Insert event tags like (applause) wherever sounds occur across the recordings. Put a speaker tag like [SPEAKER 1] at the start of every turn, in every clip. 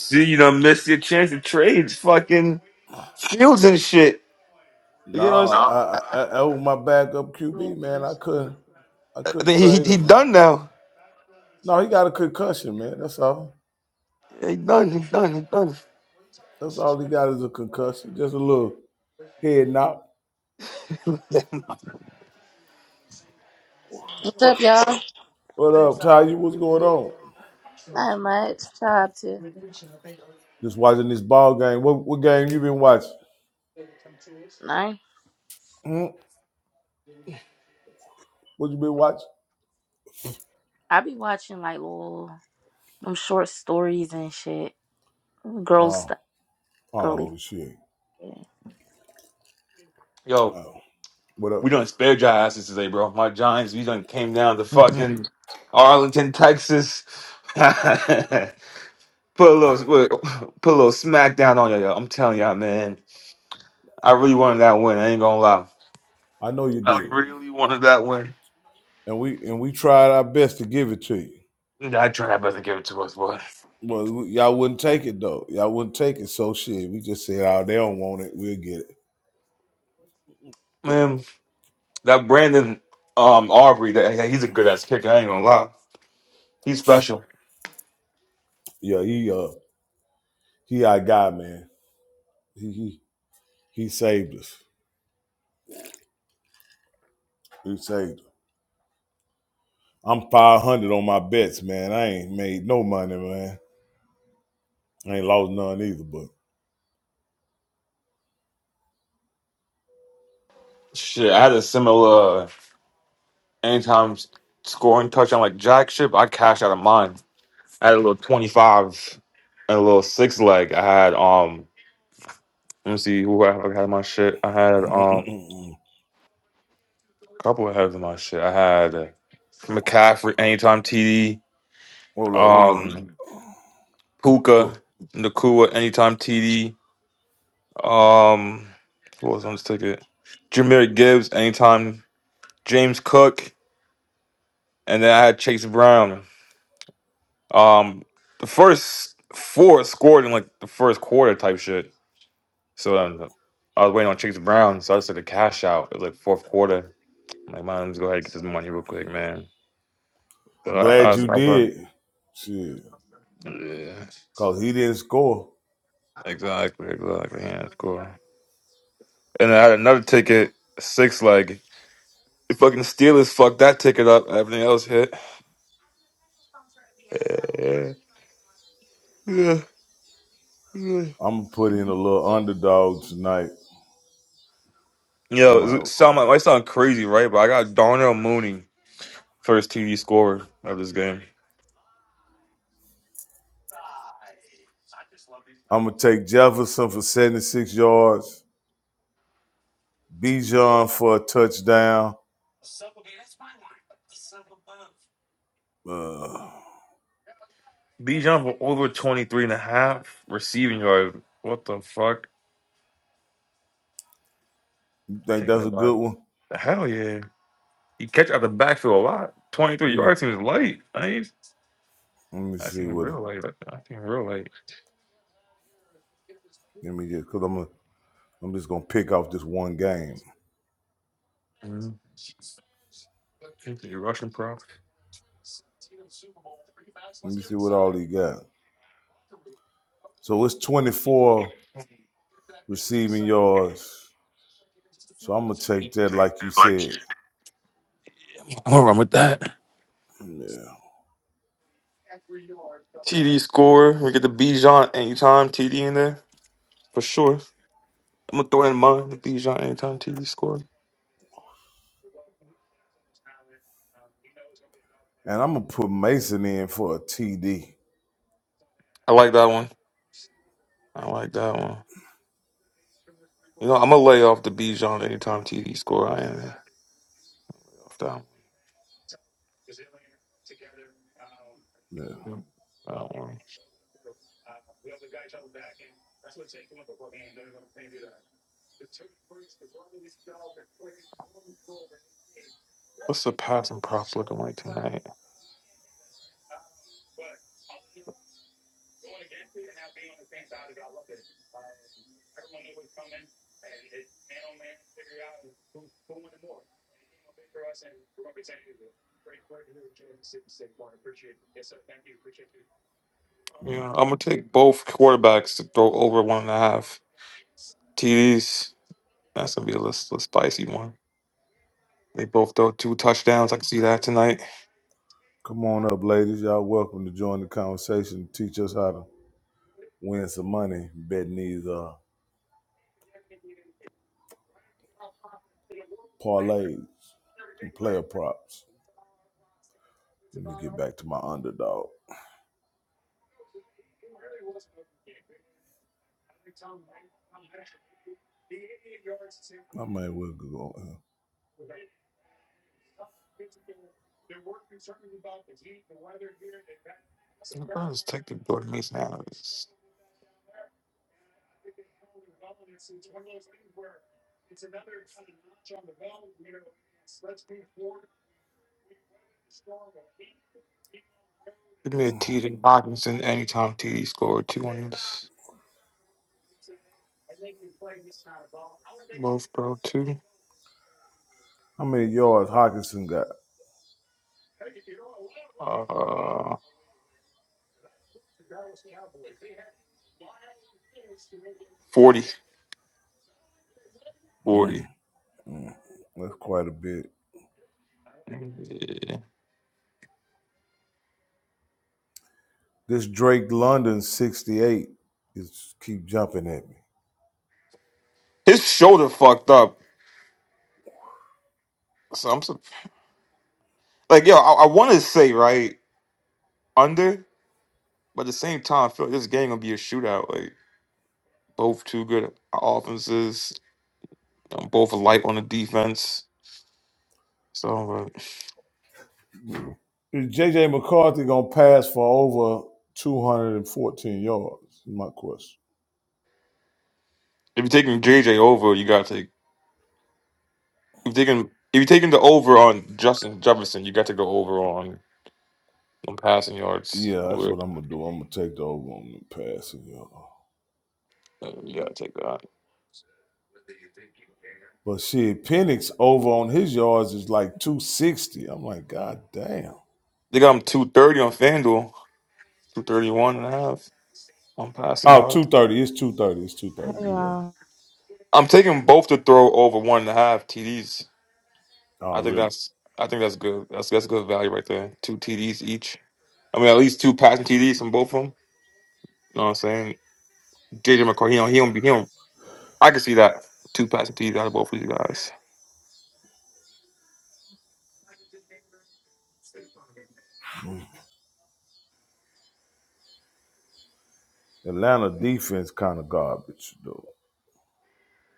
[SPEAKER 1] See, you done missed your chance to trade fucking Fields and shit. You
[SPEAKER 2] No,
[SPEAKER 1] know what No.
[SPEAKER 2] I, I, I was my backup QB, man. I could I
[SPEAKER 1] I'm saying? I
[SPEAKER 2] couldn't
[SPEAKER 1] think He, he,
[SPEAKER 2] trade
[SPEAKER 1] he
[SPEAKER 2] him, man.
[SPEAKER 1] done now.
[SPEAKER 2] No, he got a concussion, man. That's all.
[SPEAKER 1] He done, he done, he done.
[SPEAKER 2] That's all he got is a concussion. Just a little head knock.
[SPEAKER 3] What's
[SPEAKER 2] What
[SPEAKER 3] up, y'all?
[SPEAKER 2] what up, Ty? You what's going on?
[SPEAKER 3] Not much. Tried to.
[SPEAKER 2] Just watching this ball game. What what game you been watching?
[SPEAKER 3] No.
[SPEAKER 2] Hmm? What you been watching?
[SPEAKER 3] I be watching like little them short stories and shit. Girl
[SPEAKER 2] Oh,
[SPEAKER 3] stuff. Girly.
[SPEAKER 2] oh shit.
[SPEAKER 1] Yo,
[SPEAKER 2] Oh. What up?
[SPEAKER 1] we done spare dry asses today, bro. My Giants, we done came down to
[SPEAKER 2] (laughs)
[SPEAKER 1] fucking Arlington, Texas. (laughs) put a little put a little smack down on you, yo. I'm telling y'all, man. I really wanted that win. I ain't gonna lie.
[SPEAKER 2] I know you
[SPEAKER 1] I
[SPEAKER 2] did.
[SPEAKER 1] really wanted that win.
[SPEAKER 2] And we and we tried our best to give it to you.
[SPEAKER 1] I try my best to give it to us, boy.
[SPEAKER 2] Well, y'all wouldn't take it though. Y'all wouldn't take it. So shit, we just said, "Oh, they don't want it. We'll get it."
[SPEAKER 1] man. That Brandon um Aubrey, that yeah, he's a good ass kicker. I ain't gonna lie, he's special.
[SPEAKER 2] Yeah, he uh, he our guy, man. He he he saved us. He saved us. I'm 500 on my bets, man. I ain't made no money, man. I ain't lost none either. But
[SPEAKER 1] Shit, I had a similar uh, anytime s- scoring touchdown like Jack ship. I cashed out of mine. I had a little twenty five and a little six leg. I had um, let me see who I I had in my shit. I had um,
[SPEAKER 2] (laughs)
[SPEAKER 1] a couple of heads in my shit. I had uh, McCaffrey anytime TD,
[SPEAKER 2] (clears throat) hold on, let me.
[SPEAKER 1] um, Puka
[SPEAKER 2] Look.
[SPEAKER 1] Nakua anytime TD, um, who was on this ticket? Jameer Gibbs anytime. James Cook, and then I had Chase Brown. Um, the first four scored in like the first quarter type shit. So um, I was waiting on Chase Brown, so I just took a cash out. It was like fourth quarter. I'm like, man, let's go ahead and get this money real quick, man. So I, I
[SPEAKER 2] Glad
[SPEAKER 1] was,
[SPEAKER 2] you
[SPEAKER 1] I was like,
[SPEAKER 2] did. Shit,
[SPEAKER 1] yeah,
[SPEAKER 2] cause he didn't score.
[SPEAKER 1] exactly, exactly. Yeah, that's cool. And then I had another ticket, six leg. The fucking Steelers fucked that ticket up. Everything else hit. Yeah, yeah, yeah.
[SPEAKER 2] I'm gonna put in a little underdog tonight. I'm
[SPEAKER 1] Yo, it sound like, it might sound crazy, right? But I got Darnell Mooney. First TD scorer of this game.
[SPEAKER 2] I'm gonna take Jefferson for 76 yards. Bijan for a touchdown. Uh,
[SPEAKER 1] Bijan for over 23 and a half receiving yards. What the fuck?
[SPEAKER 2] you think
[SPEAKER 1] Take
[SPEAKER 2] that's
[SPEAKER 1] that
[SPEAKER 2] a
[SPEAKER 1] by
[SPEAKER 2] good one?
[SPEAKER 1] Hell yeah. He catch out the backfield a lot. 23
[SPEAKER 2] Let me
[SPEAKER 1] yards seems light. I ain't,
[SPEAKER 2] let me
[SPEAKER 1] I seen
[SPEAKER 2] see
[SPEAKER 1] him
[SPEAKER 2] what.
[SPEAKER 1] real light. I, I seen him real light.
[SPEAKER 2] Let me just because I'm gonna, I'm just gonna pick off this one game.
[SPEAKER 1] Mm-hmm. Rushing props.
[SPEAKER 2] Let me see what all he got. So it's 24 receiving yards. So I'm gonna
[SPEAKER 1] I'm
[SPEAKER 2] take that like you said.
[SPEAKER 1] gonna run with that.
[SPEAKER 2] Yeah.
[SPEAKER 1] TD score. We get the Bijan anytime TD in there for sure. I'm gonna throw in mine the Bijan anytime TD score.
[SPEAKER 2] And I'm gonna put Mason in for a TD.
[SPEAKER 1] I like that one. I like that one. You know, I'm gonna lay off the Bijan anytime TD score. I am. Off that
[SPEAKER 2] Yeah.
[SPEAKER 1] one. What's the passing props looking like tonight?
[SPEAKER 2] Mm.
[SPEAKER 1] Yeah, I'm gonna take both quarterbacks to throw over one and a half TDs. That's gonna be a little, little spicy one. They both throw two touchdowns. I can see that tonight.
[SPEAKER 2] Come on up, ladies. Y'all welcome to join the conversation. Teach us how to win some money betting these. uh parlays and player props. Let me get back to my underdog. I may well go. uh,
[SPEAKER 1] Let's take the Jordan Mason out of this. Give me a TD Hawkinson anytime TD scored two on this. Both throw two.
[SPEAKER 2] How many yards Hockenson got?
[SPEAKER 1] Uh, 40. 40.
[SPEAKER 2] Mm, mm, that's quite a bit.
[SPEAKER 1] Yeah.
[SPEAKER 2] This Drake London 68 is keep jumping at me.
[SPEAKER 1] His shoulder fucked up. So I'm sur- like, yo, I, I want to say right. under, but at the same time, I feel like this game gonna be a shootout. Like both two good offenses, um, both light on the defense. So uh, if
[SPEAKER 2] Is JJ McCarthy gonna pass for over 214 yards? Is my question.
[SPEAKER 1] you're taking JJ over, you gotta take. If you're taking if you're taking the over on Justin Jefferson, you got to go over on on passing yards.
[SPEAKER 2] Yeah, that's
[SPEAKER 1] Where,
[SPEAKER 2] what I'm gonna do. I'm gonna take the over on the passing yards.
[SPEAKER 1] uh, you gotta take that.
[SPEAKER 2] But shit, Penix over on his yards is like 260. I'm like, God damn.
[SPEAKER 1] They got him two thirty on Fanduel, two thirty one and a half on passing
[SPEAKER 2] Oh,
[SPEAKER 1] yards.
[SPEAKER 2] two thirty. It's 230. It's 230.
[SPEAKER 4] Hey
[SPEAKER 2] You're right.
[SPEAKER 4] y'all,
[SPEAKER 1] I'm taking both to throw over one and a half TDs.
[SPEAKER 2] Oh,
[SPEAKER 1] I think
[SPEAKER 2] really?
[SPEAKER 1] that's I think that's good. That's that's good value right there. Two TDs each. I mean, at least two passing TDs from both of them. You know what I'm saying? JJ McCarthy, he don't, he don't be, he don't, I can see that. Two passing TDs out of both of these guys.
[SPEAKER 2] Atlanta defense kind of garbage, though.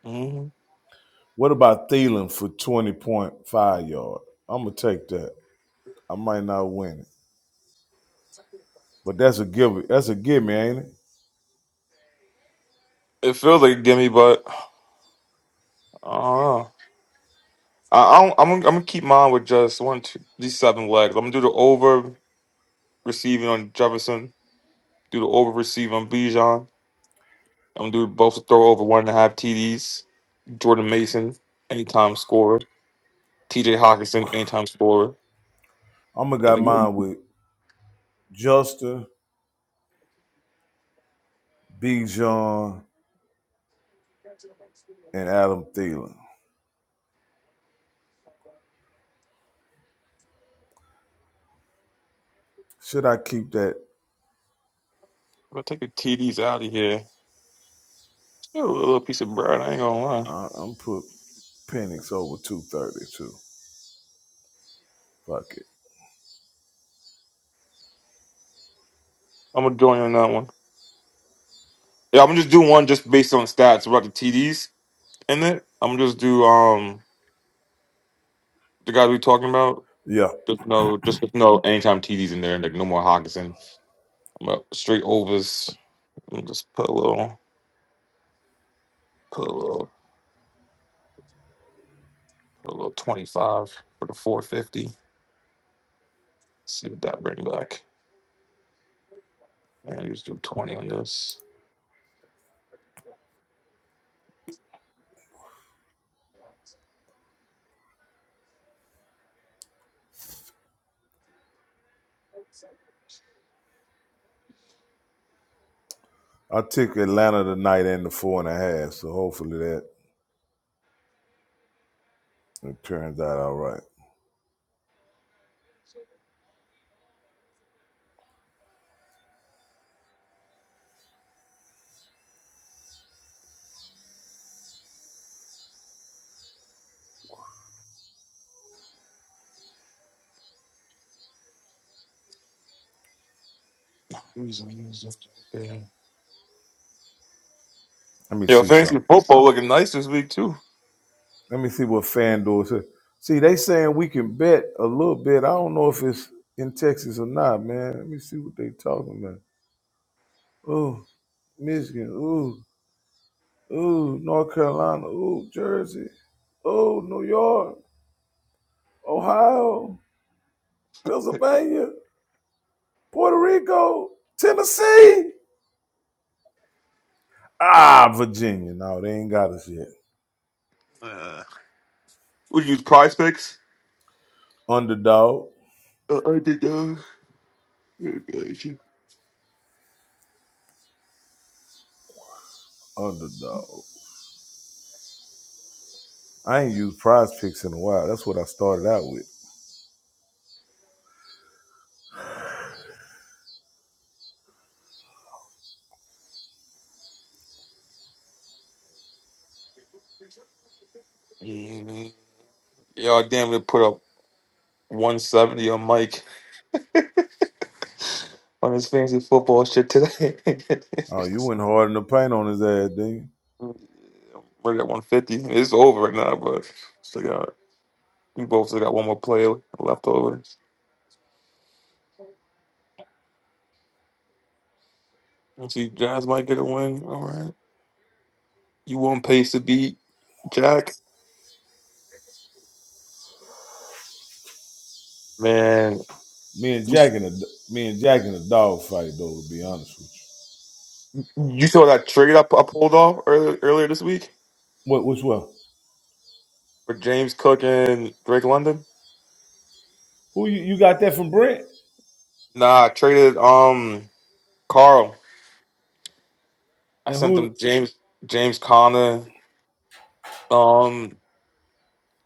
[SPEAKER 1] hmm
[SPEAKER 2] What about Thielen for 20.5 yard? I'm going to take that. I might not win it. But that's a give. That's a give me, ain't it?
[SPEAKER 1] It feels like a gimme, but I don't know. I, I don't, I'm, gonna- I'm going to keep mine with just one, two, these seven legs. I'm going to do the over receiving on Jefferson, do the over receiving on Bijan. I'm going to do both throw over one and a half TDs. Jordan Mason, anytime scorer. TJ Hawkinson, anytime scorer.
[SPEAKER 2] I'm going to
[SPEAKER 1] And
[SPEAKER 2] got
[SPEAKER 1] then I'm
[SPEAKER 2] mine with Justin, Bijan, and Adam Thielen. Should I keep that?
[SPEAKER 1] going to take the TDs out of here. Still a little piece of bread, I ain't going to lie.
[SPEAKER 2] Uh, I'm put Penix over two thirty too. Fuck it.
[SPEAKER 1] I'm gonna join on that one. Yeah, I'm gonna just do one just based on stats about the TDs in it. I'm gonna just do um the guys we talking about.
[SPEAKER 2] Yeah.
[SPEAKER 1] Just no, just with no anytime TDs in there, and like no more Hawkinson. I'm gonna straight overs. I'm just put a little, put a little, put a little 25 for the 450. See what that bring back. And just do 20 on this.
[SPEAKER 2] I took Atlanta tonight and the four and a half, so hopefully that it turns out all right.
[SPEAKER 1] Yeah.
[SPEAKER 2] Let me
[SPEAKER 1] Yo,
[SPEAKER 2] see
[SPEAKER 1] thanks for
[SPEAKER 2] something.
[SPEAKER 1] football looking nice this week too.
[SPEAKER 2] Let me see what FanDuel says. See, they saying we can bet a little bit. I don't know if it's in Texas or not, man. Let me see what they talking about. Oh, Michigan. Ooh, ooh, North Carolina. Ooh, Jersey. Oh, New York. Ohio. Pennsylvania. Puerto Rico. Tennessee. Ah, Virginia. No, they ain't got us yet.
[SPEAKER 1] Uh, We use Prize Picks.
[SPEAKER 2] Underdog.
[SPEAKER 1] Uh, I did. Uh, yeah, gotcha.
[SPEAKER 2] Underdog. I ain't used prize picks in a while. That's what I started out with.
[SPEAKER 1] Y'all damn near put up 170 on Mike on his fantasy football shit today. (laughs)
[SPEAKER 2] Oh, you went hard in the paint on his ass, didn't you?
[SPEAKER 1] We're at 150. It's over right now, but still got we both still got one more play left over. Let's see, Jazz might get a win. All right, you want pace to beat Jack? Man,
[SPEAKER 2] Me and
[SPEAKER 1] you,
[SPEAKER 2] Jack in a me and Jack in a dog fight though. To be honest with you,
[SPEAKER 1] you saw that trade I, I pulled off earlier earlier this week
[SPEAKER 2] what which one?
[SPEAKER 1] for James Cook and Drake London.
[SPEAKER 2] Who you, you got that from Brent?
[SPEAKER 1] Nah, I traded um Carl. I
[SPEAKER 2] And
[SPEAKER 1] sent
[SPEAKER 2] who?
[SPEAKER 1] them James James Conner. um.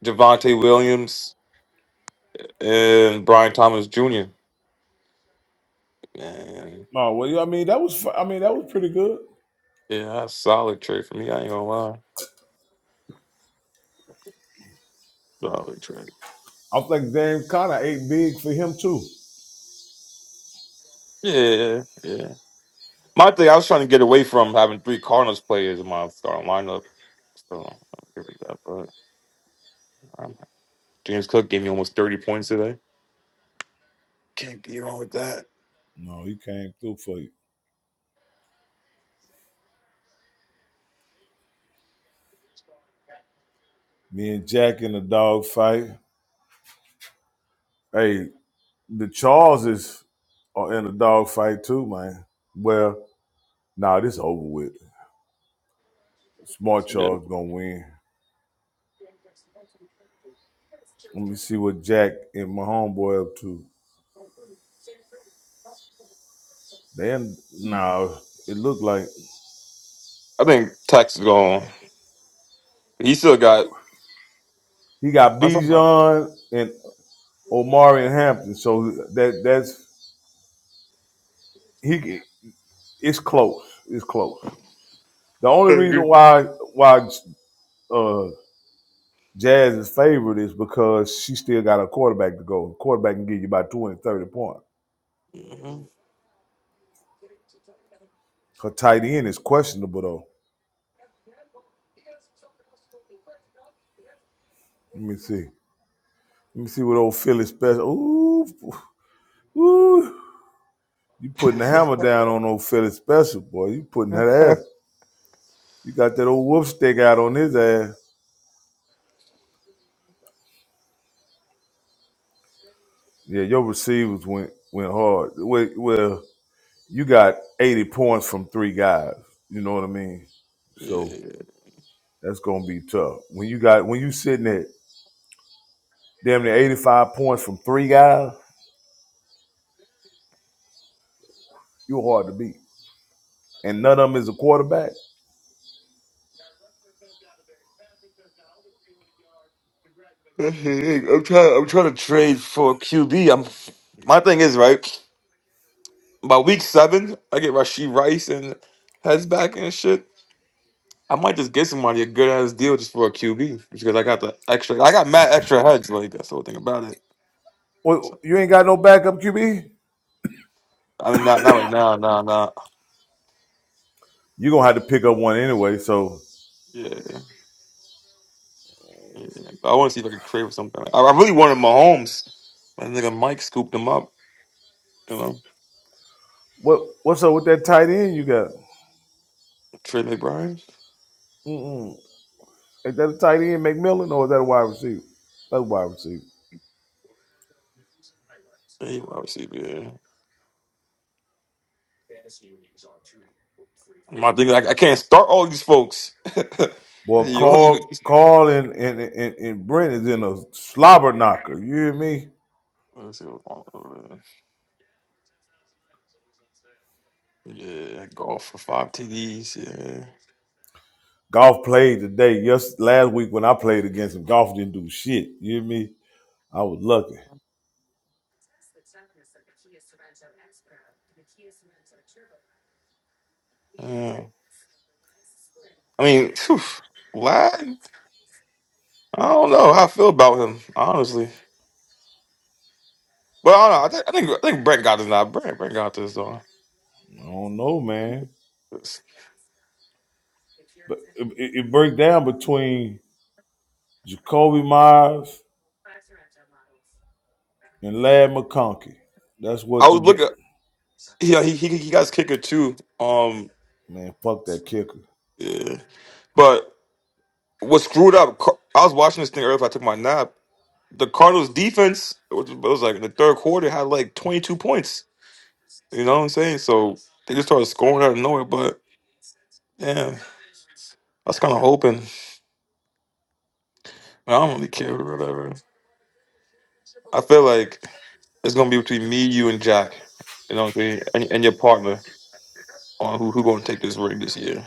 [SPEAKER 1] Javante Williams and Brian Thomas Jr. Man,
[SPEAKER 2] Oh, well, yeah, I mean that was fu- I mean that was pretty good.
[SPEAKER 1] yeah, that's a solid trade for me. I ain't gonna lie. Solid trade.
[SPEAKER 2] I think James Conner ate big for him too.
[SPEAKER 1] Yeah, yeah. My thing, I was trying to get away from having three Cardinals players in my starting lineup. So here we go. But um, James Cook gave me almost thirty points today. Can't be wrong with that.
[SPEAKER 2] No, he came through for you. Me and Jack in a dog fight. Hey, the Charleses are in a dog fight too, man. Well, nah, this over with. Smart
[SPEAKER 1] Yeah,
[SPEAKER 2] Charles gonna win. Let me see what Jack and my homeboy up to. Then no, it looked like
[SPEAKER 1] I think Tex is going. He still got.
[SPEAKER 2] he got
[SPEAKER 1] That's all.
[SPEAKER 2] Bijan and Omari and Hampton. So that that's he. It's close. It's close. The
[SPEAKER 1] (laughs)
[SPEAKER 2] only reason
[SPEAKER 1] right.
[SPEAKER 2] why why uh, Jazz is favored is because she still got a quarterback to go. quarterback can give you about 20, thirty points.
[SPEAKER 1] Mhm.
[SPEAKER 2] Her tight end is questionable though. Let me see. Let me see what old Philly special. Ooh, ooh. You putting the hammer down on old Philly special, boy. You putting her ass. You got that old whoop stick out on his ass. Yeah, your receivers went went hard. Well, well, you got 80 points from three guys. You know what I mean? So
[SPEAKER 1] Yeah.
[SPEAKER 2] that's gonna be tough. When you got when you sitting at damn near 85 points from three guys, you're hard to beat. And none of them is a quarterback.
[SPEAKER 1] That's the thing. I'm trying. I'm trying to trade for QB. I'm. My thing is right. by week seven, I get Rasheed Rice and heads back and shit. I might just get somebody a good ass deal just for a QB because I got the extra. I got mad extra heads like that's the whole thing about it.
[SPEAKER 2] Well,
[SPEAKER 1] So,
[SPEAKER 2] you ain't got no backup QB.
[SPEAKER 1] I mean, not not right now, nah, nah.
[SPEAKER 2] You're gonna have to pick up one anyway. So
[SPEAKER 1] Yeah, yeah. But I want to see if I could trade for something. I, I really wanted Mahomes. I think Mike scooped him up. You know,
[SPEAKER 2] what what's up with that tight end you got?
[SPEAKER 1] Trey McBride.
[SPEAKER 2] Mm-mm. Is that a tight end, McMillan, or is that a wide receiver? That's a wide receiver.
[SPEAKER 1] He wide receiver. Yeah. My thing, like I can't start all these folks. (laughs)
[SPEAKER 2] Boy,
[SPEAKER 1] you, only-
[SPEAKER 2] Carl, Carl and, and, and, and Brent is in a slobber knocker. You hear me?
[SPEAKER 1] let's see what's going on over there. Yeah, golf for five TDs. Yeah,
[SPEAKER 2] Golf played today. Yes, last week when I played against him, golf didn't do shit. You hear me? I was lucky.
[SPEAKER 1] yeah. Um, I mean, phew, Vlad. I don't know how I feel about him, honestly. But I don't know. I, think I think I think Brett got this now. Brett Brett got this though.
[SPEAKER 2] I don't know, man.
[SPEAKER 1] I
[SPEAKER 2] But it, it, it breaks down between Jacoby Myers and Lad McConkey. That's what the
[SPEAKER 1] was
[SPEAKER 2] get.
[SPEAKER 1] looking. Yeah, he he he got his kicker too. Um,
[SPEAKER 2] Man, fuck that kicker.
[SPEAKER 1] yeah. But what screwed up? Car- I was watching this thing earlier. If I took my nap, the Cardinals defense it was, it was like in the third quarter had like twenty two points. You know what I'm saying? So they just started scoring out of nowhere. But yeah, I was kind of hoping. I don't really care or whatever. I feel like it's gonna be between me, you, and Jack. You know what I'm saying? And, and your partner on who who gonna take this ring this year.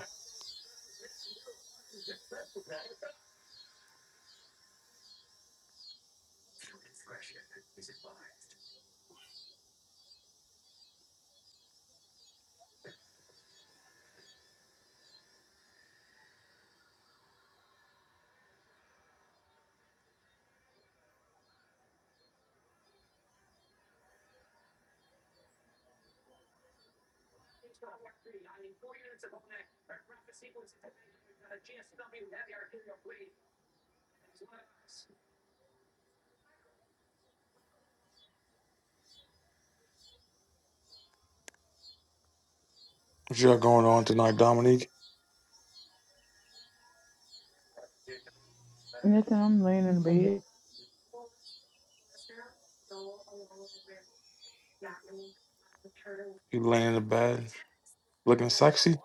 [SPEAKER 1] What you got going on tonight, Dominique?
[SPEAKER 4] nothing. I'm laying in bed.
[SPEAKER 1] You laying in the bed, looking sexy.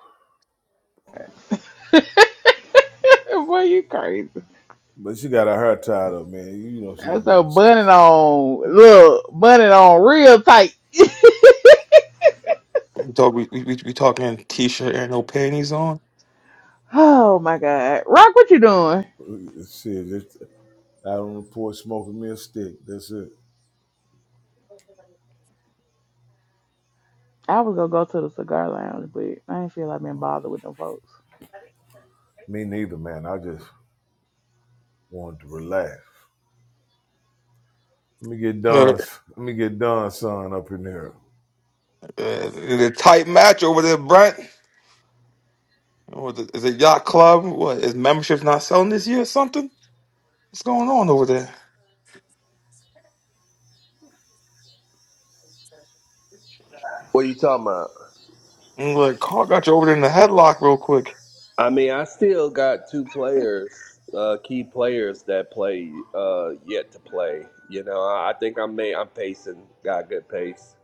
[SPEAKER 4] (laughs) Boy, you crazy.
[SPEAKER 2] But she got her hair tied up, man. You know she
[SPEAKER 4] That's
[SPEAKER 2] ain't
[SPEAKER 4] a
[SPEAKER 2] looking
[SPEAKER 4] bunny
[SPEAKER 2] sexy.
[SPEAKER 4] on. Look, bunny on real tight. (laughs)
[SPEAKER 1] We talk. We we, we we talking t-shirt and no panties on.
[SPEAKER 4] oh my god, Rock, what you doing?
[SPEAKER 2] Shit, just out on the porch smoking me a stick. That's it.
[SPEAKER 4] I was gonna go to the cigar lounge, but I ain't feel like being bothered with them folks.
[SPEAKER 2] Me neither, man. I just Want to relax. Let me get
[SPEAKER 1] Uh,
[SPEAKER 2] Don's. Let me get Don's son up in here.
[SPEAKER 1] uh, the tight match over there, Brent. What is it is it yacht club? What is memberships not selling this year or something? What's going on over there?
[SPEAKER 5] What are you talking about?
[SPEAKER 1] And like Carl got you over there in the headlock real quick.
[SPEAKER 5] I mean, I still got two players, uh, key players that play uh, yet to play. You know, I, I think I'm may, I'm pacing, got good pace.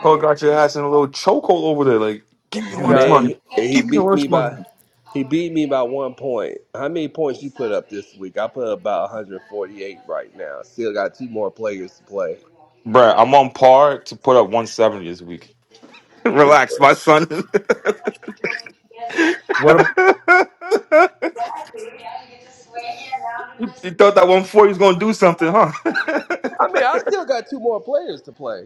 [SPEAKER 1] Carl got your ass in a little chokehold over there. Like, give me your lunch
[SPEAKER 2] got
[SPEAKER 1] money.
[SPEAKER 5] Man, he, he
[SPEAKER 1] Give me your
[SPEAKER 5] beat
[SPEAKER 1] lunch
[SPEAKER 5] me
[SPEAKER 1] money.
[SPEAKER 5] by he beat me by one point. How many points you put up this week? I put up about 148 right now. Still got two more players to play.
[SPEAKER 1] Bruh, I'm on par to put up 170 this week. (laughs) Relax, my
[SPEAKER 5] I
[SPEAKER 1] son. (laughs) you
[SPEAKER 2] what? up-
[SPEAKER 1] thought that 140 was gonna do something, huh?
[SPEAKER 5] mean, I still got two more players to play.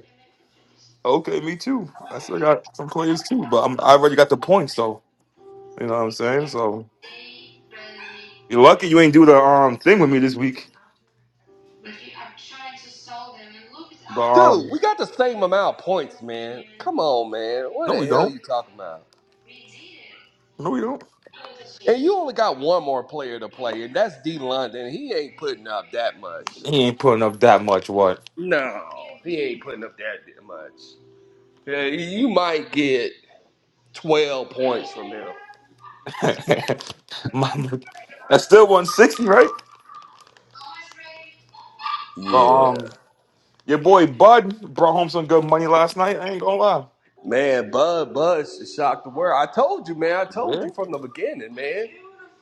[SPEAKER 1] (laughs) okay, me too. I still got some players too, but I'm, I already got the points, so you know what I'm saying. So You're lucky you ain't do the um thing with me this week.
[SPEAKER 5] But you are trying to solve them, and look at
[SPEAKER 1] But
[SPEAKER 5] us. Dude,
[SPEAKER 1] um,
[SPEAKER 5] we got the same amount of points, man. Come on, man. What
[SPEAKER 1] no,
[SPEAKER 5] the
[SPEAKER 1] we
[SPEAKER 5] hell
[SPEAKER 1] don't.
[SPEAKER 5] you talking about?
[SPEAKER 1] No, we don't.
[SPEAKER 5] And you only got one more player to play, and that's D London. He ain't putting up that much.
[SPEAKER 1] He ain't putting up that much. What?
[SPEAKER 5] No, he ain't putting up that much. Yeah, you might get 12 points from him.
[SPEAKER 1] (laughs) My- That's still 160, right? But
[SPEAKER 5] Yeah.
[SPEAKER 1] um, your boy Bud brought home some good money last night. I ain't gonna lie.
[SPEAKER 5] Man, Bud Bud shocked the world. I told you, man. I told
[SPEAKER 1] Yeah.
[SPEAKER 5] you from the beginning, man.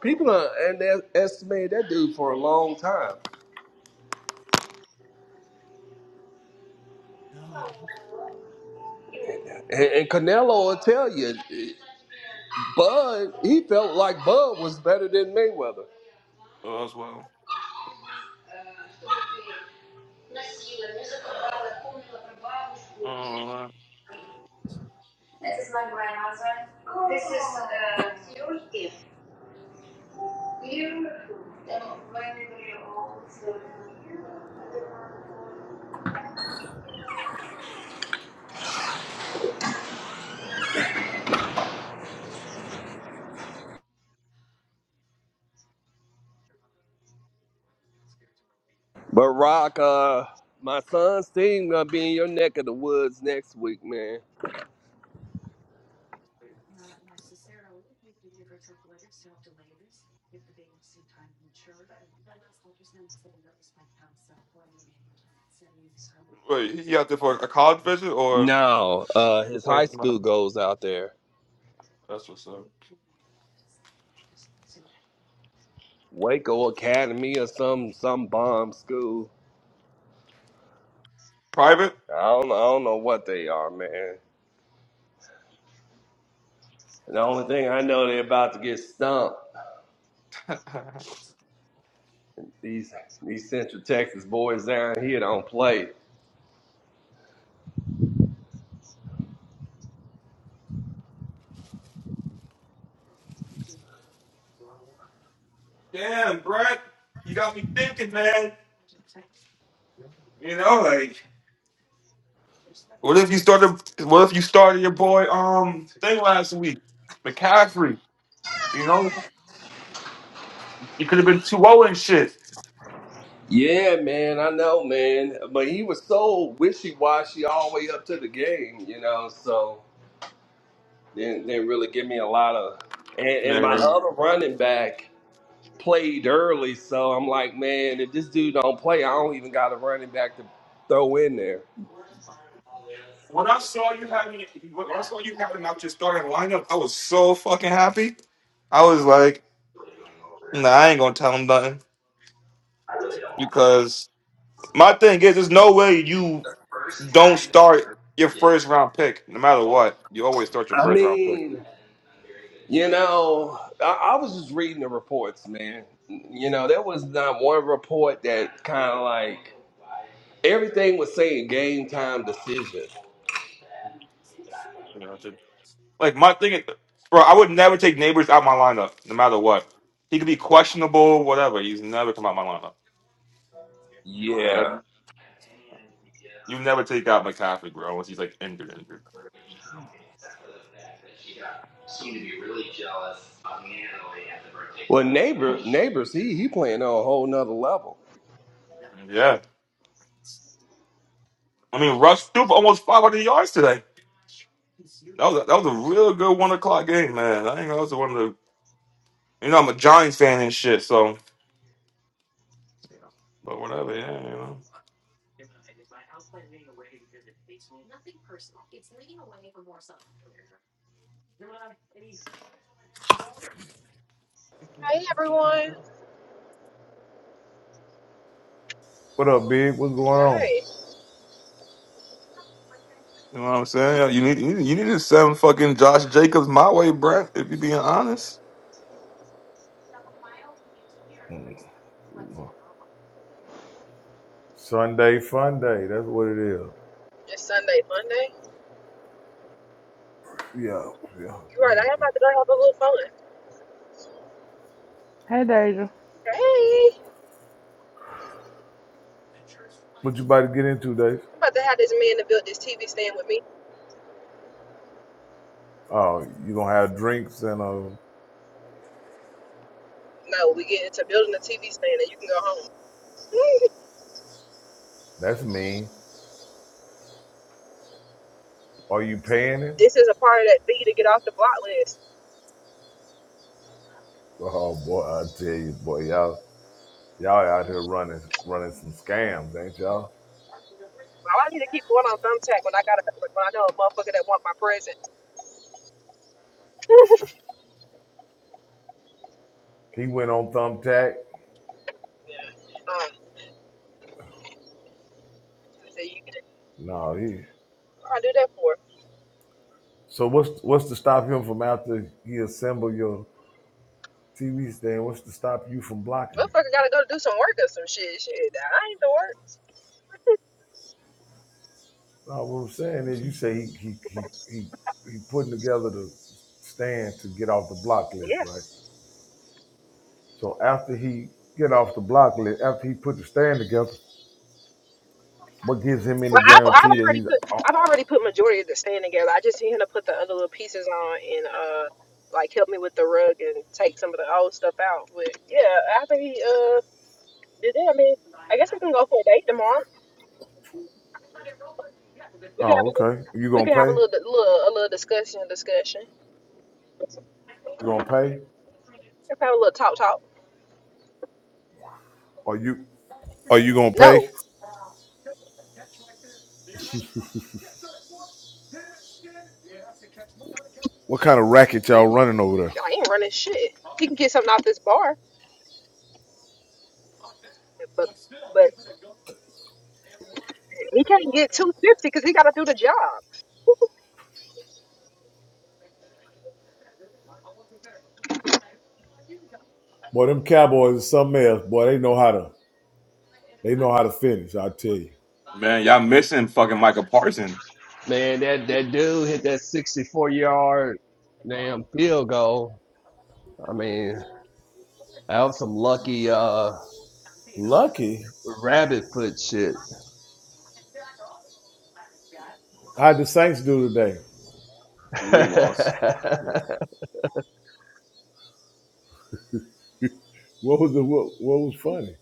[SPEAKER 5] People are, and they estimated that dude for a long time. And, and Canelo will tell you, Bud, he felt like Bud was better than Mayweather.
[SPEAKER 1] Uh, as well. I ain't gonna lie.
[SPEAKER 5] But Rock, uh, my son's team gonna be in your neck of the woods next week, man.
[SPEAKER 1] Wait, he out there for a college visit or?
[SPEAKER 5] No, uh,
[SPEAKER 1] You
[SPEAKER 5] his
[SPEAKER 1] pay
[SPEAKER 5] high
[SPEAKER 1] for
[SPEAKER 5] school
[SPEAKER 1] mine.
[SPEAKER 5] goes out there,
[SPEAKER 1] That's what's up.
[SPEAKER 5] Waco Academy or some some bomb school.
[SPEAKER 1] Private?
[SPEAKER 5] I don't I don't know what they are, man. And the only thing I know, they're about to get stumped.
[SPEAKER 1] (laughs)
[SPEAKER 5] These these Central Texas boys down here don't play.
[SPEAKER 1] Damn, Brett. You got me thinking, man. You know, like what if you started what if you started your boy um thing last week? McCaffrey. You know? You could have been two zero and shit.
[SPEAKER 5] Yeah, man, I know, man. But he was so wishy washy all the way up to the game, you know. So didn't didn't really give me a lot of. And, and my
[SPEAKER 1] Man.
[SPEAKER 5] other running back played early, so I'm like, man, if this dude don't play, I don't even got a running back to throw in there.
[SPEAKER 1] When I saw you having when I saw you having out your starting lineup, I was so fucking happy. I was like, nah, I ain't gonna tell him nothing. Because my thing is there's no way you Don't start your first round pick, no matter what. You always start your
[SPEAKER 5] I
[SPEAKER 1] first round pick.
[SPEAKER 5] mean, you know, I, I was just reading the reports, man. You know, there was not one report that kind of like everything was saying game time decision.
[SPEAKER 1] You know, it's just- like my thing, is, bro. I would never take neighbors out my lineup, no matter what. He could be questionable, whatever. He's never come out my lineup. Like I,
[SPEAKER 5] Yeah.
[SPEAKER 1] you never take out McCaffrey, bro, unless he's like injured, injured.
[SPEAKER 5] her now except for the fact that she got Well, neighbor, party. neighbors, he he playing on a whole nother level.
[SPEAKER 1] Yeah, I mean Russ threw for almost 500 yards today. That was a, that was a real good one o'clock game, man. I think that was one of the. You know, I'm a Giants fan and shit, so but whatever. Yeah, you know.
[SPEAKER 6] Hey everyone.
[SPEAKER 2] What up, big? What's going on?
[SPEAKER 6] Hey,
[SPEAKER 1] You know what I'm saying? You need you need you need to send fucking Josh Jacobs my way, Brett. If you're being honest,
[SPEAKER 2] Sunday fun day. That's what it is.
[SPEAKER 6] it's Sunday, Monday.
[SPEAKER 2] Yeah, yeah,
[SPEAKER 6] You right,
[SPEAKER 2] yeah,
[SPEAKER 6] I am
[SPEAKER 2] yeah.
[SPEAKER 6] about to go have a little fun.
[SPEAKER 4] Hey, Deja.
[SPEAKER 6] Hey,
[SPEAKER 2] What you about to get into, Dave?
[SPEAKER 6] I'm about to have this man to build this TV stand with me.
[SPEAKER 2] Oh, you gonna have drinks and uh,
[SPEAKER 6] No, we get into building a TV stand and you can go home.
[SPEAKER 2] that's mean. Are you paying
[SPEAKER 6] (laughs)
[SPEAKER 2] him?
[SPEAKER 6] this is a part of that fee to get off the block list.
[SPEAKER 2] Oh boy, I tell you, boy, y'all, y'all out here running, running some scams, ain't y'all?
[SPEAKER 6] Why do I need to keep going on thumbtack when I got a when I know a motherfucker that want my present?
[SPEAKER 2] He went on thumbtack.
[SPEAKER 6] Yeah. Um, so you can
[SPEAKER 2] No, he.
[SPEAKER 6] what do I do that for?
[SPEAKER 2] So what's what's to stop him from after he assemble your? TV stand, what's to stop you from blocking it?
[SPEAKER 6] Motherfucker gotta go do some work or some shit. Shit, I ain't the work.
[SPEAKER 2] No, what I'm saying is, you say he he he he, he putting together the stand to get off the block list,
[SPEAKER 6] Yes.
[SPEAKER 2] right?
[SPEAKER 6] Yeah.
[SPEAKER 2] So after he get off the block list, after he put the stand together, what gives him
[SPEAKER 6] Well,
[SPEAKER 2] any
[SPEAKER 6] I've, I've
[SPEAKER 2] guarantee that
[SPEAKER 6] already
[SPEAKER 2] he's
[SPEAKER 6] put
[SPEAKER 2] oh,
[SPEAKER 6] I've
[SPEAKER 2] oh
[SPEAKER 6] already put majority of the stand together. I just need him to put the other little pieces on and uh like help me with the rug and take some of the old stuff out. But yeah, after he uh did that, I mean, I guess we can go for a date tomorrow. We can
[SPEAKER 2] oh,
[SPEAKER 6] have a,
[SPEAKER 2] okay, you
[SPEAKER 6] we
[SPEAKER 2] gonna
[SPEAKER 6] can have a
[SPEAKER 2] pay?
[SPEAKER 6] little little a little discussion discussion.
[SPEAKER 2] You gonna pay?
[SPEAKER 6] We can have a little talk talk.
[SPEAKER 2] Are you are you gonna pay?
[SPEAKER 6] No,
[SPEAKER 2] What kind of racket y'all running over there?
[SPEAKER 6] I ain't running shit. He can get something off this bar, but but he can't get two fifty because he got to do the job.
[SPEAKER 2] Boy, them Cowboys is something else. Boy, they know how to they know how to finish. I tell you.
[SPEAKER 1] man, y'all missing fucking Michael Parson.
[SPEAKER 5] Man, that that dude hit that sixty four yard. nail. Yeah, that was some lucky uh
[SPEAKER 2] Lucky.
[SPEAKER 5] shit.
[SPEAKER 2] How'd the Saints do today?
[SPEAKER 5] (laughs)
[SPEAKER 1] We
[SPEAKER 5] man,
[SPEAKER 1] lost.
[SPEAKER 2] What was the what, what was funny?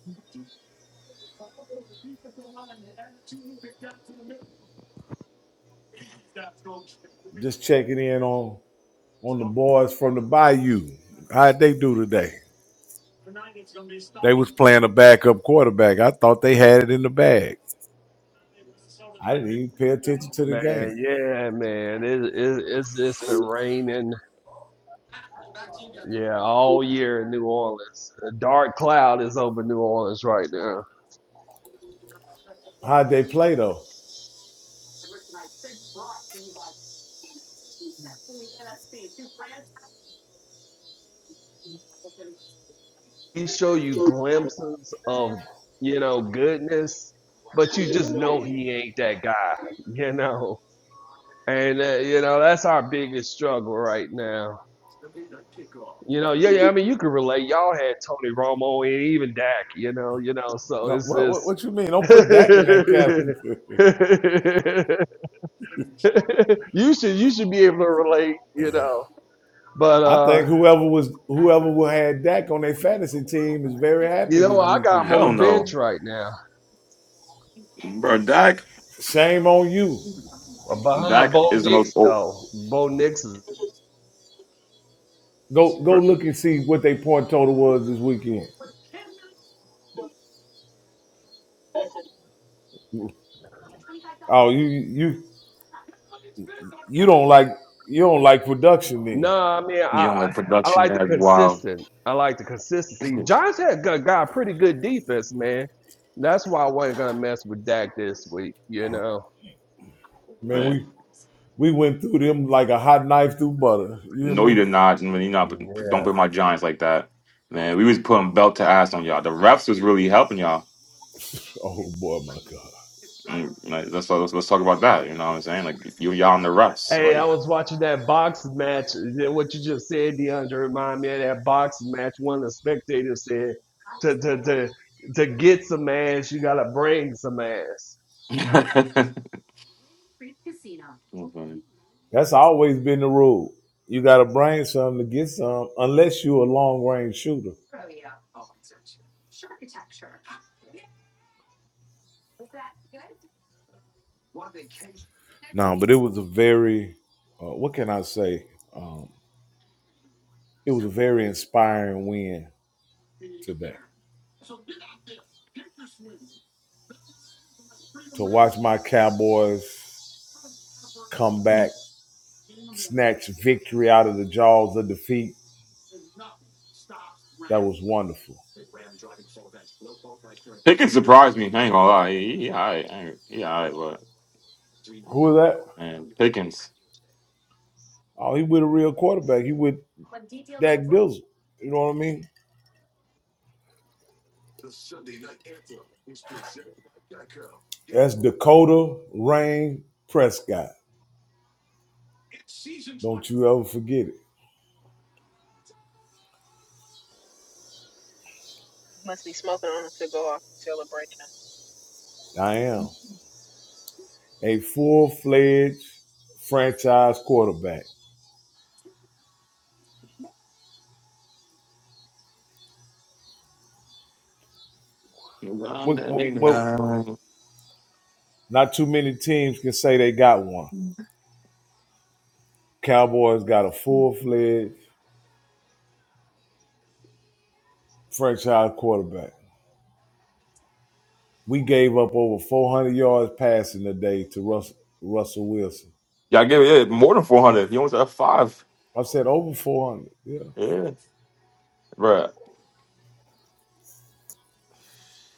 [SPEAKER 2] Just checking in on on the boys from the Bayou. How'd they do today? They was playing a backup quarterback. I thought they had it in the bag. I didn't even pay attention to the game.
[SPEAKER 5] yeah, man, it, it it's it's been raining. Yeah, all New Orleans. A dark cloud is over New Orleans right now.
[SPEAKER 2] How'd they play though?
[SPEAKER 5] We show you glimpses of. yeah, goodness, but you just know he ain't that guy, (laughs) you know. And uh, you know that's our biggest struggle right now. You know, yeah, yeah. I mean, you can relate. Y'all had Tony Romo and even Dak. You know, you know. So
[SPEAKER 2] No,
[SPEAKER 5] it's
[SPEAKER 2] what,
[SPEAKER 5] just
[SPEAKER 2] what what you mean? Don't put Dak in that category. (laughs)
[SPEAKER 5] (laughs) you should you should be able to relate. You know, but
[SPEAKER 2] I think
[SPEAKER 5] uh,
[SPEAKER 2] whoever was whoever had Dak on their fantasy team is very
[SPEAKER 5] you
[SPEAKER 2] happy
[SPEAKER 5] know,
[SPEAKER 2] this
[SPEAKER 5] I got him
[SPEAKER 2] weekend.
[SPEAKER 5] on the
[SPEAKER 1] Hell
[SPEAKER 5] bench
[SPEAKER 1] no,
[SPEAKER 5] right now
[SPEAKER 1] bro. Dak
[SPEAKER 2] Shame on you.
[SPEAKER 5] behind
[SPEAKER 1] Dak
[SPEAKER 5] Bo
[SPEAKER 1] is the most.
[SPEAKER 5] Nix
[SPEAKER 1] Oh,
[SPEAKER 5] though. Bo Nix is
[SPEAKER 2] Go go
[SPEAKER 1] bro.
[SPEAKER 2] look and see what their point total was this weekend. Oh, you you You don't like you don't like production then.
[SPEAKER 5] No, I mean, I
[SPEAKER 1] You don't
[SPEAKER 5] I
[SPEAKER 1] let
[SPEAKER 5] I
[SPEAKER 1] production
[SPEAKER 5] like the
[SPEAKER 1] there. Wow,
[SPEAKER 5] consistent. I like the
[SPEAKER 1] (laughs)
[SPEAKER 5] consistency. Giants had got, got a pretty good defense, man. That's why I wasn't gonna mess with Dak this week, you know.
[SPEAKER 2] Man,
[SPEAKER 1] man.
[SPEAKER 2] we we went through them like a hot knife through butter. You hear
[SPEAKER 1] No, you
[SPEAKER 2] me?
[SPEAKER 1] did not. Man, you not. Don't put my Giants like that, man. We was putting belt to ass on y'all. The refs was really helping y'all.
[SPEAKER 2] Oh boy, my God.
[SPEAKER 1] Mm, Like, let's, let's let's talk about that. You know what I'm saying? Like if you y'all and the refs,
[SPEAKER 5] Hey, I
[SPEAKER 1] like.
[SPEAKER 5] was watching that boxing match. Then What you just said, DeAndre, remind me of that boxing match. One of the spectators said, "To to to to get some ass, you gotta bring some ass."
[SPEAKER 1] (laughs) So funny.
[SPEAKER 2] That's always been the rule. You gotta bring some to get some, unless you're a long range shooter. No, but it was a very uh, what can I say? Um, it was a very inspiring win today. To watch my Cowboys come back, snatch victory out of the jaws of defeat, that was wonderful.
[SPEAKER 1] Pickens surprised me. I ain't gonna lie. He, he alright. I ain't- He alright, but
[SPEAKER 2] Who was that?
[SPEAKER 1] man, Pickens.
[SPEAKER 2] Oh, he with a real quarterback. He with Dak Dizzle. You know what I mean? That's Dakota Rain Prescott. Don't you ever forget it.
[SPEAKER 6] Must be smoking on a cigar celebration.
[SPEAKER 2] I am a full fledged franchise quarterback.
[SPEAKER 1] Y'all give
[SPEAKER 2] Well, well, not too many teams can say they got one. Cowboys got a full fledged franchise quarterback. We gave up over 400 yards passing today to Russell, Russell Wilson.
[SPEAKER 1] it yeah, more than four hundred. He almost had five.
[SPEAKER 2] I said over 400. Yeah.
[SPEAKER 1] Yeah, bro.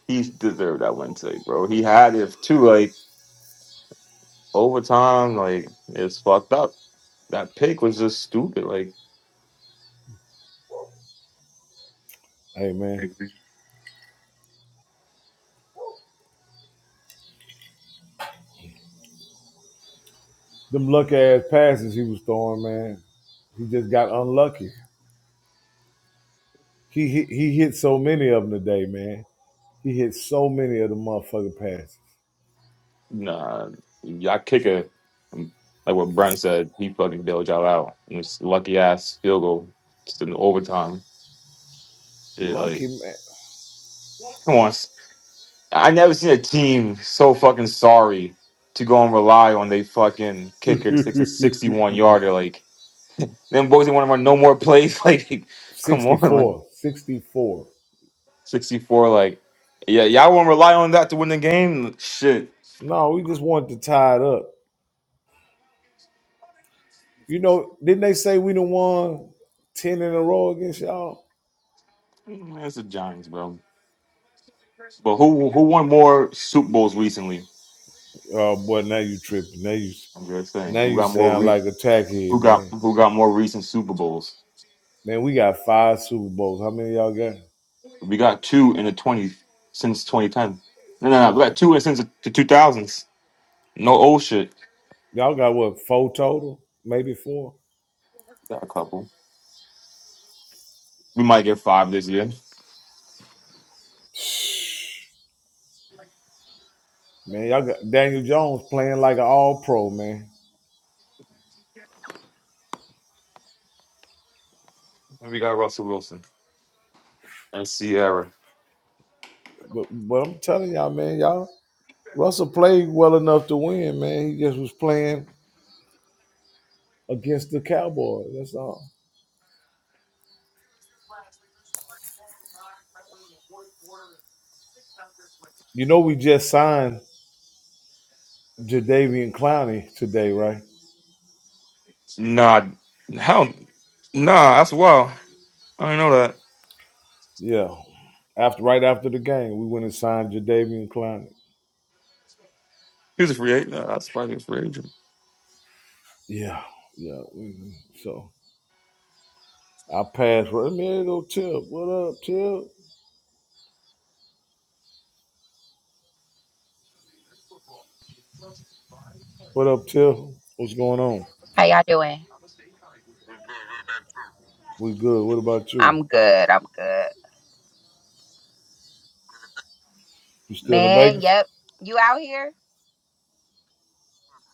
[SPEAKER 1] He deserved that win today, bro. He had it too. Like overtime, like it's fucked up. That pick was just stupid. Like.
[SPEAKER 2] Hey, man. Them luck ass passes he was throwing, man. He just got unlucky. He hit, he hit so many of them today, man. He hit so many of the motherfucking passes.
[SPEAKER 1] Nah, y'all kicker, like what Brent said, he fucking bailed y'all out. And it's lucky ass field goal just in overtime. Shit, like
[SPEAKER 2] Lucky
[SPEAKER 1] come on, s- I never seen a team so fucking sorry to go and rely on they fucking kicker to six a
[SPEAKER 2] man.
[SPEAKER 1] sixty-one yarder. Like them boys didn't want to run no more plays. (laughs) Like
[SPEAKER 2] (laughs)
[SPEAKER 1] come on, like
[SPEAKER 2] 64. 64.
[SPEAKER 1] sixty-four. Like yeah, y'all want to rely on that to win the game? Shit,
[SPEAKER 2] No, we just wanted to tie it up. You know, didn't they say we done won 10 in a row against y'all?
[SPEAKER 1] man, it's the Giants, bro. But who who won more Super Bowls recently?
[SPEAKER 2] Oh boy, now you tripping. Now you
[SPEAKER 1] I'm good saying
[SPEAKER 2] now
[SPEAKER 1] who
[SPEAKER 2] you
[SPEAKER 1] got more
[SPEAKER 2] sound
[SPEAKER 1] re-
[SPEAKER 2] like a
[SPEAKER 1] who
[SPEAKER 2] tackhead,
[SPEAKER 1] got
[SPEAKER 2] man.
[SPEAKER 1] who got more recent Super Bowls?
[SPEAKER 2] Man, we got five Super Bowls. How many y'all got?
[SPEAKER 1] We got two in the twenty since twenty ten. No, no, no. We
[SPEAKER 2] Oh,
[SPEAKER 1] got two in since the two thousands. No old shit.
[SPEAKER 2] y'all got what, four total? Maybe four?
[SPEAKER 1] Got a couple. We might get five this year.
[SPEAKER 2] Man, y'all got Daniel Jones playing like an all pro, man.
[SPEAKER 1] And we got Russell Wilson and Sierra.
[SPEAKER 2] But but I'm telling y'all, man, y'all Russell played well enough to win, man. He just was playing against the Cowboys. That's all. You know, we just signed Jadavian Clowney today, right?
[SPEAKER 1] Nah, hell, nah. That's wild. I didn't know that.
[SPEAKER 2] Yeah. After right after the game, we went and signed Jadavian Clowney.
[SPEAKER 1] He was a free agent. Nah, that's probably a free agent.
[SPEAKER 2] Yeah, yeah. we- So I passed. I mean, there go Tip. What up, Tip? What up, Tip? What's going on?
[SPEAKER 7] How y'all doing?
[SPEAKER 2] We good. What about you?
[SPEAKER 7] I'm good. I'm good.
[SPEAKER 2] You still in
[SPEAKER 7] Man,
[SPEAKER 2] Vegas?
[SPEAKER 7] yep. You out here?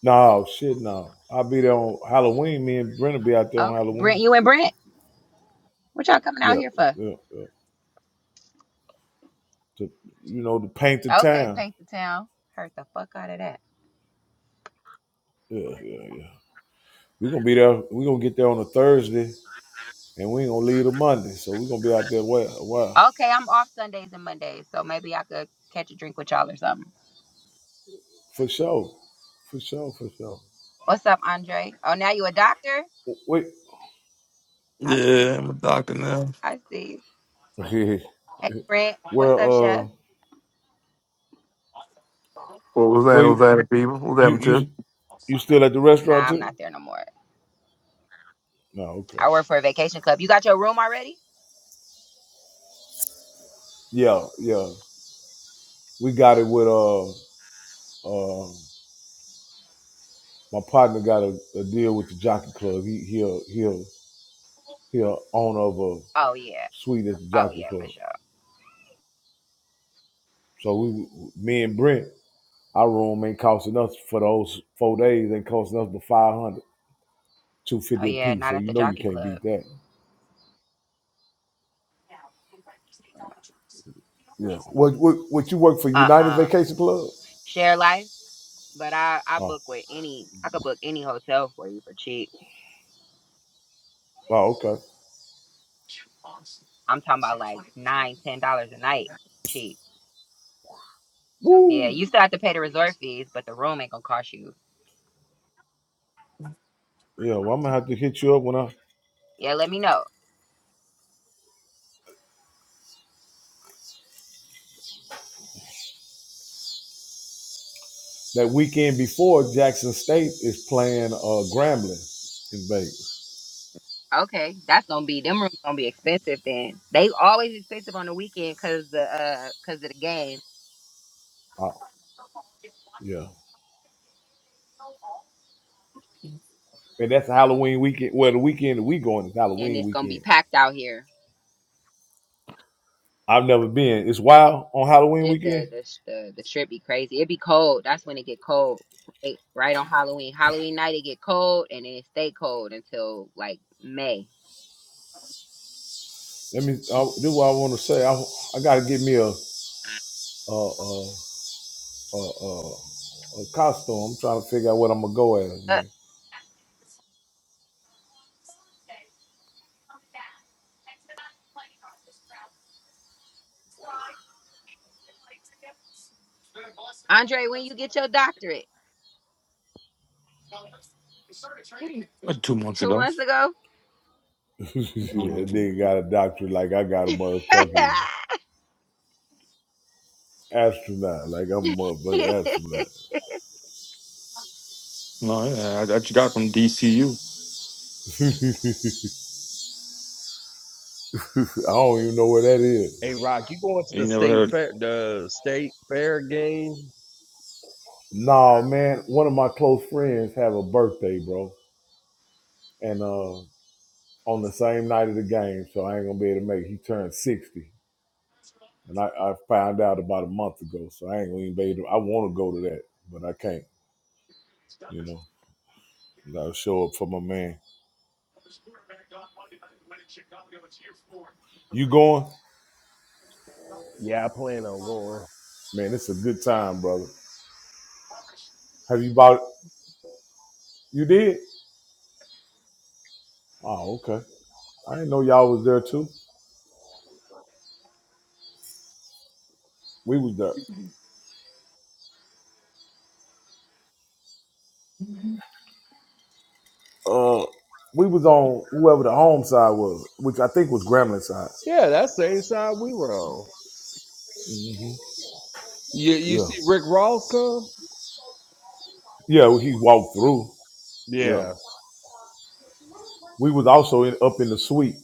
[SPEAKER 2] No, shit, no. I'll be there on Halloween. Me and Brenna be out there on
[SPEAKER 7] Okay.
[SPEAKER 2] Halloween.
[SPEAKER 7] Brent, you and Brent? What y'all coming out
[SPEAKER 2] Yeah,
[SPEAKER 7] here for?
[SPEAKER 2] yeah. yep. To, you know, to paint the
[SPEAKER 7] Okay,
[SPEAKER 2] town.
[SPEAKER 7] paint the town. Heard the fuck out of that.
[SPEAKER 2] Yeah, yeah, yeah. we going to be there. we going to get there on a Thursday and we ain't going to leave a Monday. So we going to be out there a while, a while.
[SPEAKER 7] Okay, I'm off Sundays and Mondays, so maybe I could catch a drink with y'all or something.
[SPEAKER 2] For sure. For sure, for sure.
[SPEAKER 7] What's up, Andre? Oh, now you a doctor? I
[SPEAKER 1] Yeah,
[SPEAKER 7] see.
[SPEAKER 1] I'm a doctor now.
[SPEAKER 7] I see.
[SPEAKER 2] Wait,
[SPEAKER 7] Hey, Brent.
[SPEAKER 2] (laughs) where,
[SPEAKER 7] What's up, chef?
[SPEAKER 2] uh,
[SPEAKER 8] What was that?
[SPEAKER 2] where
[SPEAKER 8] Was
[SPEAKER 2] you,
[SPEAKER 8] that people? What Was
[SPEAKER 2] you,
[SPEAKER 8] that
[SPEAKER 2] you,
[SPEAKER 8] Chip?
[SPEAKER 2] you still at the restaurant
[SPEAKER 7] Nah, I'm
[SPEAKER 2] too?
[SPEAKER 7] not there no more.
[SPEAKER 2] No, okay.
[SPEAKER 7] I work for a vacation club. You got your room already?
[SPEAKER 2] Yeah, yeah. We got it with, uh, uh my partner got a, a deal with the jockey club. He he'll he'll he'll owner of a
[SPEAKER 7] Oh, yeah.
[SPEAKER 2] suite at the
[SPEAKER 7] Oh,
[SPEAKER 2] jockey
[SPEAKER 7] yeah, for
[SPEAKER 2] club.
[SPEAKER 7] sure.
[SPEAKER 2] So we me and Brent, our room ain't costing us for those four days ain't costing us but five hundred, two
[SPEAKER 7] Oh,
[SPEAKER 2] fifty 250 a
[SPEAKER 7] yeah,
[SPEAKER 2] piece. So
[SPEAKER 7] not at
[SPEAKER 2] you
[SPEAKER 7] the
[SPEAKER 2] know you
[SPEAKER 7] jockey
[SPEAKER 2] can't
[SPEAKER 7] club.
[SPEAKER 2] beat that. Yeah. What what what you work for United
[SPEAKER 7] Uh-uh.
[SPEAKER 2] Vacation Club?
[SPEAKER 7] Share life? But I I
[SPEAKER 2] Oh,
[SPEAKER 7] book with any I could book any hotel for you for cheap.
[SPEAKER 2] oh okay.
[SPEAKER 7] I'm talking about like nine ten dollars a night cheap. Yeah,
[SPEAKER 2] Woo!
[SPEAKER 7] you still have to pay the resort fees, but the room ain't gonna cost you.
[SPEAKER 2] Yeah, well, I'm gonna have to hit you up when I
[SPEAKER 7] Yeah, let me know.
[SPEAKER 2] that weekend before Jackson State is playing uh Grambling in Vegas.
[SPEAKER 7] Okay, that's gonna be them rooms gonna be expensive then. They always expensive on the weekend cause the uh cause of the game
[SPEAKER 2] Oh, yeah. And that's a Halloween weekend. Well, the weekend that we going is
[SPEAKER 7] and
[SPEAKER 2] Halloween
[SPEAKER 7] it's gonna be
[SPEAKER 2] weekend.
[SPEAKER 7] packed out here.
[SPEAKER 2] I've never been. It's wild on Halloween
[SPEAKER 7] It, the
[SPEAKER 2] weekend.
[SPEAKER 7] the the the strip be crazy. It be cold. That's when it get cold. Right, right on Halloween. Halloween night it get cold and then it stay cold until like May.
[SPEAKER 2] Let me uh, do what I want to say. I I gotta get me a a a a, a, a costume. I'm trying to figure out what I'm gonna go as, man.
[SPEAKER 7] Andre, when you get your doctorate?
[SPEAKER 1] Like two months
[SPEAKER 7] Two
[SPEAKER 1] ago.
[SPEAKER 7] months ago?
[SPEAKER 2] (laughs) that
[SPEAKER 1] Yeah.
[SPEAKER 2] nigga got a doctor like I got a motherfucking astronaut. Like I'm a motherfucking
[SPEAKER 7] (laughs)
[SPEAKER 2] astronaut.
[SPEAKER 1] No, yeah, I, I got from DCU.
[SPEAKER 2] (laughs) I don't even know where that is.
[SPEAKER 5] Hey, Rock, you going to the
[SPEAKER 1] Ain't never heard
[SPEAKER 5] state?
[SPEAKER 1] of
[SPEAKER 5] Eight?
[SPEAKER 2] Nah, man. One of my close friends have a birthday, bro, and uh on the same night of the game, so I ain't gonna be able to make. it. He turned sixty, and I, I found out about a month ago, so I ain't gonna even be able. To, I want to go to that, but I can't. You know, I'll show up for my man. You going?
[SPEAKER 5] Yeah, I plan on going.
[SPEAKER 2] Man, it's a good time, brother. Have you bought? it? You did? Oh, okay. I didn't know y'all was there too. We was there. Uh, we was on whoever the home side was, which I think was Gremlin side.
[SPEAKER 5] Yeah, that same side we were on.
[SPEAKER 2] hmm
[SPEAKER 5] You you
[SPEAKER 2] Yeah,
[SPEAKER 5] see Rick Ross come?
[SPEAKER 2] yeah. He walked through. Yeah.
[SPEAKER 5] Yeah.
[SPEAKER 2] We was also in, up in the suite.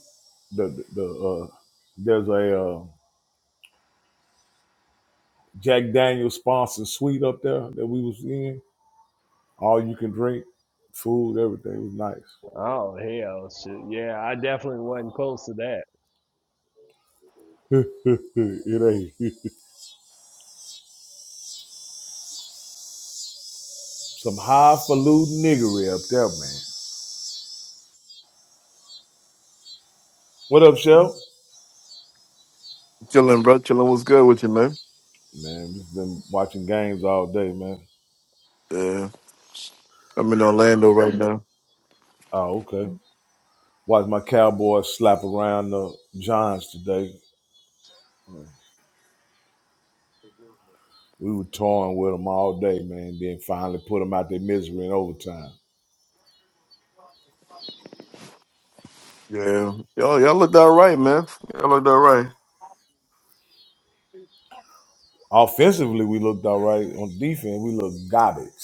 [SPEAKER 2] The the, the uh, there's a uh, Jack Daniel's sponsored suite up there that we was in. All you can drink, food, everything It was nice.
[SPEAKER 5] Oh hell, shit. Yeah, I definitely wasn't close to that.
[SPEAKER 2] (laughs) it ain't some highfalutin niggery up there, man. What up, Shell?
[SPEAKER 8] Chilling, bro. Chilling. What's good with you, man?
[SPEAKER 2] Man, just been watching games all day, man.
[SPEAKER 8] Yeah, I'm in Orlando right now.
[SPEAKER 2] Oh, okay. Watched my Cowboys slap around the Giants today. Uh, We were toying with them all day, man. Then finally put them out their misery in overtime.
[SPEAKER 8] Yeah, y'all, y'all looked all right, man. Y'all looked all right.
[SPEAKER 2] Offensively, we looked all right. On defense, we looked garbage. (laughs)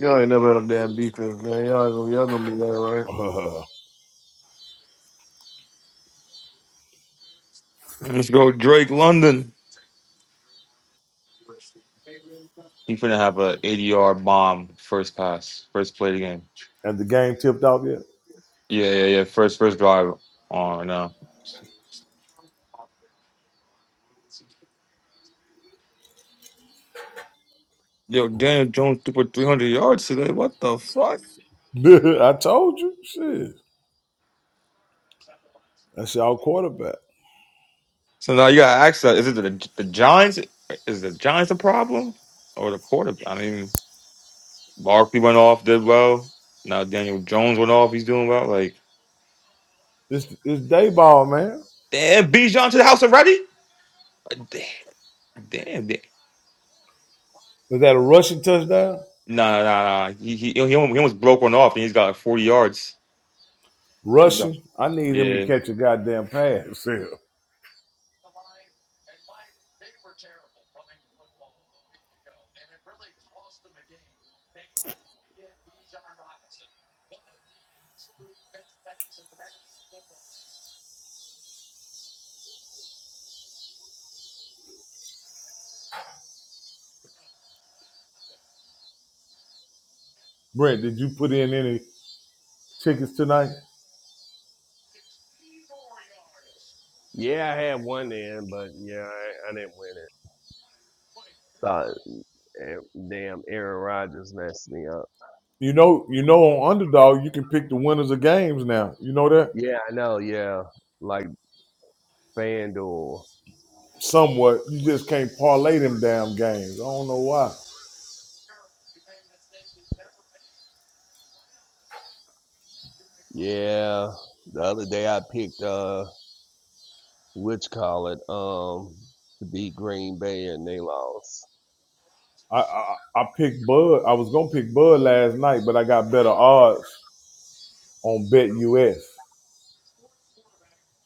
[SPEAKER 8] Y'all ain't never had a damn defense, man. Y'all, gonna- y'all gonna be all right.
[SPEAKER 2] Uh,
[SPEAKER 1] Let's go, Drake London. He finna have a 80 yard bomb first pass, first play of the game.
[SPEAKER 2] and the game tipped off
[SPEAKER 1] Yeah, yeah, yeah. First, first drive on right now. Yo, Daniel Jones threw for 300 yards today. What the fuck?
[SPEAKER 2] yet? (laughs) I told you. Shit. That's our quarterback.
[SPEAKER 1] So now you gotta ask that: Is it the, the Giants? Is the Giants a problem or the quarterback? I mean, Barkley went off, did well. Now Daniel Jones went off. He's doing well. Like,
[SPEAKER 2] It's, it's day ball, man.
[SPEAKER 1] damn, Bijan to the house already. Like, Damn, damn. damn.
[SPEAKER 2] Is that a rushing touchdown?
[SPEAKER 1] Nah, nah, nah. He, he, he almost he almost broke one off, and he's got like 40 yards. He's got.
[SPEAKER 2] Rushing? I need him to
[SPEAKER 1] Yeah,
[SPEAKER 2] catch a goddamn pass. Yeah. Brent, did you put in any tickets tonight?
[SPEAKER 5] Yeah, I had one in, but yeah, I, I didn't win it. So eh, damn, Aaron Rodgers messed me up.
[SPEAKER 2] You know, you know, on underdog, you can pick the winners of games now. You know that
[SPEAKER 5] Yeah, I know. Yeah, like FanDuel.
[SPEAKER 2] somewhat. You just can't parlay them damn games. I don't know why.
[SPEAKER 5] Yeah, the other day I picked uh, which call it um to beat Green Bay and they lost.
[SPEAKER 2] I, I I picked Bud. I was gonna pick Bud last night, but I got better odds on Bet US.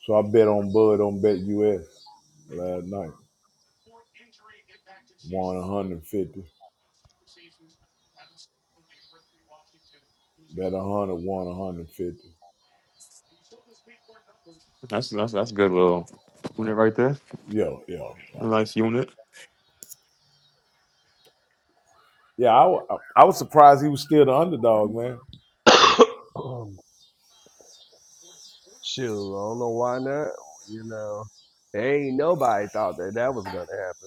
[SPEAKER 2] So I bet on Bud on Bet US last night. Won 150. Bet 100. Won 150.
[SPEAKER 1] that's that's that's a good little unit right there.
[SPEAKER 2] Yeah, yeah, yeah.
[SPEAKER 1] A nice unit.
[SPEAKER 2] Yeah, I, wa- I was surprised he was still the underdog, man.
[SPEAKER 5] (coughs) Shoot, I don't know why not. You know, ain't nobody thought that that was gonna happen.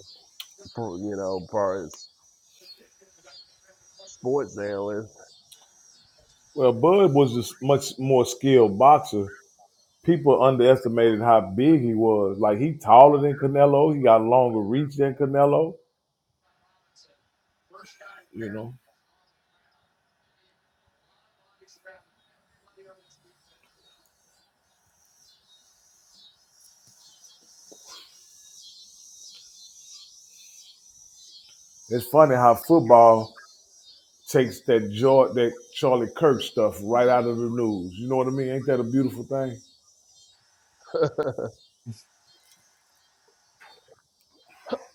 [SPEAKER 5] pro- You know, parts. sports analyst.
[SPEAKER 2] Well, Bud was a much more skilled boxer. People underestimated how big he was. Like he taller than Canelo. He got longer reach than Canelo. You know, it's funny how football takes that joy, that Charlie Kirk stuff right out of the news. You know what I mean? Ain't that a beautiful thing?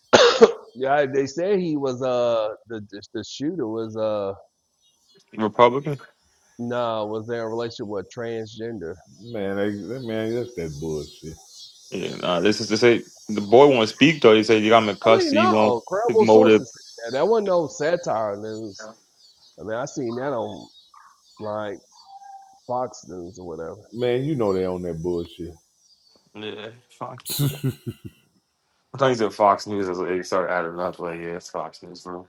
[SPEAKER 5] (coughs) (laughs) yeah, they said he was uh the the shooter was uh
[SPEAKER 1] Republican.
[SPEAKER 5] no was in a relationship with a transgender.
[SPEAKER 2] Man, they, that man, that's that bullshit.
[SPEAKER 1] Yeah, nah, this is to say the boy won't speak though. He said you got him in
[SPEAKER 5] I mean,
[SPEAKER 1] custody. He won't
[SPEAKER 5] no
[SPEAKER 1] his
[SPEAKER 5] credible
[SPEAKER 1] motive.
[SPEAKER 5] sources said that. That wasn't no satire news. I mean, I seen that on like Fox News or
[SPEAKER 2] Man, you know they on that bullshit.
[SPEAKER 1] Yeah, Fox. I thought he said Fox News. I was like, sorry, added up. Like, yeah, it's Fox News, bro.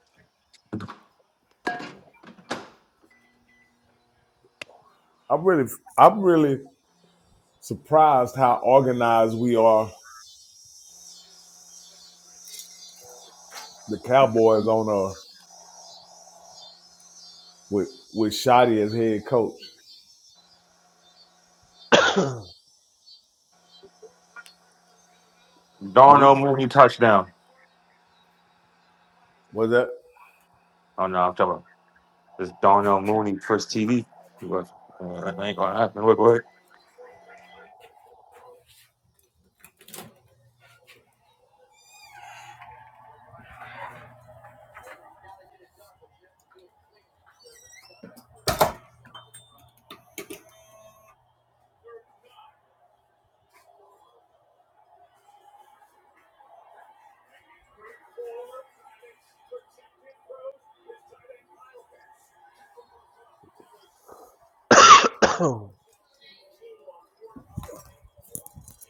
[SPEAKER 2] I'm really, I'm really surprised how organized we are. The Cowboys on uh with with Shoddy as head coach,
[SPEAKER 5] whatever. (coughs)
[SPEAKER 2] but he
[SPEAKER 1] Darnell Mooney touchdown.
[SPEAKER 2] was that
[SPEAKER 1] Oh no, I'm talking about this Darnell Mooney first TV. Look, uh, that ain't gonna happen. Look, look.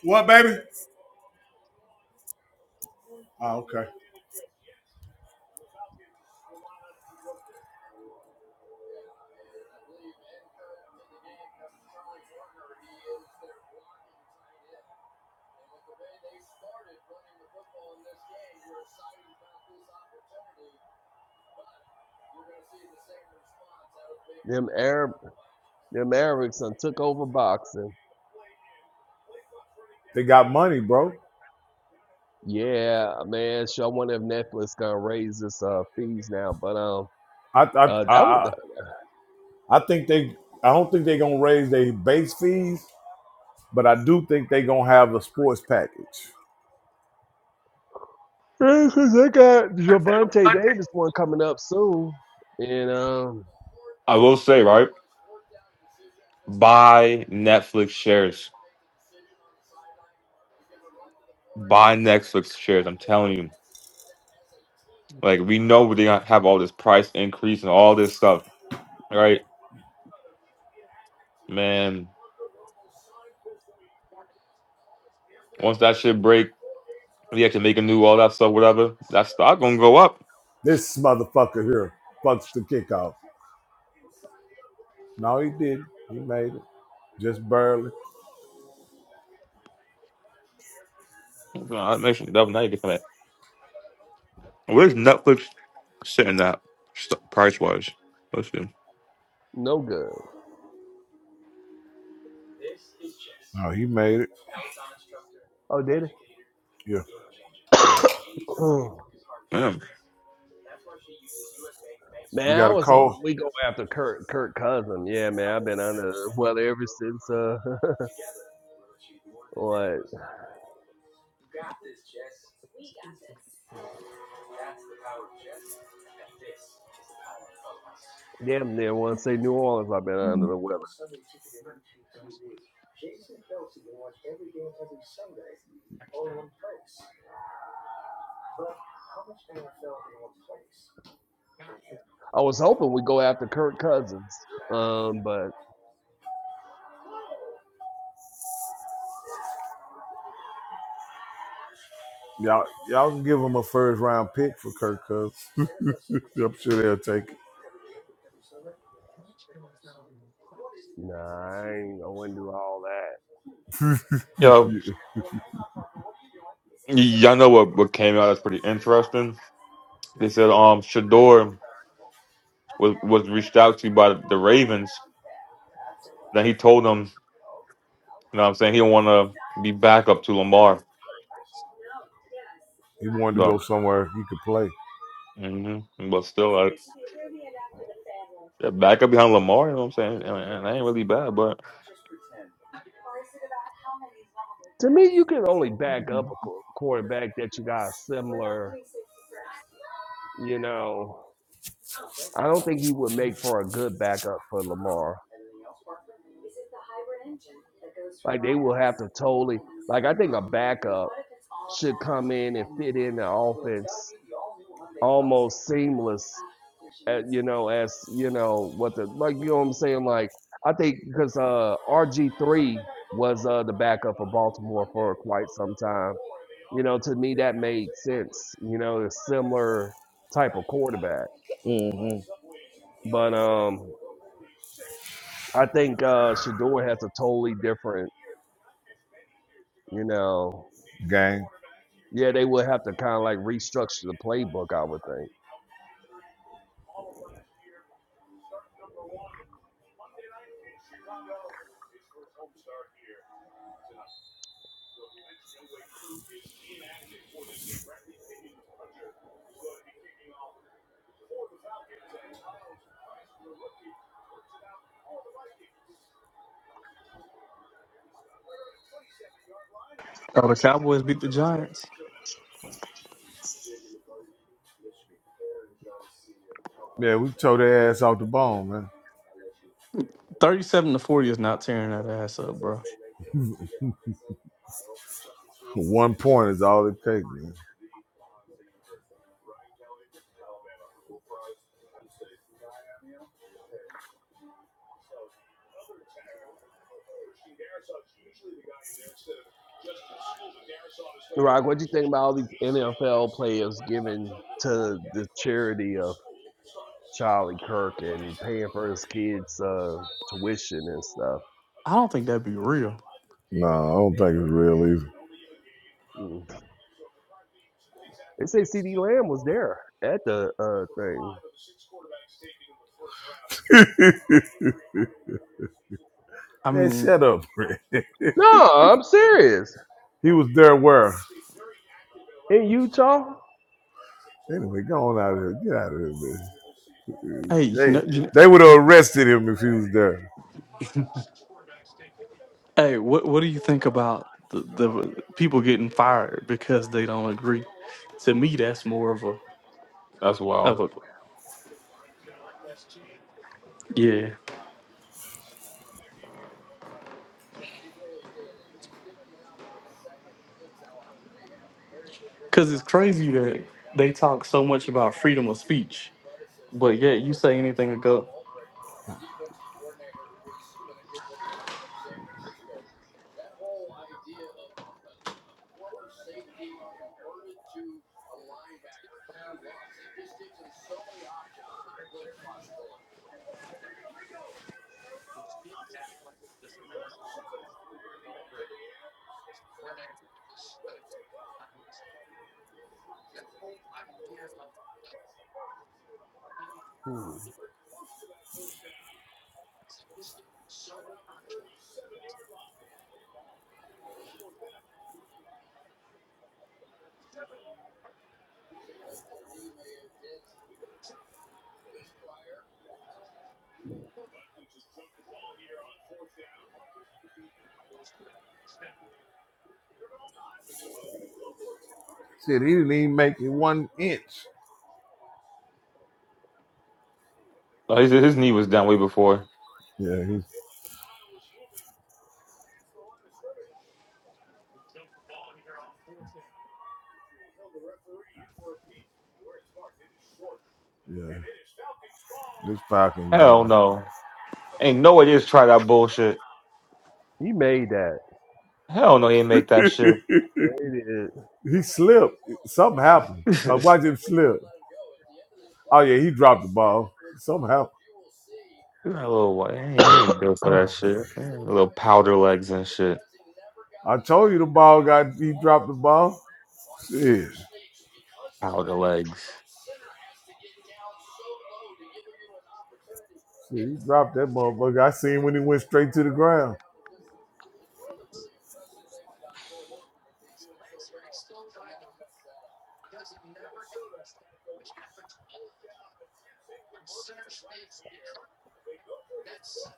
[SPEAKER 2] What, baby? oh, okay. the
[SPEAKER 5] them Arab them Arabs done took over boxing.
[SPEAKER 2] They got money, bro.
[SPEAKER 5] Yeah, man. Sure, I wonder if Netflix gonna raise its uh fees now, but um.
[SPEAKER 2] I I
[SPEAKER 5] Uh,
[SPEAKER 2] I
[SPEAKER 5] that was
[SPEAKER 2] I I think they. I don't think they're gonna raise their base fees, but I do think they're gonna have a sports package.
[SPEAKER 5] Because they got Javante Davis one coming up soon, and um,
[SPEAKER 1] I will say right, buy Netflix shares. Buy Netflix shares. I'm telling you. Like we know they gonna have all this price increase and all this stuff, right? Man, once that shit break, we have to make a new all that stuff, whatever. That stock gonna go up.
[SPEAKER 2] This motherfucker here fucks the kickoff. No, he didn't. He made it just barely.
[SPEAKER 1] Nah, That makes it double. Now you get that. Where's Netflix sitting at price wise? Let's see.
[SPEAKER 5] no good.
[SPEAKER 2] No, he made it.
[SPEAKER 5] Oh, did
[SPEAKER 2] Yeah.
[SPEAKER 5] it? Mm.
[SPEAKER 1] Damn.
[SPEAKER 5] (coughs)
[SPEAKER 2] You
[SPEAKER 5] man, I
[SPEAKER 2] got a
[SPEAKER 5] was hoping
[SPEAKER 2] call.
[SPEAKER 5] we go after Kirk Kirk Cousins. Yeah, man, I've been under the weather ever since. Uh, (laughs) what? Damn near want to say New Orleans. I've been under the weather. I was hoping we go after Kirk Cousins. Um, but
[SPEAKER 2] Y'all, y'all can give him a first round pick for Kirk Cousins. (laughs) I'm sure they'll take it.
[SPEAKER 5] nah, I, ain't, I wouldn't do all that.
[SPEAKER 1] Yo, y- y'all know what, what came out that's pretty interesting. They said um Shador was was reached out to by the Ravens. Then he told them, you know, what I'm saying he don't want to be backup to Lamar.
[SPEAKER 2] He wanted to go
[SPEAKER 1] So,
[SPEAKER 2] somewhere he could play
[SPEAKER 1] hmm but still. like, Yeah, back up behind Lamar, you know what I'm saying? And, and I ain't really bad, but
[SPEAKER 5] To me, you can only back up a qu- quarterback that you got a similar, you know. I don't think he would make for a good backup for Lamar. Like they will have to totally like I think a backup should come in and fit in the offense almost seamless at, you know as you know what the like you know what I'm saying like I think because uh RG3 was uh the backup for Baltimore for quite some time you know to me that made sense you know a similar type of quarterback but um I think uh Shador has a totally different You know,
[SPEAKER 2] game.
[SPEAKER 5] yeah, they would have to kind of like restructure the playbook, I would think.
[SPEAKER 9] Oh, the Cowboys beat the Giants.
[SPEAKER 2] Yeah, we tore their ass off the bone, man.
[SPEAKER 9] Thirty-seven to forty is not tearing that ass up, bro.
[SPEAKER 2] One point is all it takes, man.
[SPEAKER 5] Rock, what do you think about all these NFL players giving to the charity of Charlie Kirk and paying for his kids' uh, tuition and stuff?
[SPEAKER 9] I don't think that'd be real.
[SPEAKER 2] No, I don't think it's real
[SPEAKER 5] Mm. They say CD Lamb was there at the uh, thing.
[SPEAKER 2] either.
[SPEAKER 9] I
[SPEAKER 2] (laughs) Man,
[SPEAKER 9] mean,
[SPEAKER 2] shut up, Rick.
[SPEAKER 5] No, I'm serious.
[SPEAKER 2] He was there where?
[SPEAKER 5] In Utah,
[SPEAKER 2] Anyway, go on out of here. Get out of here, man.
[SPEAKER 9] hey, you
[SPEAKER 2] They
[SPEAKER 9] know, you,
[SPEAKER 2] they would have arrested him if he was there.
[SPEAKER 9] hey, what what do you think about the, the people getting fired because they don't agree? To me, that's more of a
[SPEAKER 1] that's wild.
[SPEAKER 9] of a yeah, because it's crazy that they talk so much about freedom of speech, but yet you say anything to go.
[SPEAKER 5] Hmm.
[SPEAKER 2] Shit, he didn't even make it one inch.
[SPEAKER 1] No, His, his knee was down way before.
[SPEAKER 2] Yeah, he's yeah. This fucking
[SPEAKER 1] Hell
[SPEAKER 2] ball.
[SPEAKER 1] no. Ain't no way they just try that bullshit.
[SPEAKER 5] he made that.
[SPEAKER 1] Hell no, he ain't make that
[SPEAKER 2] (laughs)
[SPEAKER 1] shit.
[SPEAKER 5] Yeah,
[SPEAKER 2] he slipped. Something happened.
[SPEAKER 1] (laughs)
[SPEAKER 2] I
[SPEAKER 1] He's
[SPEAKER 2] watched him slip. Oh yeah, he dropped the ball. Something happened.
[SPEAKER 1] not a little white. He ain't he ain't built for that
[SPEAKER 5] (coughs)
[SPEAKER 1] shit. He ain't Little powder legs and shit.
[SPEAKER 2] I told you the ball got he dropped the ball. Shit. Shit,
[SPEAKER 1] Powder legs.
[SPEAKER 2] he dropped that motherfucker. I seen when he went straight to the ground.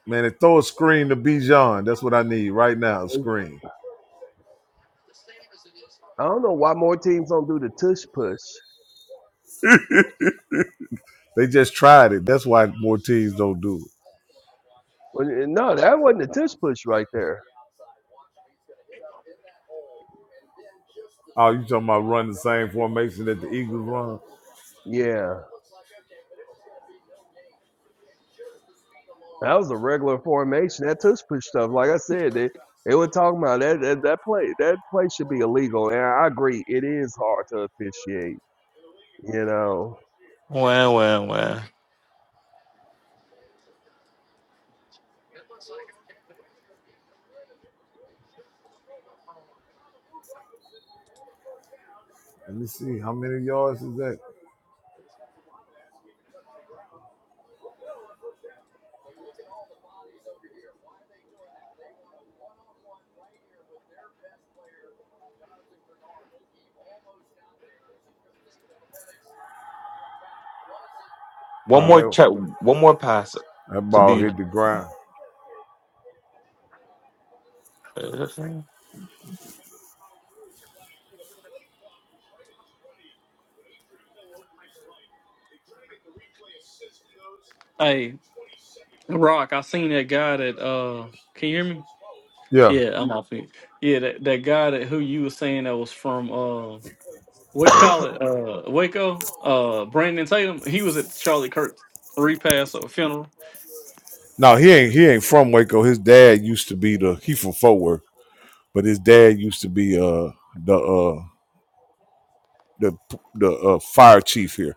[SPEAKER 2] Man, they throw a screen to Bijan. That's what I need right now. A screen.
[SPEAKER 5] I don't know why more teams don't do the tush push.
[SPEAKER 2] They just tried it. That's why more teams don't do it.
[SPEAKER 5] Well, no, that wasn't a tush push right there.
[SPEAKER 2] Oh, you talking about running the same formation that the Eagles run?
[SPEAKER 5] Yeah, that was a regular formation. That tush push stuff, like I said, they they were talking about that that, that play that play should be illegal. And I agree, it is hard to officiate. You know,
[SPEAKER 1] Wah, wah, wah.
[SPEAKER 2] Let me see. How many yards is that?
[SPEAKER 1] One
[SPEAKER 2] Oh,
[SPEAKER 1] more
[SPEAKER 2] that,
[SPEAKER 1] check. One more pass
[SPEAKER 2] that
[SPEAKER 1] to
[SPEAKER 2] ball
[SPEAKER 1] be.
[SPEAKER 2] hit the ground.
[SPEAKER 1] And
[SPEAKER 9] Hey, Rock, I seen that guy that uh, can you hear me?
[SPEAKER 2] Yeah.
[SPEAKER 9] Yeah, I'm off it. Yeah, that, that guy that who you were saying that was from uh what you call it? Uh Waco, uh Brandon Tatum. He was at Charlie Kirk's repass or funeral.
[SPEAKER 2] No, he ain't he ain't from Waco. His dad used to be the he from Fort Worth, but his dad used to be uh the uh the the uh, fire chief here.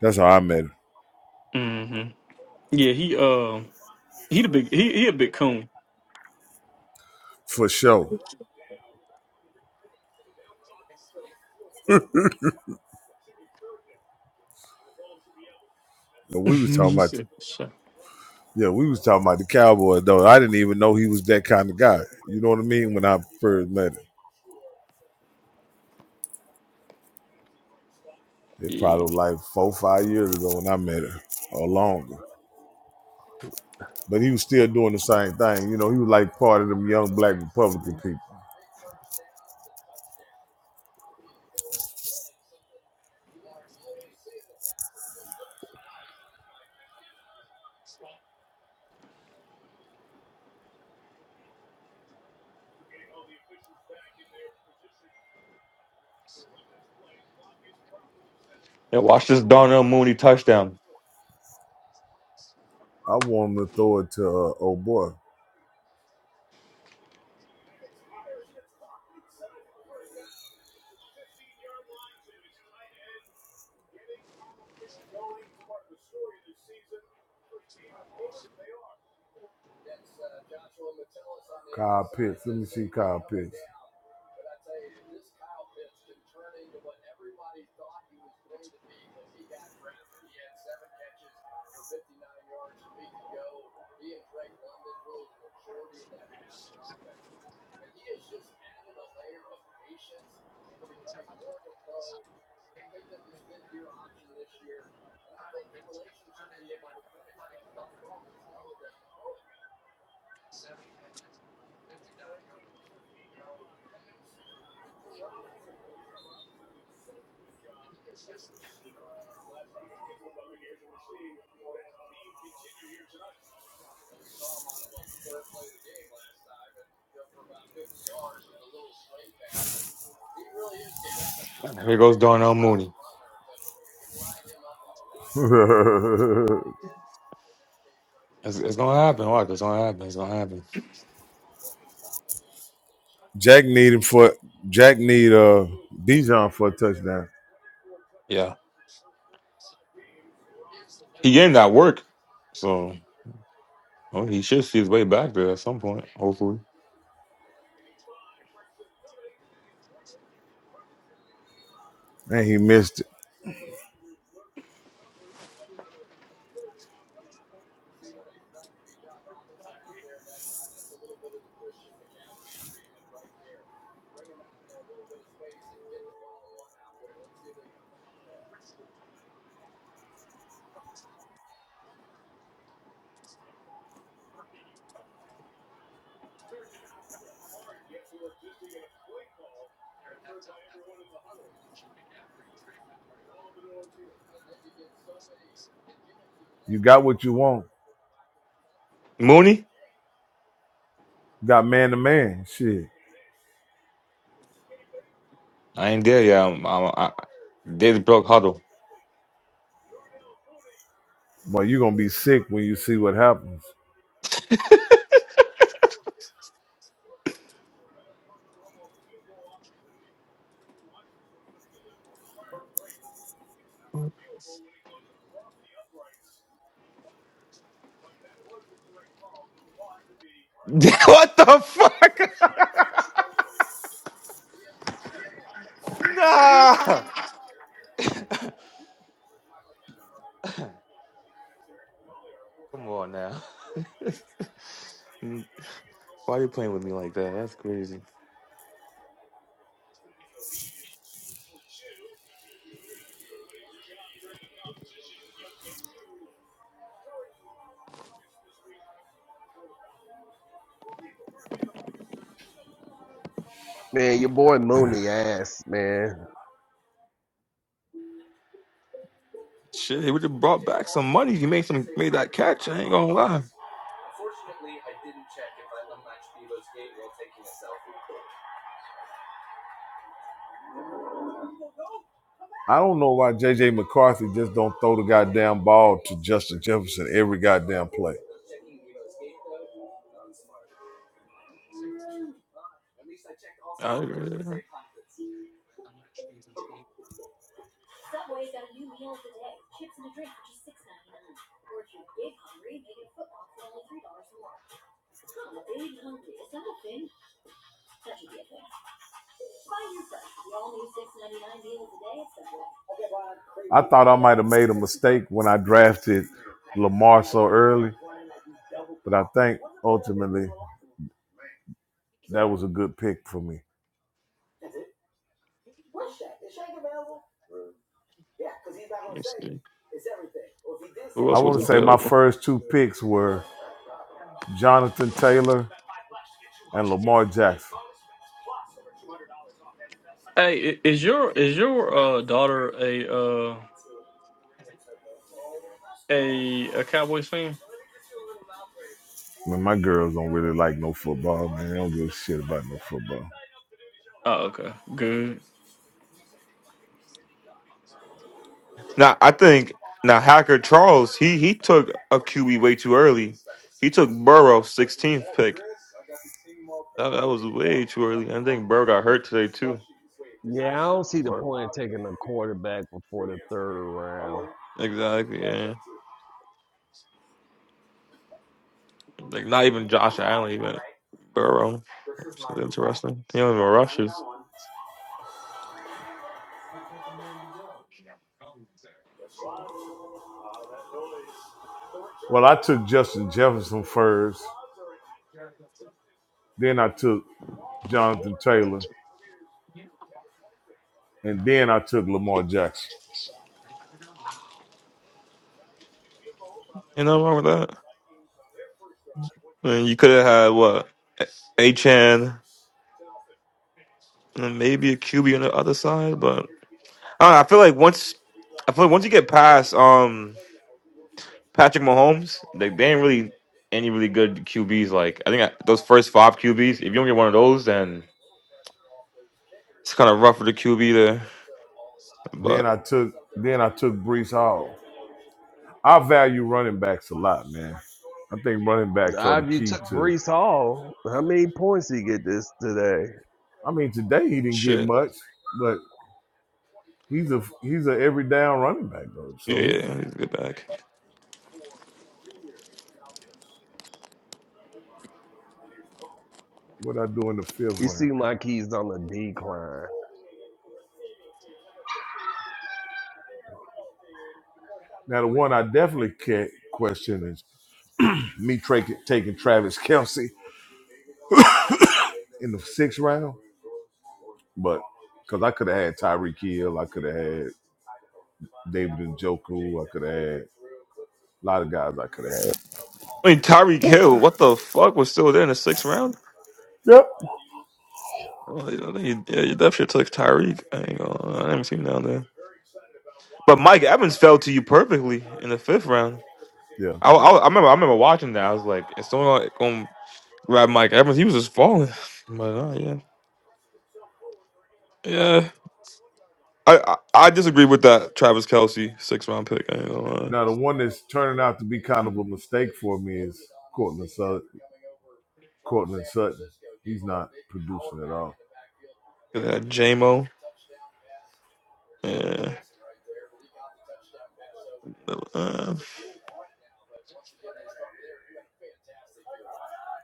[SPEAKER 2] That's how I met him
[SPEAKER 9] hmm Yeah, he uh he the big he he a big coon.
[SPEAKER 2] for sure. And we
[SPEAKER 9] (laughs)
[SPEAKER 2] was talking
[SPEAKER 9] you
[SPEAKER 2] about
[SPEAKER 9] said so.
[SPEAKER 2] yeah, we was talking about the cowboy though. I didn't even know he was that kind of guy. You know what I mean? When I first met him, it
[SPEAKER 9] Yeah.
[SPEAKER 2] probably was like four five years ago when I met him or longer. But he was still doing the same thing. You know, he was like part of them young black Republican people.
[SPEAKER 1] watch this Darnell Mooney touchdown.
[SPEAKER 2] I want him to throw it to uh, oh boy, Kyle Pitts. Let me see Kyle Pitts.
[SPEAKER 1] Here goes Darnell Mooney.
[SPEAKER 2] (laughs)
[SPEAKER 1] It's, it's gonna happen. Watch. It's gonna happen. It's gonna happen.
[SPEAKER 2] Jack needed for Jack need uh Bijan for a touchdown.
[SPEAKER 1] Yeah. He ain't got work, so well, he should see his way back there at some point. Hopefully,
[SPEAKER 2] And he missed it. You got what you want.
[SPEAKER 1] Mooney.
[SPEAKER 2] You got man to man. Shit.
[SPEAKER 1] I ain't there yet. I'm, I'm, I, David broke huddle.
[SPEAKER 2] But you're gonna be sick when you see what happens.
[SPEAKER 1] (laughs) what the fuck? (laughs) nah. Come on now. (laughs) Why are you playing with me like that? That's crazy.
[SPEAKER 5] man, your boy Mooney ass, man.
[SPEAKER 1] Shit, he would have brought back some money. He made some made that catch. I ain't gonna lie.
[SPEAKER 2] I don't know why JJ McCarthy just don't throw the goddamn ball to Justin Jefferson every goddamn play.
[SPEAKER 1] I, let
[SPEAKER 2] I thought I might have made a mistake when I drafted Lamar so early, but I think ultimately that was a good pick for me.
[SPEAKER 1] me see. Who
[SPEAKER 2] I
[SPEAKER 1] else was
[SPEAKER 2] want to say my
[SPEAKER 1] available?
[SPEAKER 2] first two picks were Jonathan Taylor, and Lamar Jackson.
[SPEAKER 9] Hey, i- is your is your uh daughter a uh a a Cowboys fan?
[SPEAKER 2] Man, my girls don't really like no football, man. They don't give a shit about no football.
[SPEAKER 9] Oh, okay. Good.
[SPEAKER 1] Now I think now Hacker Charles he he took a QB way too early. He took Burrow 16th pick. That, that was way too early. I think Burrow got hurt today too.
[SPEAKER 5] Yeah, I don't see the
[SPEAKER 1] Or
[SPEAKER 5] point of taking a quarterback before the third round.
[SPEAKER 1] Exactly. Yeah. Like not even Josh Allen, even Burrow. Which is interesting. He don't even rushes.
[SPEAKER 2] Well, I took Justin Jefferson first, then I took Jonathan Taylor, and then I took Lamar Jackson.
[SPEAKER 1] Ain't nothing wrong with that. I mean, you could have had what Achan and maybe a QB on the other side, but I don't know, I feel like once I feel like once you get past um. Patrick Mahomes, like they ain't really any really good QBs. Like I think I, those first five QBs, if you don't get one of those, then it's kind of rough for the QB there.
[SPEAKER 2] Then
[SPEAKER 1] But
[SPEAKER 2] I took then I took Brees Hall. I value running backs a lot, man. I think running backs are
[SPEAKER 5] Now,
[SPEAKER 2] the
[SPEAKER 5] If you
[SPEAKER 2] key
[SPEAKER 5] took
[SPEAKER 2] to.
[SPEAKER 5] Brees Hall, how many points did he get this today?
[SPEAKER 2] I mean, today he didn't get
[SPEAKER 1] shit,
[SPEAKER 2] much, but he's a he's a every down running back though.
[SPEAKER 1] yeah,
[SPEAKER 2] So
[SPEAKER 1] yeah,
[SPEAKER 2] he's
[SPEAKER 1] yeah, he's a good back.
[SPEAKER 2] what I do in the fifth
[SPEAKER 5] He
[SPEAKER 2] round.
[SPEAKER 5] seemed like he's on the decline.
[SPEAKER 2] Now the one I definitely can't question is me tra- taking Travis Kelsey in the sixth round, but because I could have had Tyreek Hill, I could have had David and Njoku, I could have had a lot of guys I could have had.
[SPEAKER 1] I mean, Tyreek Hill, what the fuck was still there in the sixth round?
[SPEAKER 2] Yep.
[SPEAKER 1] Oh, I think you, yeah, you definitely took Tyreek. I ain't gonna, lie, I haven't seen him down there. But Mike Evans fell to you perfectly in the fifth round.
[SPEAKER 2] Yeah.
[SPEAKER 1] I, I, I remember I remember watching that. I was like, it's only gonna, gonna grab Mike Evans. He was just falling. (sighs) (laughs) But uh, yeah, yeah. I, I I disagree with that Travis Kelsey six round pick. I ain't gonna lie.
[SPEAKER 2] Now the one that's turning out to be kind of a mistake for me is Cortland Sutton. Cortland Sutton. He's not producing at all.
[SPEAKER 1] Look at that JMO. Yeah, uh,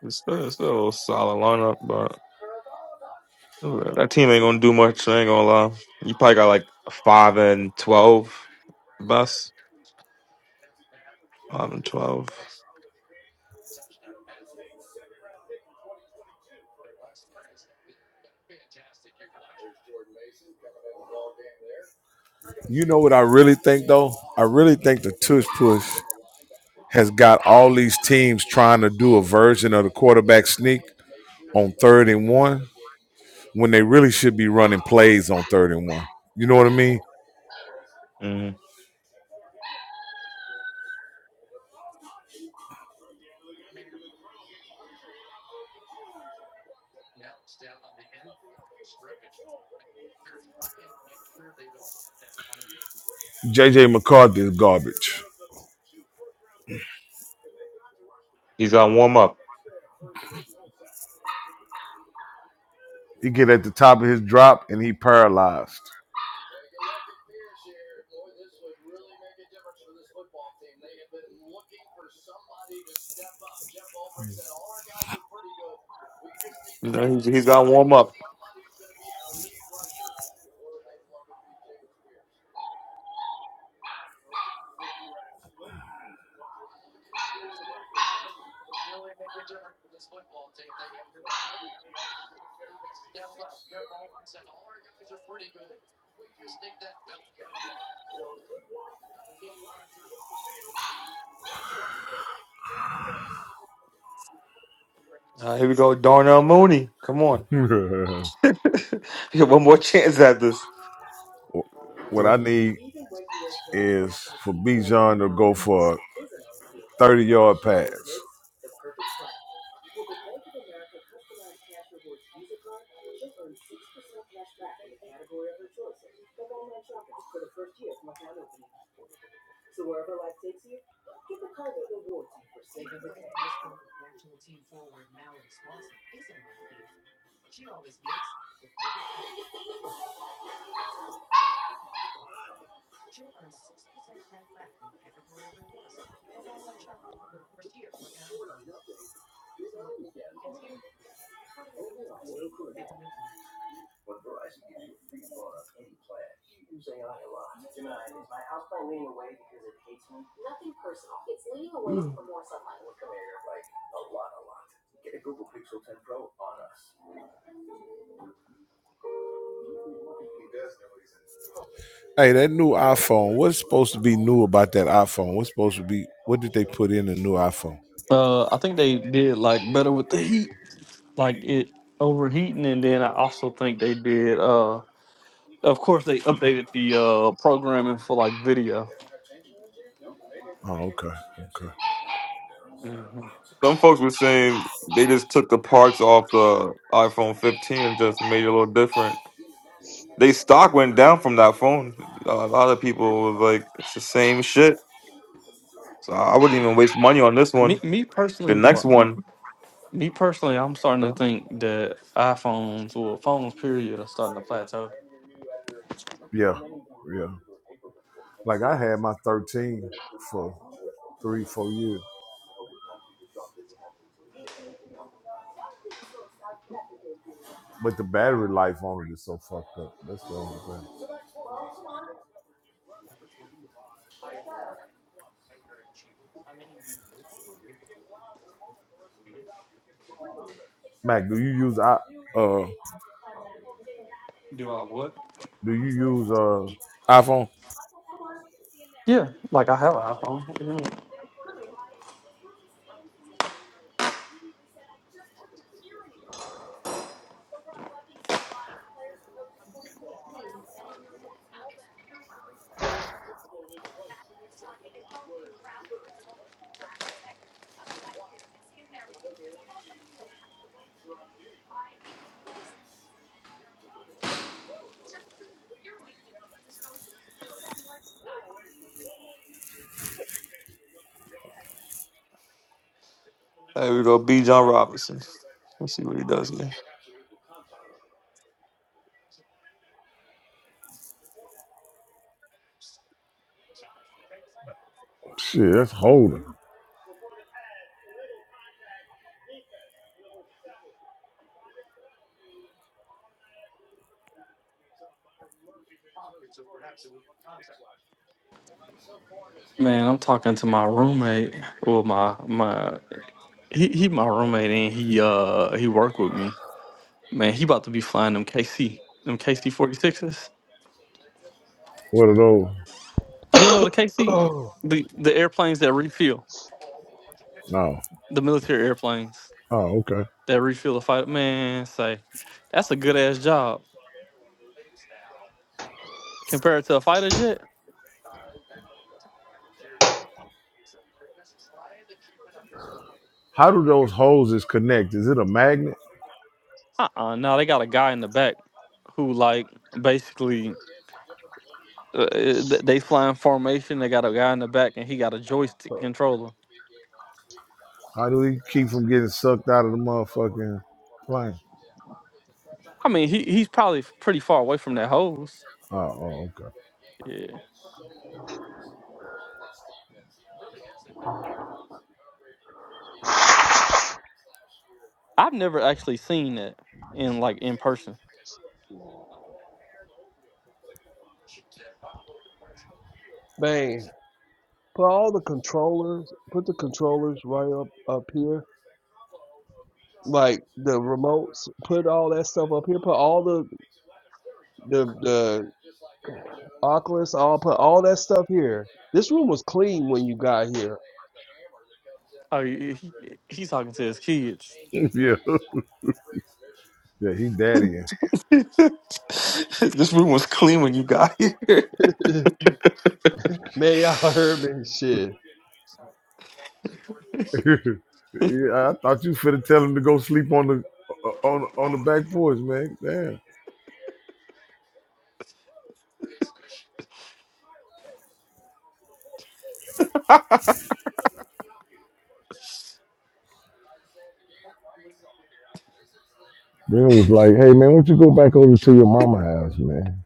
[SPEAKER 1] it's still, it's still a solid lineup, but that team ain't gonna do much. I ain't gonna lie. You probably got like five and twelve best. Five and 12
[SPEAKER 2] You know what I really think though? I really think the tush push has got all these teams trying to do a version of the quarterback sneak on third and one when they really should be running plays on third and one. You know what I mean?
[SPEAKER 1] Mm-hmm.
[SPEAKER 2] JJ McCarthy is garbage.
[SPEAKER 1] He's got warm up.
[SPEAKER 2] He get at the top of his drop and he paralyzed.
[SPEAKER 1] He's, he's got warm up. Uh, here we go, Darnell Mooney. Come on,
[SPEAKER 2] (laughs) what
[SPEAKER 1] (laughs) you got one more chance at this.
[SPEAKER 2] I
[SPEAKER 1] So,
[SPEAKER 2] need is for Bijan to go for a 30 yard pass. Hey, that new iPhone. What's supposed to be new about that iPhone? What's supposed to be? What did they put in the new iPhone?
[SPEAKER 9] Uh I think they did like better with the heat. like it overheating and then i also think they did uh of course they updated the uh programming for like video
[SPEAKER 2] Oh, okay, okay.
[SPEAKER 1] Some folks were saying they just took the parts off the iPhone 15 and just made it a little different. They stock went down from that phone. A lot of people was like, "It's the same shit." So I wouldn't even waste money on this
[SPEAKER 9] me
[SPEAKER 1] one.
[SPEAKER 9] me
[SPEAKER 1] The
[SPEAKER 9] personally
[SPEAKER 1] next
[SPEAKER 2] Well,
[SPEAKER 1] one,
[SPEAKER 9] me personally i'm starting to
[SPEAKER 1] bro.
[SPEAKER 9] think that iphones or phones period are starting to plateau
[SPEAKER 2] yeah, yeah. Like I had my 13 for three, four years, but the battery life on it is so fucked up. That's the only thing. Mac, do you use I uh
[SPEAKER 9] do i what
[SPEAKER 2] do you use uh iPhone?
[SPEAKER 9] yeah like i have an iphone What do you mean?
[SPEAKER 1] there we go, B. John Robinson. Let's see what he does here.
[SPEAKER 2] Shit, that's holding.
[SPEAKER 9] man i'm talking to my roommate Well, my my he, he my roommate and he uh he worked with me man he about to be flying them kc them kc 46s
[SPEAKER 2] What are those?
[SPEAKER 9] You know the KC, the the airplanes that refuel,
[SPEAKER 2] No.
[SPEAKER 9] the military airplanes
[SPEAKER 2] Oh, okay.
[SPEAKER 9] that refuel the fighter. Man, say that's a good ass job compared to a fighter jet.
[SPEAKER 2] How do those hoses connect? Is it a magnet?
[SPEAKER 9] Uh uh No, they got a guy in the back who like basically uh, uh, th- they fly in formation. They got a guy in the back and he got a joystick controller.
[SPEAKER 2] How do we keep from getting sucked out of the motherfucking plane?
[SPEAKER 9] I mean, he he's probably pretty far away from that hose.
[SPEAKER 2] Oh, oh okay.
[SPEAKER 9] Yeah, I've never actually seen that in like in person.
[SPEAKER 5] (coughs) Man, put all the controllers, put the controllers right up up here, like the remotes. Put all that stuff up here. Put all the the the Oculus, all put all that stuff here. This room was clean when you got here.
[SPEAKER 9] Oh, he, he- he's talking to his kids.
[SPEAKER 2] yeah, (laughs) yeah, he daddying.
[SPEAKER 1] (laughs) this room was clean when you got (laughs) here.
[SPEAKER 5] (laughs) Man, y'all heard me shit.
[SPEAKER 2] (laughs) yeah, I thought you finna tell him to go sleep on the on on the back porch, man. Damn. Bill was like, hey, man, why don't you go back over to your mama house, man?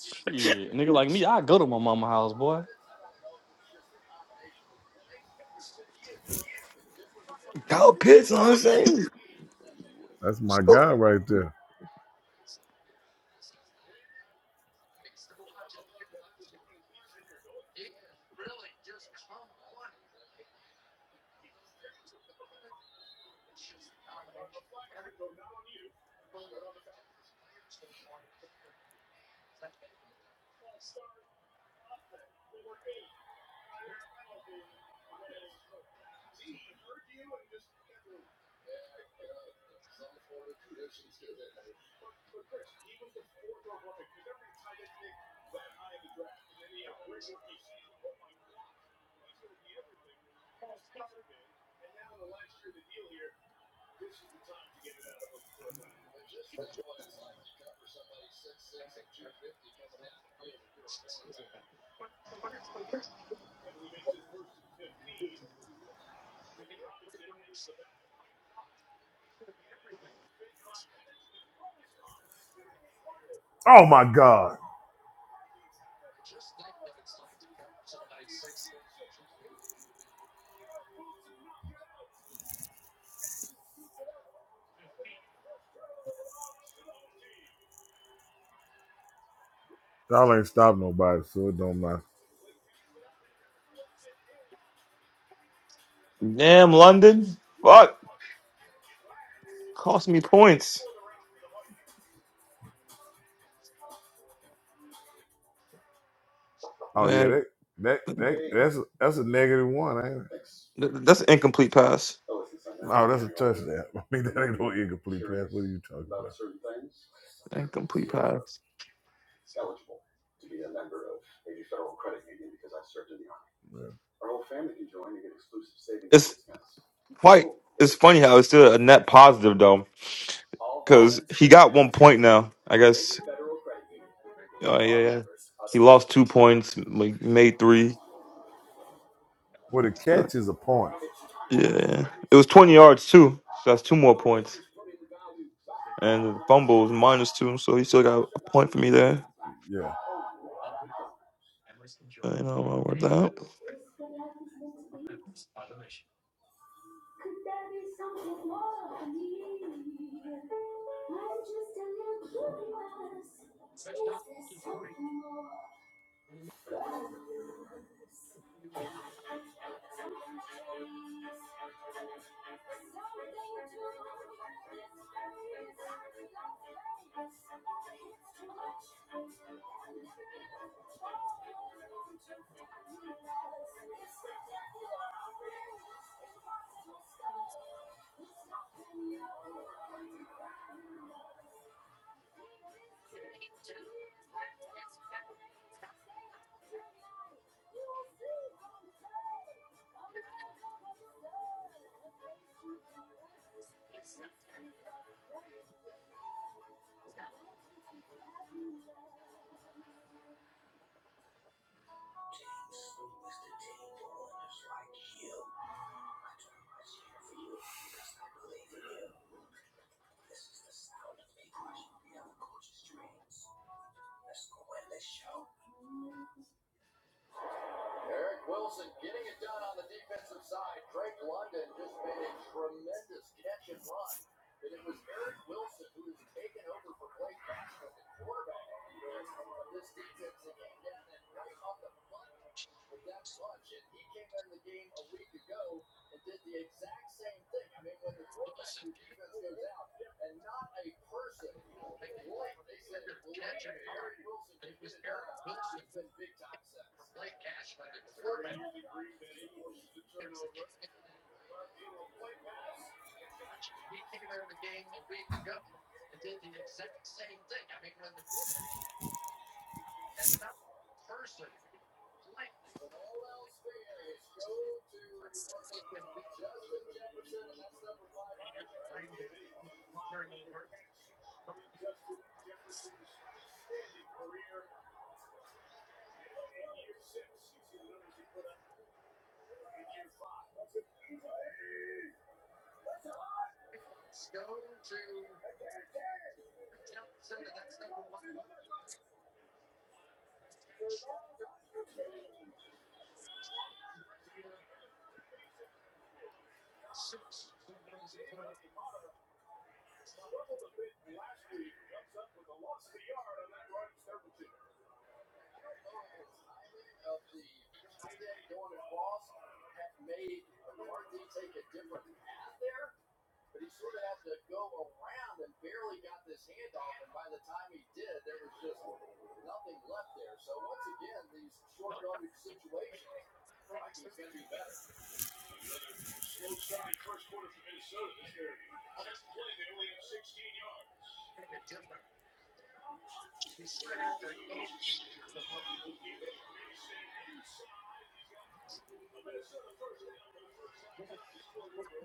[SPEAKER 9] Shit, nigga like me, I go to my mama house, boy.
[SPEAKER 1] Kyle Pitts, you know what I'm saying?
[SPEAKER 2] That's my guy right there. Oh, my God. Y'all ain't stop nobody, so it don't matter.
[SPEAKER 1] Damn, London. Fuck, cost me points,
[SPEAKER 2] Oh, yeah,
[SPEAKER 1] man.
[SPEAKER 2] that, that, that that's, a, that's a negative one, ain't it?
[SPEAKER 1] th- That's an incomplete pass.
[SPEAKER 2] No, that's a touchdown. (laughs) I mean, that ain't no incomplete pass. What are you talking about,
[SPEAKER 1] Incomplete pass.
[SPEAKER 2] man?
[SPEAKER 1] It's quite. It's funny how it's still a net positive though, because he got one point now. I guess. Oh yeah, yeah. He lost two points. Like made three.
[SPEAKER 2] Well, the catch is a point.
[SPEAKER 1] Yeah, it was twenty yards too. So that's two more points. And the fumble was minus two, so he still got a point for me there.
[SPEAKER 2] Yeah.
[SPEAKER 1] I know about what that.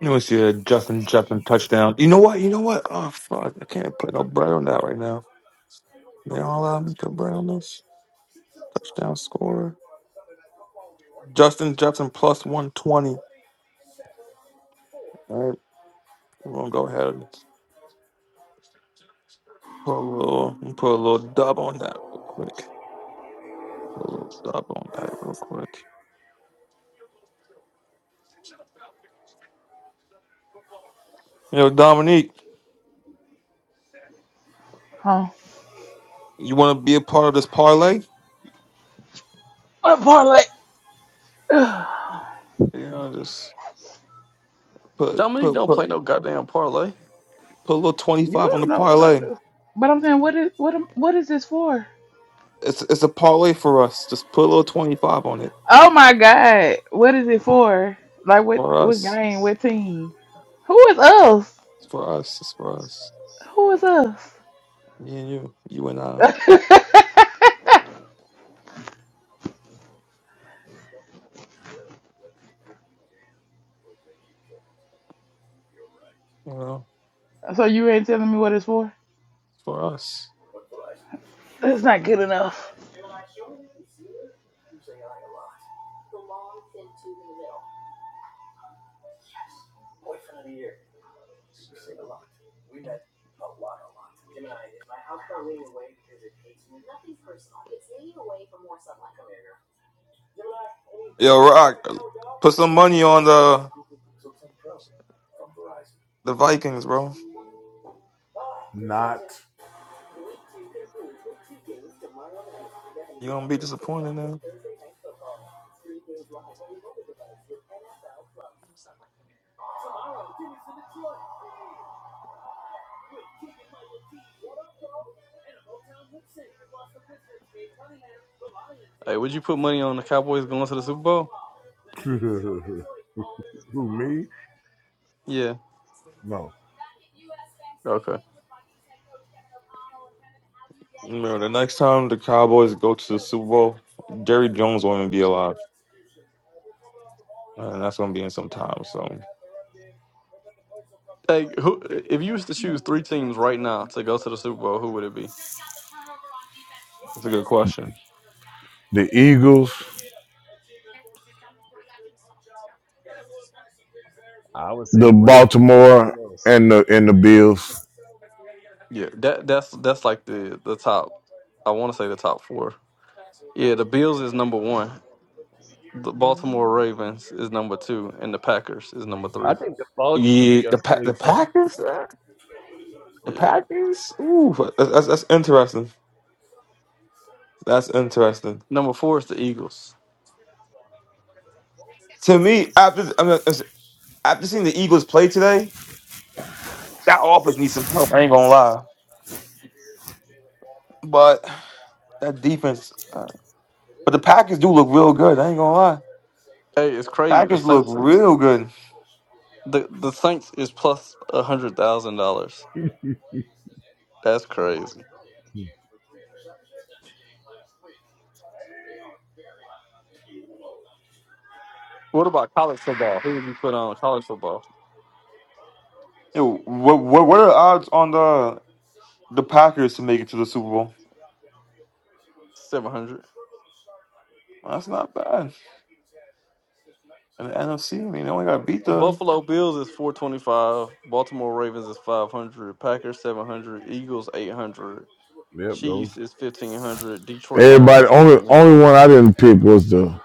[SPEAKER 1] You want to see a Justin Jefferson touchdown? You know what? You know what? Oh fuck! I can't put no bread on that right now. You all allow me to put bread on this touchdown score. Justin Jefferson plus one twenty. All right, we're gonna go ahead and put a little put a little dub on that real quick. Put a little dub on that real quick. Yo, Dominique,
[SPEAKER 4] Huh?
[SPEAKER 1] you want to be a part of this parlay?
[SPEAKER 4] What parlay?
[SPEAKER 1] You know, just put
[SPEAKER 9] Dominique
[SPEAKER 1] put
[SPEAKER 9] don't play no goddamn parlay.
[SPEAKER 1] put a little twenty
[SPEAKER 4] You
[SPEAKER 1] five on the
[SPEAKER 4] don't know what I
[SPEAKER 1] parlay.
[SPEAKER 4] do. But I'm saying, what is what? am- What is this for?
[SPEAKER 1] It's it's a parlay for us. Just put a little twenty five on it
[SPEAKER 4] Oh my god, what is it for? Like what?
[SPEAKER 1] for
[SPEAKER 4] What
[SPEAKER 1] us.
[SPEAKER 4] game? What team? Who is us?
[SPEAKER 1] It's for us. It's for us.
[SPEAKER 4] Who is us?
[SPEAKER 1] Me and you, you and I.
[SPEAKER 4] (laughs)
[SPEAKER 1] You know,
[SPEAKER 4] so you ain't telling me what it's for?
[SPEAKER 1] it's for us.
[SPEAKER 4] That's not good enough.
[SPEAKER 1] Yo, Rock, put some money on the the Vikings, bro.
[SPEAKER 2] Not.
[SPEAKER 1] You gonna be disappointed now.
[SPEAKER 9] Hey, would you put money on the Cowboys going to the Super Bowl?
[SPEAKER 2] (laughs) Who, me?
[SPEAKER 9] Yeah.
[SPEAKER 2] No.
[SPEAKER 9] Okay.
[SPEAKER 1] Remember, the next time the Cowboys go to the Super Bowl, Jerry Jones won't even be alive, and that's gonna be in some time. So
[SPEAKER 9] Hey, who? If you was to choose three teams right now to go to the Super Bowl, who would it be?
[SPEAKER 1] that's a good question.
[SPEAKER 2] The Eagles.
[SPEAKER 5] I would say
[SPEAKER 2] the
[SPEAKER 5] the rate for the
[SPEAKER 2] Baltimore
[SPEAKER 5] bills.
[SPEAKER 2] and the and the Bills.
[SPEAKER 9] Yeah, that that's that's like the the top. I want to say the top four. Yeah, the Bills is number one. The Baltimore
[SPEAKER 4] Good
[SPEAKER 9] Ravens is number two, and the Packers is number
[SPEAKER 5] I
[SPEAKER 9] three.
[SPEAKER 5] think the folks could
[SPEAKER 1] Yeah,
[SPEAKER 5] be a
[SPEAKER 1] the pa- the
[SPEAKER 5] sleeper.
[SPEAKER 1] Packers, Uh, the
[SPEAKER 9] Yeah.
[SPEAKER 1] Packers. Ooh, that's, that's that's interesting. That's interesting.
[SPEAKER 9] Number four is the Eagles.
[SPEAKER 1] To me, after I mean, it's- after seeing the Eagles play today, that offense needs some help. I ain't gonna lie, but that defense. Uh, but the Packers do look real good. I ain't gonna lie.
[SPEAKER 9] Hey, it's crazy. The
[SPEAKER 1] Packers look
[SPEAKER 9] Saints.
[SPEAKER 1] real good.
[SPEAKER 9] The the Saints is plus a hundred thousand dollars. That's crazy. What about college football? Who would you put on college football?
[SPEAKER 1] Yo, what, what what are the odds on the the Packers to make it to the Super Bowl?
[SPEAKER 9] Seven hundred.
[SPEAKER 1] Well, that's not bad. And the NFC, I mean, they only got to beat
[SPEAKER 9] The
[SPEAKER 1] the.
[SPEAKER 9] Buffalo Bills is four twenty five. Baltimore Ravens is five hundred. Packers seven hundred. Eagles eight hundred.
[SPEAKER 2] Yep, those.
[SPEAKER 9] Chiefs is fifteen hundred. Detroit Lions
[SPEAKER 2] Everybody
[SPEAKER 9] is
[SPEAKER 2] only
[SPEAKER 9] fifteen hundred.
[SPEAKER 2] only one I didn't pick was the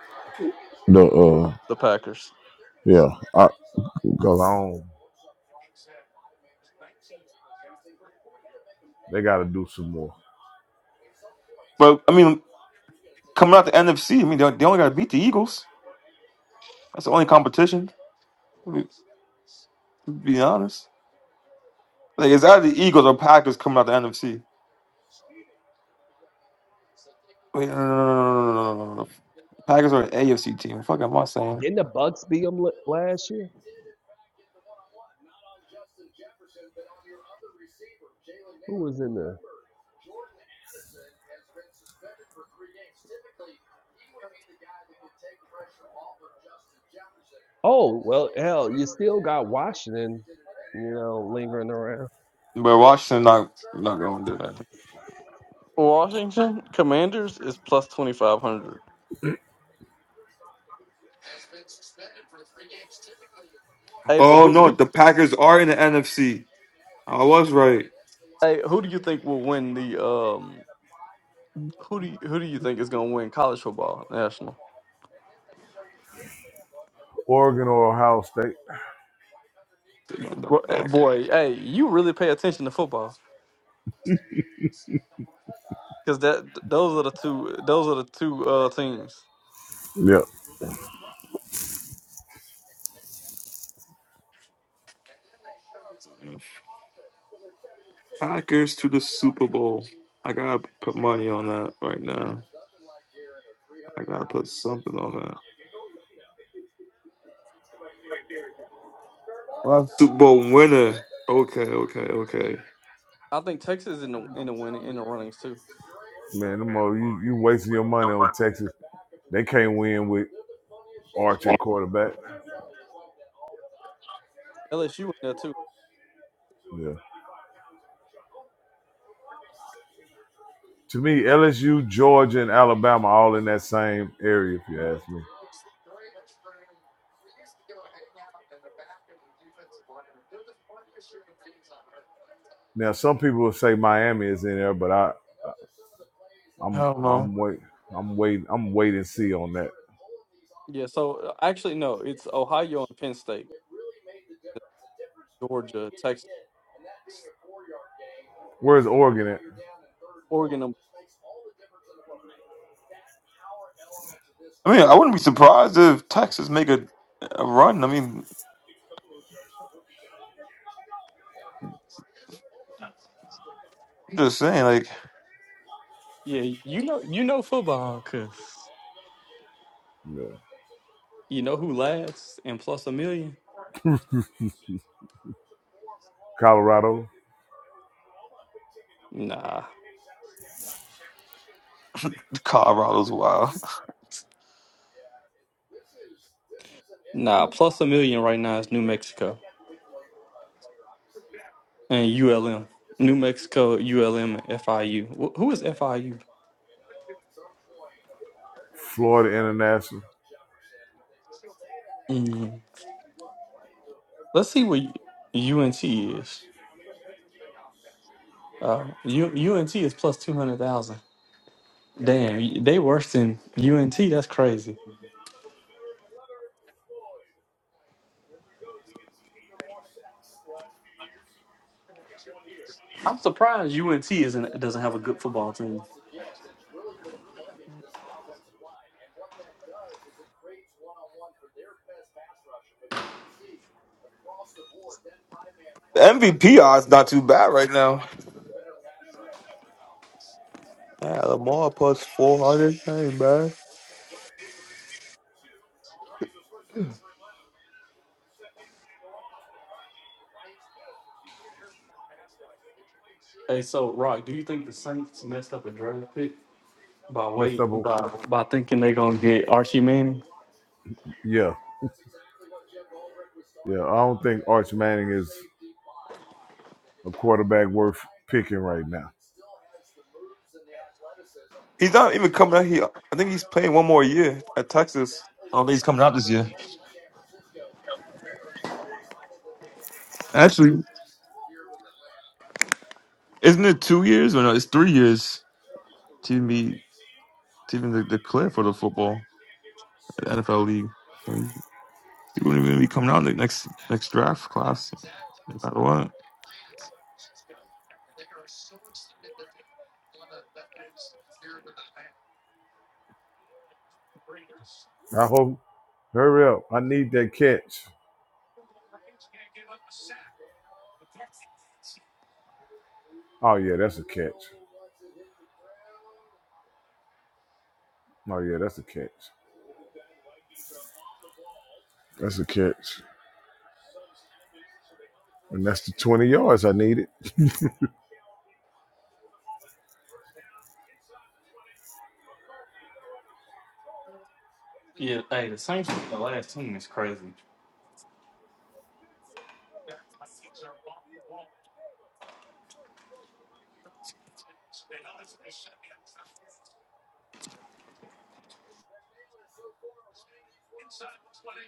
[SPEAKER 2] the uh
[SPEAKER 9] The Packers.
[SPEAKER 2] yeah I, Cause I don't. They got to do some more.
[SPEAKER 1] But I mean, coming out the NFC, I mean, they, they only got to beat the Eagles. That's the only competition. I mean, to be honest, like it's either the Eagles or Packers coming out the NFC. Wait, no, no, no, no, no, no, no, no. no. no. Packers are an AFC team. The fuck am I saying?
[SPEAKER 5] Didn't the Bucks beat them last year? Who was in the? Oh, well, hell, you still got Washington, you know, lingering around.
[SPEAKER 1] But Washington not not going to do that.
[SPEAKER 9] Washington Commanders is plus twenty five hundred. Hey, but
[SPEAKER 1] Oh
[SPEAKER 9] who,
[SPEAKER 1] no,
[SPEAKER 9] who?
[SPEAKER 1] the Packers are in the NFC. I was right.
[SPEAKER 9] Hey, who do you think will win the um? Who do you, who do you think is gonna win college football national?
[SPEAKER 2] Oregon or Ohio State.
[SPEAKER 1] They're on the
[SPEAKER 9] Boy,
[SPEAKER 1] back.
[SPEAKER 9] boy, hey, you really pay attention to football. because that th- those are the two those are the two uh teams.
[SPEAKER 2] Yep.
[SPEAKER 1] Packers to the Super Bowl. I gotta put money on that right now. I gotta put something on that. Well, Super Bowl winner. Okay, okay, okay.
[SPEAKER 9] I think Texas in the in the winning in the runnings too.
[SPEAKER 2] Man, them all, you you wasting your money on Texas. They can't win with Arch at quarterback.
[SPEAKER 9] LSU in there too.
[SPEAKER 2] Yeah. to me, LSU, Georgia, and Alabama all in that same area. If you ask me, now some people will say Miami is in there, but I,
[SPEAKER 1] I
[SPEAKER 2] I'm,
[SPEAKER 1] don't know.
[SPEAKER 2] I'm wait, I'm waiting, I'm wait and see on that.
[SPEAKER 9] Yeah. So uh, actually, no, it's Ohio and Penn State, Georgia, Texas,
[SPEAKER 2] Where's Oregon at?
[SPEAKER 9] Oregon. um,
[SPEAKER 1] I mean, I wouldn't be surprised if Texas make a, a run. I mean, I'm just saying, like
[SPEAKER 9] Yeah, you know you know football because
[SPEAKER 2] Yeah.
[SPEAKER 9] you know who last and plus a million.
[SPEAKER 2] Colorado.
[SPEAKER 9] Nah,
[SPEAKER 1] Colorado's wild.
[SPEAKER 9] nah, plus a million right now is New Mexico and ULM. New Mexico, ULM, and FIU. Wh- Who is FIU?
[SPEAKER 2] Florida International.
[SPEAKER 9] Mm. Let's see what UNT is. Uh, U- UNT is plus two hundred thousand. Damn, they worse than UNT. That's crazy. I'm surprised UNT isn't doesn't have a good football team.
[SPEAKER 1] The MVP odds not too bad right now. Yeah, Lamar plus four hundred. That ain't bad.
[SPEAKER 9] Hey, so Rock, do you think the Saints messed up a draft pick by
[SPEAKER 2] Messed up.
[SPEAKER 9] wait by by thinking they gonna get Archie Manning?
[SPEAKER 2] Yeah, yeah. I don't think Arch Manning is a quarterback worth picking right now.
[SPEAKER 1] He's not even coming out here. I think he's playing one more year at Texas. I don't think he's coming out this year. Actually, isn't it two years or no? It's three years. Team be teaming the, the clear for the football NFL league. So he, he wouldn't even be coming out in the next next draft class. No matter what.
[SPEAKER 2] I hope. Hurry up. I need that catch. Oh, yeah, that's a catch. Oh, yeah, that's a catch. That's a catch. And that's the 20 yards I needed.
[SPEAKER 9] Yeah. Hey, the Saints were the last team is crazy.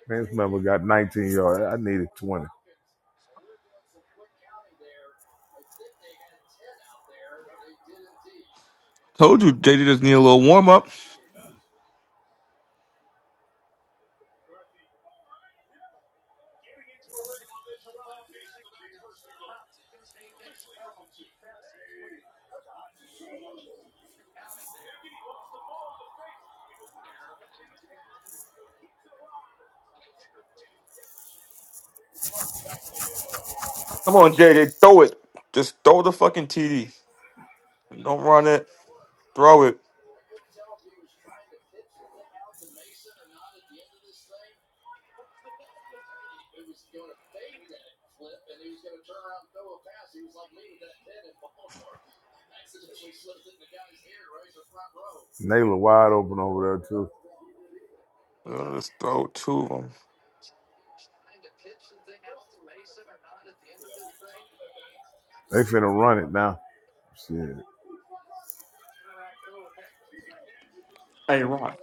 [SPEAKER 2] Man's Member got 19 yards. I needed 20.
[SPEAKER 1] Told you, JD just need a little warm up. Come on, JD, throw it. Just throw the fucking TD. Don't run it. Throw it.
[SPEAKER 2] Naylor wide open over there, too.
[SPEAKER 1] Uh, Just throw two of them.
[SPEAKER 2] They finna run it now. Shit.
[SPEAKER 9] Hey, Rock,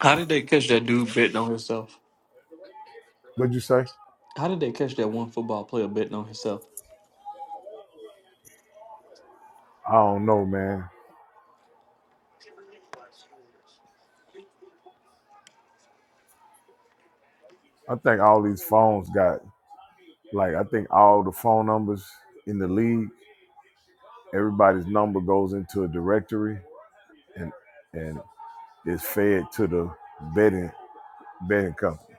[SPEAKER 9] how did they catch that dude betting on himself?
[SPEAKER 2] What'd you say?
[SPEAKER 9] How did they catch that one football player betting on himself?
[SPEAKER 2] I don't know, man. I think all these phones got like I think all the phone numbers in the league, everybody's number goes into a directory and and is fed to the betting betting company.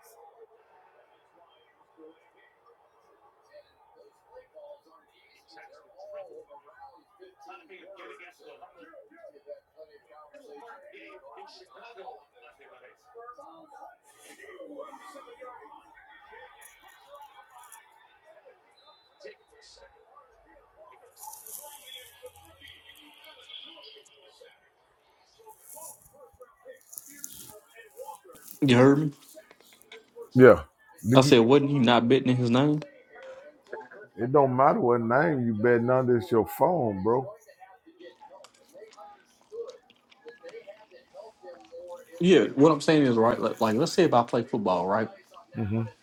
[SPEAKER 9] You heard me.
[SPEAKER 2] Yeah.
[SPEAKER 9] I
[SPEAKER 2] Did you
[SPEAKER 9] said, wasn't he not betting in his name?
[SPEAKER 2] it don't matter what name you bet under, it's your phone, bro.
[SPEAKER 9] Yeah. What I'm saying is right. Like, like let's say if I play football, right?
[SPEAKER 2] hmm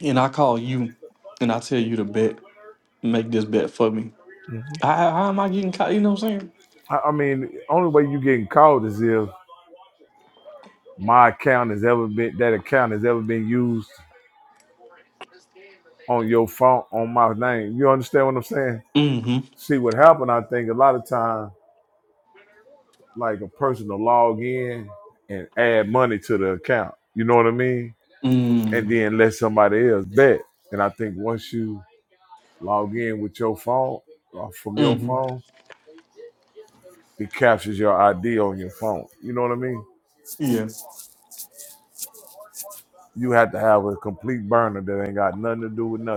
[SPEAKER 9] and I call you and I tell you to bet, make this bet for me, how, how am I getting caught? You know what I'm saying?
[SPEAKER 2] I, I mean, only way you getting called is if my account has ever been that account has ever been used on your phone on my name. You understand what I'm saying?
[SPEAKER 9] Mm-hmm.
[SPEAKER 2] See what happened? I think a lot of time, like a person will log in and add money to the account. You know what I mean? And
[SPEAKER 9] Mm-hmm.
[SPEAKER 2] then let somebody else bet. And I think once you log in with your phone or from your
[SPEAKER 9] Mm-hmm.
[SPEAKER 2] phone, it captures your ID on your phone. You know what I mean?
[SPEAKER 9] Yeah.
[SPEAKER 2] You have to have a complete burner that ain't got nothing to do with nothing.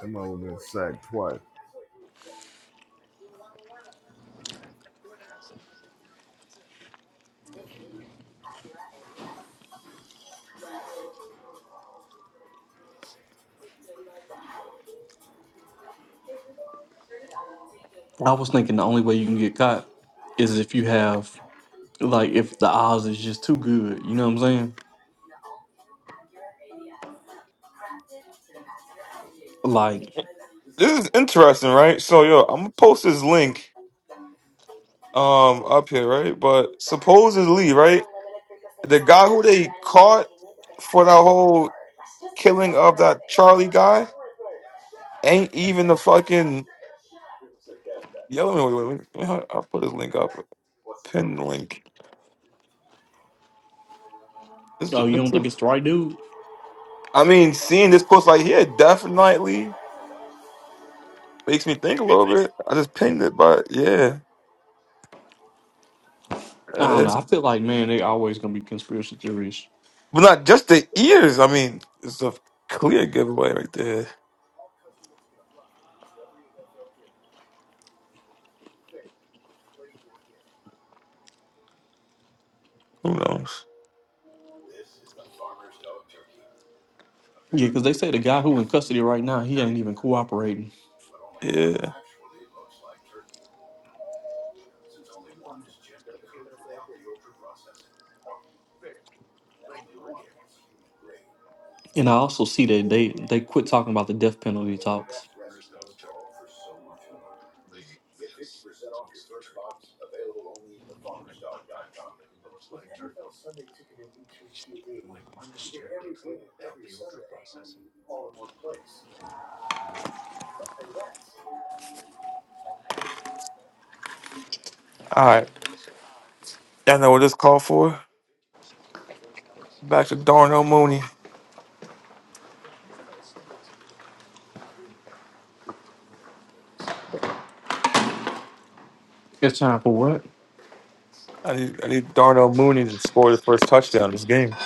[SPEAKER 2] That man would been sacked twice.
[SPEAKER 9] I was thinking the only way you can get caught is if you have like if the odds is just too good. You know what I'm saying? Like,
[SPEAKER 1] This is interesting, right? So, yo, I'm gonna post this link um up here, right? But supposedly, right, the guy who they caught for that whole killing of that Charlie guy ain't even the fucking Yeah, let me, wait, wait, wait. I'll I'll put this link up. Pin link. This is,
[SPEAKER 9] oh, you don't think it's the right dude?
[SPEAKER 1] I mean, seeing this post like here definitely makes me think a little bit. I just pinned it, but yeah, Uh,
[SPEAKER 9] I don't know.
[SPEAKER 1] it's,
[SPEAKER 9] I feel like man, they always gonna be conspiracy theories.
[SPEAKER 1] but not just the ears. I mean, it's a clear giveaway right there. Who knows?
[SPEAKER 9] Yeah, because they say the guy who in custody right now, he ain't even cooperating.
[SPEAKER 1] yeah
[SPEAKER 9] And I also see that they they quit talking about the death penalty talks.
[SPEAKER 1] alright I know what this call for? Back to Darnell Mooney. I need I need Darnell Mooney to score the first touchdown this game.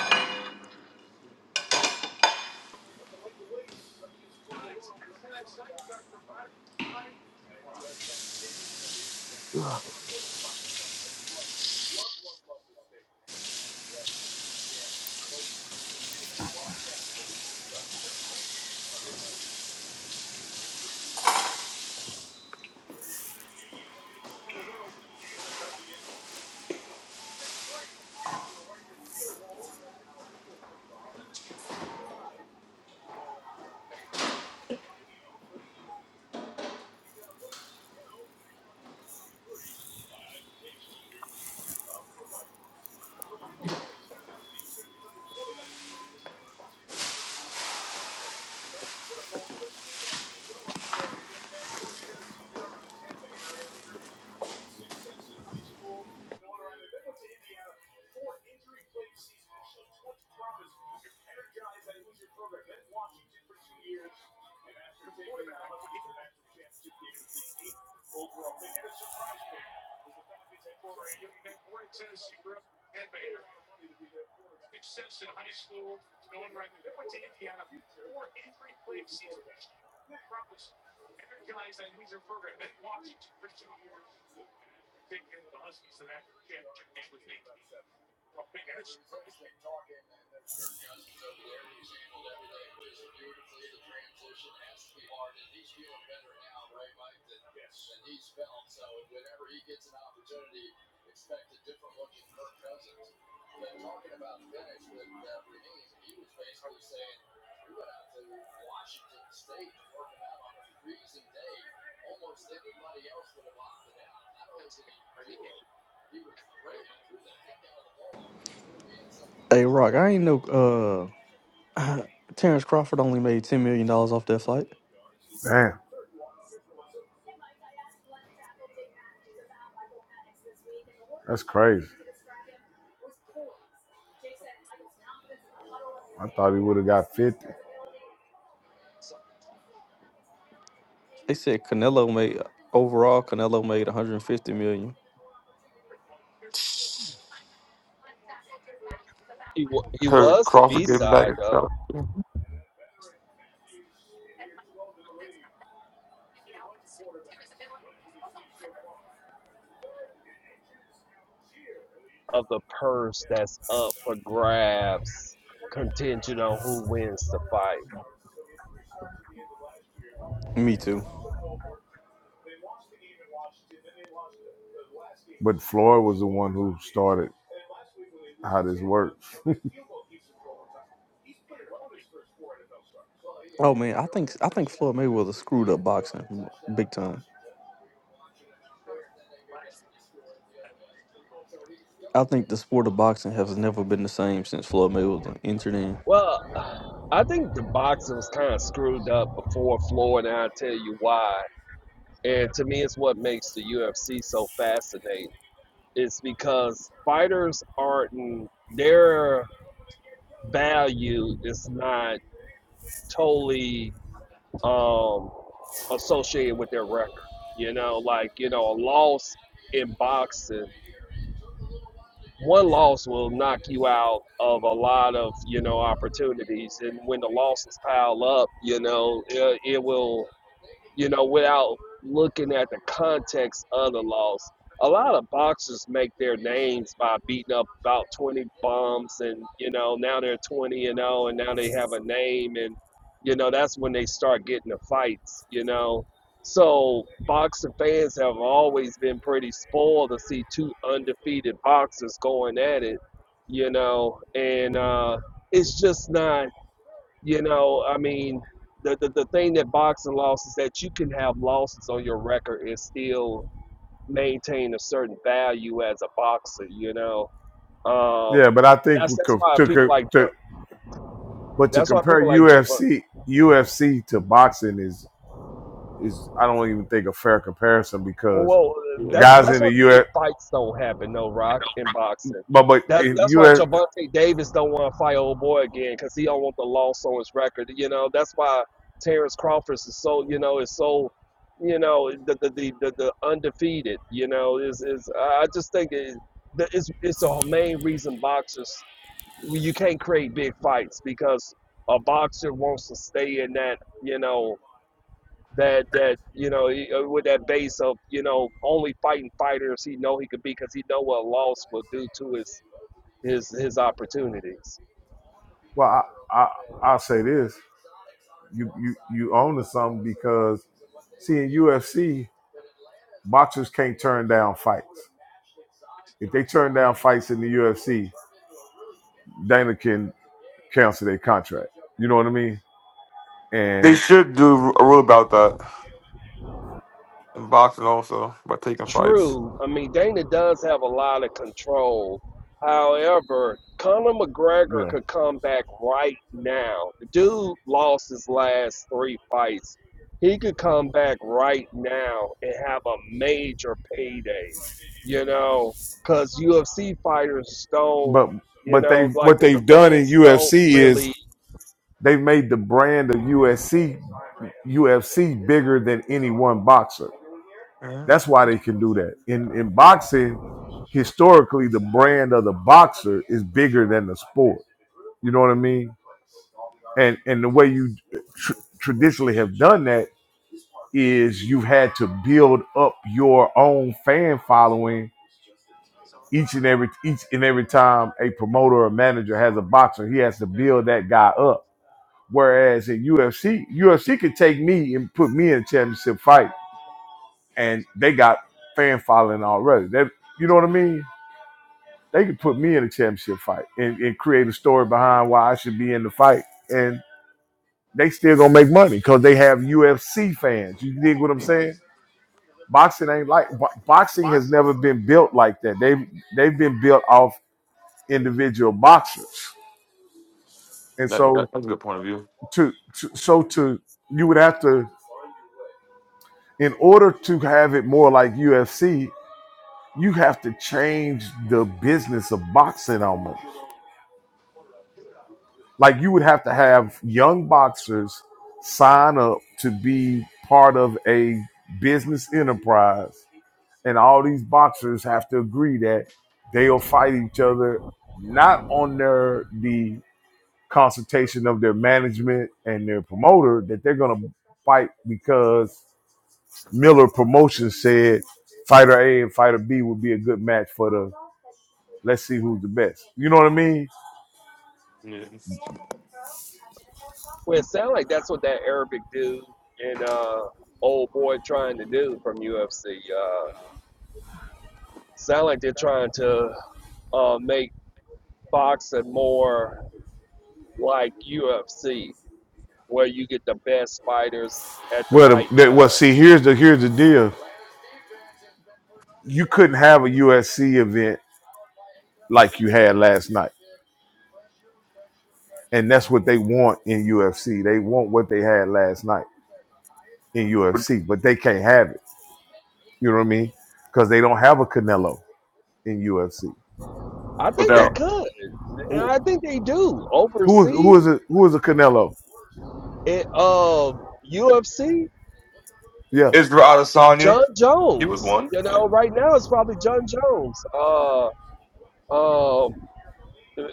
[SPEAKER 9] Hey, Rock, I ain't know uh Terrence Crawford only made ten million dollars off that fight.
[SPEAKER 2] Damn, that's crazy. I thought he would have got 50.
[SPEAKER 9] They said Canelo made overall Canelo made 150 million.
[SPEAKER 5] He, wa he
[SPEAKER 1] Heard
[SPEAKER 5] was the B
[SPEAKER 1] Crawford getting back.
[SPEAKER 5] side,
[SPEAKER 1] his
[SPEAKER 5] though,
[SPEAKER 1] stuff.
[SPEAKER 5] of the purse that's up for grabs, contingent on who wins the fight.
[SPEAKER 9] Me too.
[SPEAKER 2] But Floyd was the one who started how this works. (laughs)
[SPEAKER 9] Oh man, I think I think Floyd Mayweather screwed up boxing big time. I think the sport of boxing has never been the same since Floyd Mayweather entered in.
[SPEAKER 5] Well, I think the boxing was kind of screwed up before Floyd, and I'll tell you why. And to me, it's what makes the UFC so fascinating. It's because fighters aren't their value is not totally um, associated with their record. You know, like you know, a loss in boxing, one loss will knock you out of a lot of you know opportunities, and when the losses pile up, you know, it, it will. you know, without looking at the context of the loss. A lot of boxers make their names by beating up about 20 bums, and, you know, now they're 20 and 0, and now they have a name, and, you know, that's when they start getting the fights, you know. So, boxing fans have always been pretty spoiled to see two undefeated boxers going at it, you know, and uh, it's just not. You know, I mean, the, the, the thing that boxing lost is that you can have losses on your record and still maintain a certain value as a boxer, you know. Um,
[SPEAKER 2] Yeah, but I think
[SPEAKER 5] that's
[SPEAKER 2] we
[SPEAKER 5] that's
[SPEAKER 2] co-
[SPEAKER 5] why
[SPEAKER 2] to,
[SPEAKER 5] people
[SPEAKER 2] co-
[SPEAKER 5] like
[SPEAKER 2] to but to
[SPEAKER 5] that's why
[SPEAKER 2] compare
[SPEAKER 5] people like Javante.
[SPEAKER 2] UFC UFC to boxing is is I don't even think a fair comparison
[SPEAKER 5] Well,
[SPEAKER 2] because
[SPEAKER 5] well, that's
[SPEAKER 1] Yeah.
[SPEAKER 2] guys
[SPEAKER 5] that's
[SPEAKER 2] in
[SPEAKER 5] why
[SPEAKER 2] the
[SPEAKER 5] the
[SPEAKER 2] U
[SPEAKER 5] big
[SPEAKER 2] F
[SPEAKER 5] fights don't happen, no Rock in boxing.
[SPEAKER 2] but but
[SPEAKER 5] That
[SPEAKER 2] in
[SPEAKER 5] that's
[SPEAKER 2] U
[SPEAKER 5] why
[SPEAKER 2] F
[SPEAKER 5] Javante Davis don't want to fight old boy again because he don't want the loss on his record. You know, that's why Terrence Crawford is so you know is so you know the the the, the, the undefeated. You know, is is I I just think it, that it's it's the main reason boxers you can't create big fights because a boxer wants to stay in that you know that that you know uh, with that base of you know only fighting fighters he know he could be because he know what a loss will do to his his his opportunities.
[SPEAKER 2] well I, I I'll say this you you you own to something because see in UFC boxers can't turn down fights if they turn down fights in the UFC Dana can cancel their contract. You know what I mean?
[SPEAKER 1] They
[SPEAKER 2] And
[SPEAKER 1] should do a rule about that. in boxing also by taking fights.
[SPEAKER 5] True. I mean, Dana does have a lot of control. However, Conor McGregor
[SPEAKER 2] yeah,
[SPEAKER 5] could come back right now. The dude lost his last three fights. He could come back right now and have a major payday, you know, because UFC fighters don't,
[SPEAKER 2] but
[SPEAKER 5] you
[SPEAKER 2] but they
[SPEAKER 5] know, like
[SPEAKER 2] what
[SPEAKER 5] the, the
[SPEAKER 2] they've done in
[SPEAKER 5] fans don't
[SPEAKER 2] UFC is
[SPEAKER 5] really.
[SPEAKER 2] they've made the brand of USC UFC bigger than any one boxer.
[SPEAKER 1] Yeah.
[SPEAKER 2] That's why they can do that. In in boxing, historically, the brand of the boxer is bigger than the sport. You know what I mean? And and the way you tr- traditionally have done that is you've had to build up your own fan following each and every each and every time a promoter or manager has a boxer, he has to build that guy up. Whereas in UFC, UFC could take me and put me in a championship fight, and they got fan following already. That you know what I mean? They could put me in a championship fight and, and create a story behind why I should be in the fight, and they still gonna make money because they have UFC fans. You dig what I'm saying? Boxing ain't like bo- boxing has never been built like that. They they've been built off individual boxers. and
[SPEAKER 1] That, that
[SPEAKER 2] so
[SPEAKER 1] that's a good point of view.
[SPEAKER 2] to, to so to you would have to in order to have it more like UFC, you have to change the business of boxing almost. Like you would have to have young boxers sign up to be part of a business enterprise, and all these boxers have to agree that they'll fight each other not on their the consultation of their management and their promoter that they're going to fight because Miller Promotion said Fighter A and Fighter B would be a good match for the let's see who's the best. You know what I mean?
[SPEAKER 1] Yeah.
[SPEAKER 5] Well, it sounds like that's what that Arabic dude and uh, old boy trying to do from UFC. Sound like they're trying to uh, make boxing more like UFC, where you get the best fighters at the
[SPEAKER 2] Well,
[SPEAKER 5] right
[SPEAKER 2] the, that, well,
[SPEAKER 5] time.
[SPEAKER 2] see, here's the here's the deal. You couldn't have a USC event like you had last night, and that's what they want in UFC. They want what they had last night in
[SPEAKER 1] With-
[SPEAKER 2] UFC, but they can't have it. You know what I mean? Because they don't have a Canelo in UFC.
[SPEAKER 5] I think they
[SPEAKER 2] And
[SPEAKER 1] Without
[SPEAKER 5] could, and
[SPEAKER 2] who
[SPEAKER 5] I think they do
[SPEAKER 2] who is
[SPEAKER 5] oversee
[SPEAKER 2] who is a, who is a Canelo?
[SPEAKER 5] it. Uh, UFC,
[SPEAKER 2] Yeah.
[SPEAKER 1] Israel Adesanya,
[SPEAKER 5] John
[SPEAKER 1] he was
[SPEAKER 5] Jones.
[SPEAKER 1] one.
[SPEAKER 5] You know,
[SPEAKER 1] Yeah.
[SPEAKER 5] right now it's probably John Jones. Uh, um,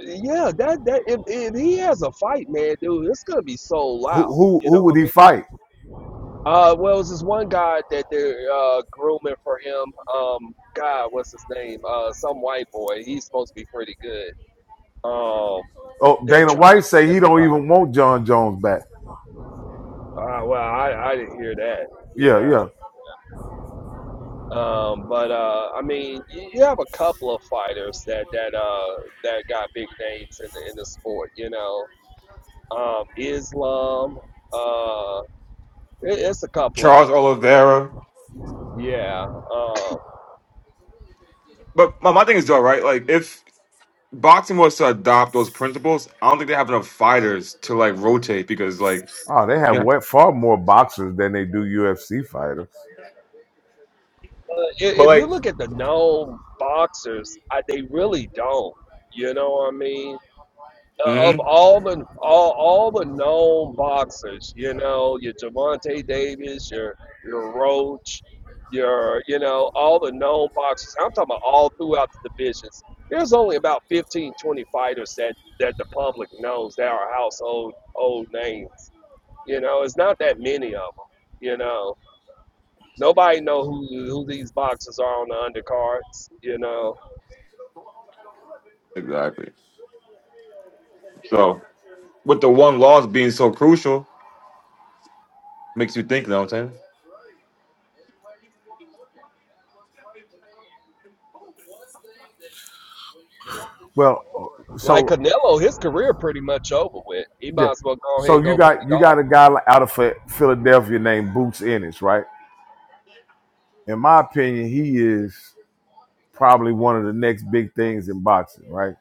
[SPEAKER 5] yeah, that that if, if he has a fight, man, dude, it's gonna be so
[SPEAKER 2] Who
[SPEAKER 5] loud.
[SPEAKER 2] who
[SPEAKER 5] You know
[SPEAKER 2] who would
[SPEAKER 5] what I mean?
[SPEAKER 2] he fight?
[SPEAKER 5] Uh, well, it was this one guy that they're uh, grooming for him. Um, God, what's his name? Uh, some white boy. He's supposed to be pretty good. Um,
[SPEAKER 2] Oh,
[SPEAKER 5] they're
[SPEAKER 2] Dana
[SPEAKER 5] trying
[SPEAKER 2] White
[SPEAKER 5] to get
[SPEAKER 2] say
[SPEAKER 5] that
[SPEAKER 2] he don't
[SPEAKER 5] fight.
[SPEAKER 2] even want John Jones back.
[SPEAKER 5] Uh, well, I, I didn't hear that, you
[SPEAKER 2] Yeah, yeah.
[SPEAKER 5] know. Um, but uh, I mean, you, you have a couple of fighters that that uh that got big names in the in the sport, you know. Um, Islam. Uh, it, it's a couple of
[SPEAKER 1] Charles Oliveira.
[SPEAKER 5] them. Yeah. Um.
[SPEAKER 1] But my, my thing is though, right? Like if boxing was to adopt those principles, I don't think they have enough fighters to like rotate because like
[SPEAKER 2] Oh, they have
[SPEAKER 1] yeah.
[SPEAKER 2] way, far more boxers than they do UFC fighters.
[SPEAKER 5] Uh,
[SPEAKER 1] But
[SPEAKER 5] if, you
[SPEAKER 1] like
[SPEAKER 5] look at the known boxers, I, they really don't. You know what I mean? Uh,
[SPEAKER 1] hmm
[SPEAKER 5] Of all the all, all the known boxers, you know, your Javante Davis, your your Roach, your you know, all the known boxers. I'm talking about all throughout the divisions. There's only about 15, 20 fighters that that the public knows that are household old names. You know, it's not that many of them. You know, Nobody know who who these boxers are on the undercards, you know.
[SPEAKER 1] exactly. So with the one loss being so crucial, makes you think. You know what I'm saying?
[SPEAKER 2] Well,
[SPEAKER 5] Like
[SPEAKER 2] so
[SPEAKER 5] Canelo, his career pretty much over with. He
[SPEAKER 2] yeah.
[SPEAKER 5] might as well go ahead
[SPEAKER 2] So
[SPEAKER 5] and
[SPEAKER 2] you
[SPEAKER 5] go play
[SPEAKER 2] got you
[SPEAKER 5] golf.
[SPEAKER 2] got a guy li- out of Phi- Philadelphia named Boots Ennis, right? In my opinion, he is probably one of the next big things in boxing, right?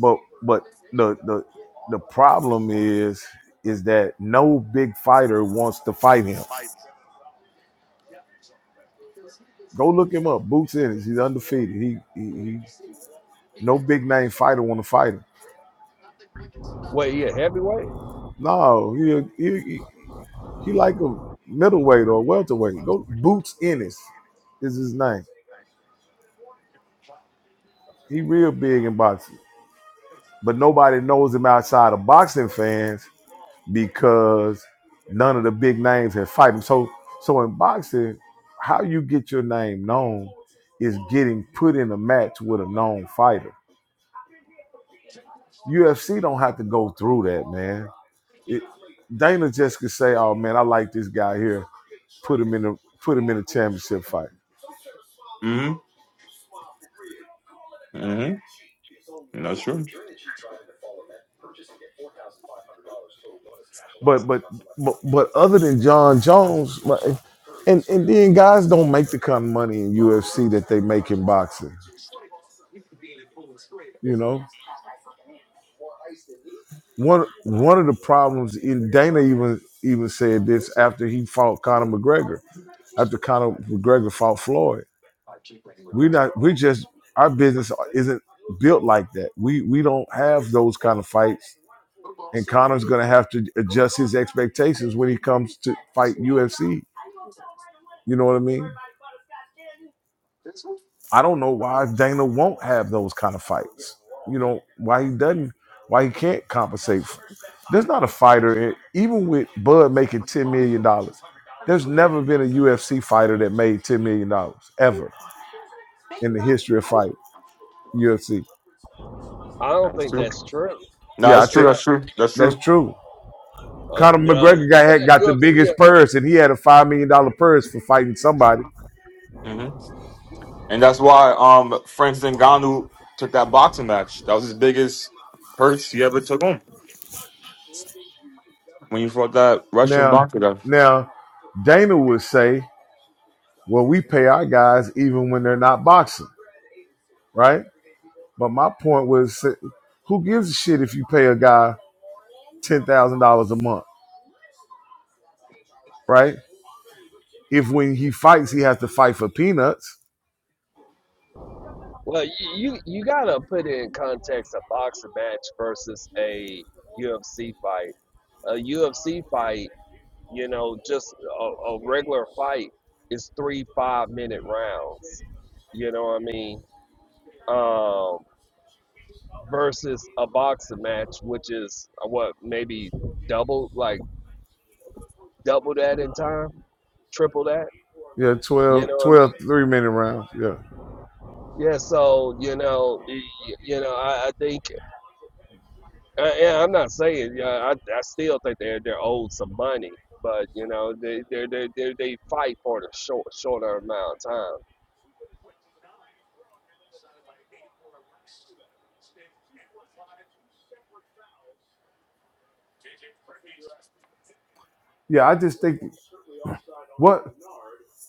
[SPEAKER 2] But but the the the problem is is that no big fighter wants to fight him. Go look him up. Boots Ennis, he's undefeated. He he, he no big name fighter want to fight him.
[SPEAKER 5] Wait, he a heavyweight?
[SPEAKER 2] No, he he he he like a middleweight or welterweight. Go Boots Ennis is his name. He real big in boxing, but nobody knows him outside of boxing fans because none of the big names have fight him. So, so in boxing, how you get your name known is getting put in a match with a known fighter. UFC don't have to go through that, man. It, Dana just could say, "Oh man, I like this guy here. Put him in a put him in a championship fight."
[SPEAKER 1] Mm-hmm. Mm-hmm. That's true.
[SPEAKER 2] But but but, but other than John Jones, like, and and then guys don't make the kind of money in UFC that they make in boxing. You know, one one of the problems in Dana even even said this after he fought Conor McGregor, after Conor McGregor fought Floyd. We're not we're just our business isn't built like that. We we don't have those kind of fights. And Conor's gonna have to adjust his expectations when he comes to fight UFC. You know what I mean? I don't know why Dana won't have those kind of fights. You know why he doesn't, why he can't compensate. f- There's not a fighter, even with Bud making ten million dollars. There's never been a UFC fighter that made ten million dollars ever in the history of fight UFC.
[SPEAKER 5] I don't
[SPEAKER 1] That's
[SPEAKER 5] think
[SPEAKER 1] true.
[SPEAKER 5] that's true.
[SPEAKER 1] No,
[SPEAKER 2] Yeah, I
[SPEAKER 1] that's true.
[SPEAKER 2] think
[SPEAKER 5] Yeah,
[SPEAKER 1] That's true. That's true.
[SPEAKER 2] that's true.
[SPEAKER 5] uh,
[SPEAKER 2] Conor
[SPEAKER 5] uh,
[SPEAKER 2] McGregor
[SPEAKER 5] you
[SPEAKER 2] guy
[SPEAKER 5] said
[SPEAKER 2] had got the
[SPEAKER 5] UFC. uh,
[SPEAKER 2] biggest purse, and he had a five million dollar purse for fighting somebody.
[SPEAKER 1] hmm And that's why um Francis Ngannou took that boxing match. That was his biggest purse he ever took home when he fought that Russian
[SPEAKER 2] Now,
[SPEAKER 1] boxer. guy.
[SPEAKER 2] now, Dana would say, "Well, we pay our guys even when they're not boxing, right?" But my point was, who gives a shit if you pay a guy ten thousand dollars a month, right? If when he fights, he has to fight for peanuts.
[SPEAKER 5] Well, you, you you gotta put in context a boxing match versus a UFC fight. A UFC fight, you know, just a, a regular fight is three five minute rounds. You know what I mean? Um, versus a boxing match, which is uh, what maybe double, like double that in time, triple that.
[SPEAKER 2] Yeah,
[SPEAKER 5] You
[SPEAKER 2] 12,
[SPEAKER 5] know what I
[SPEAKER 2] minute rounds. Yeah,
[SPEAKER 5] mean? Yeah. So you know, you know, I, I think, uh, yeah, I'm not saying, yeah, I, I still think they're they're owed some money, but you know, they they they they fight for the short shorter amount of time.
[SPEAKER 2] yeah. I just think what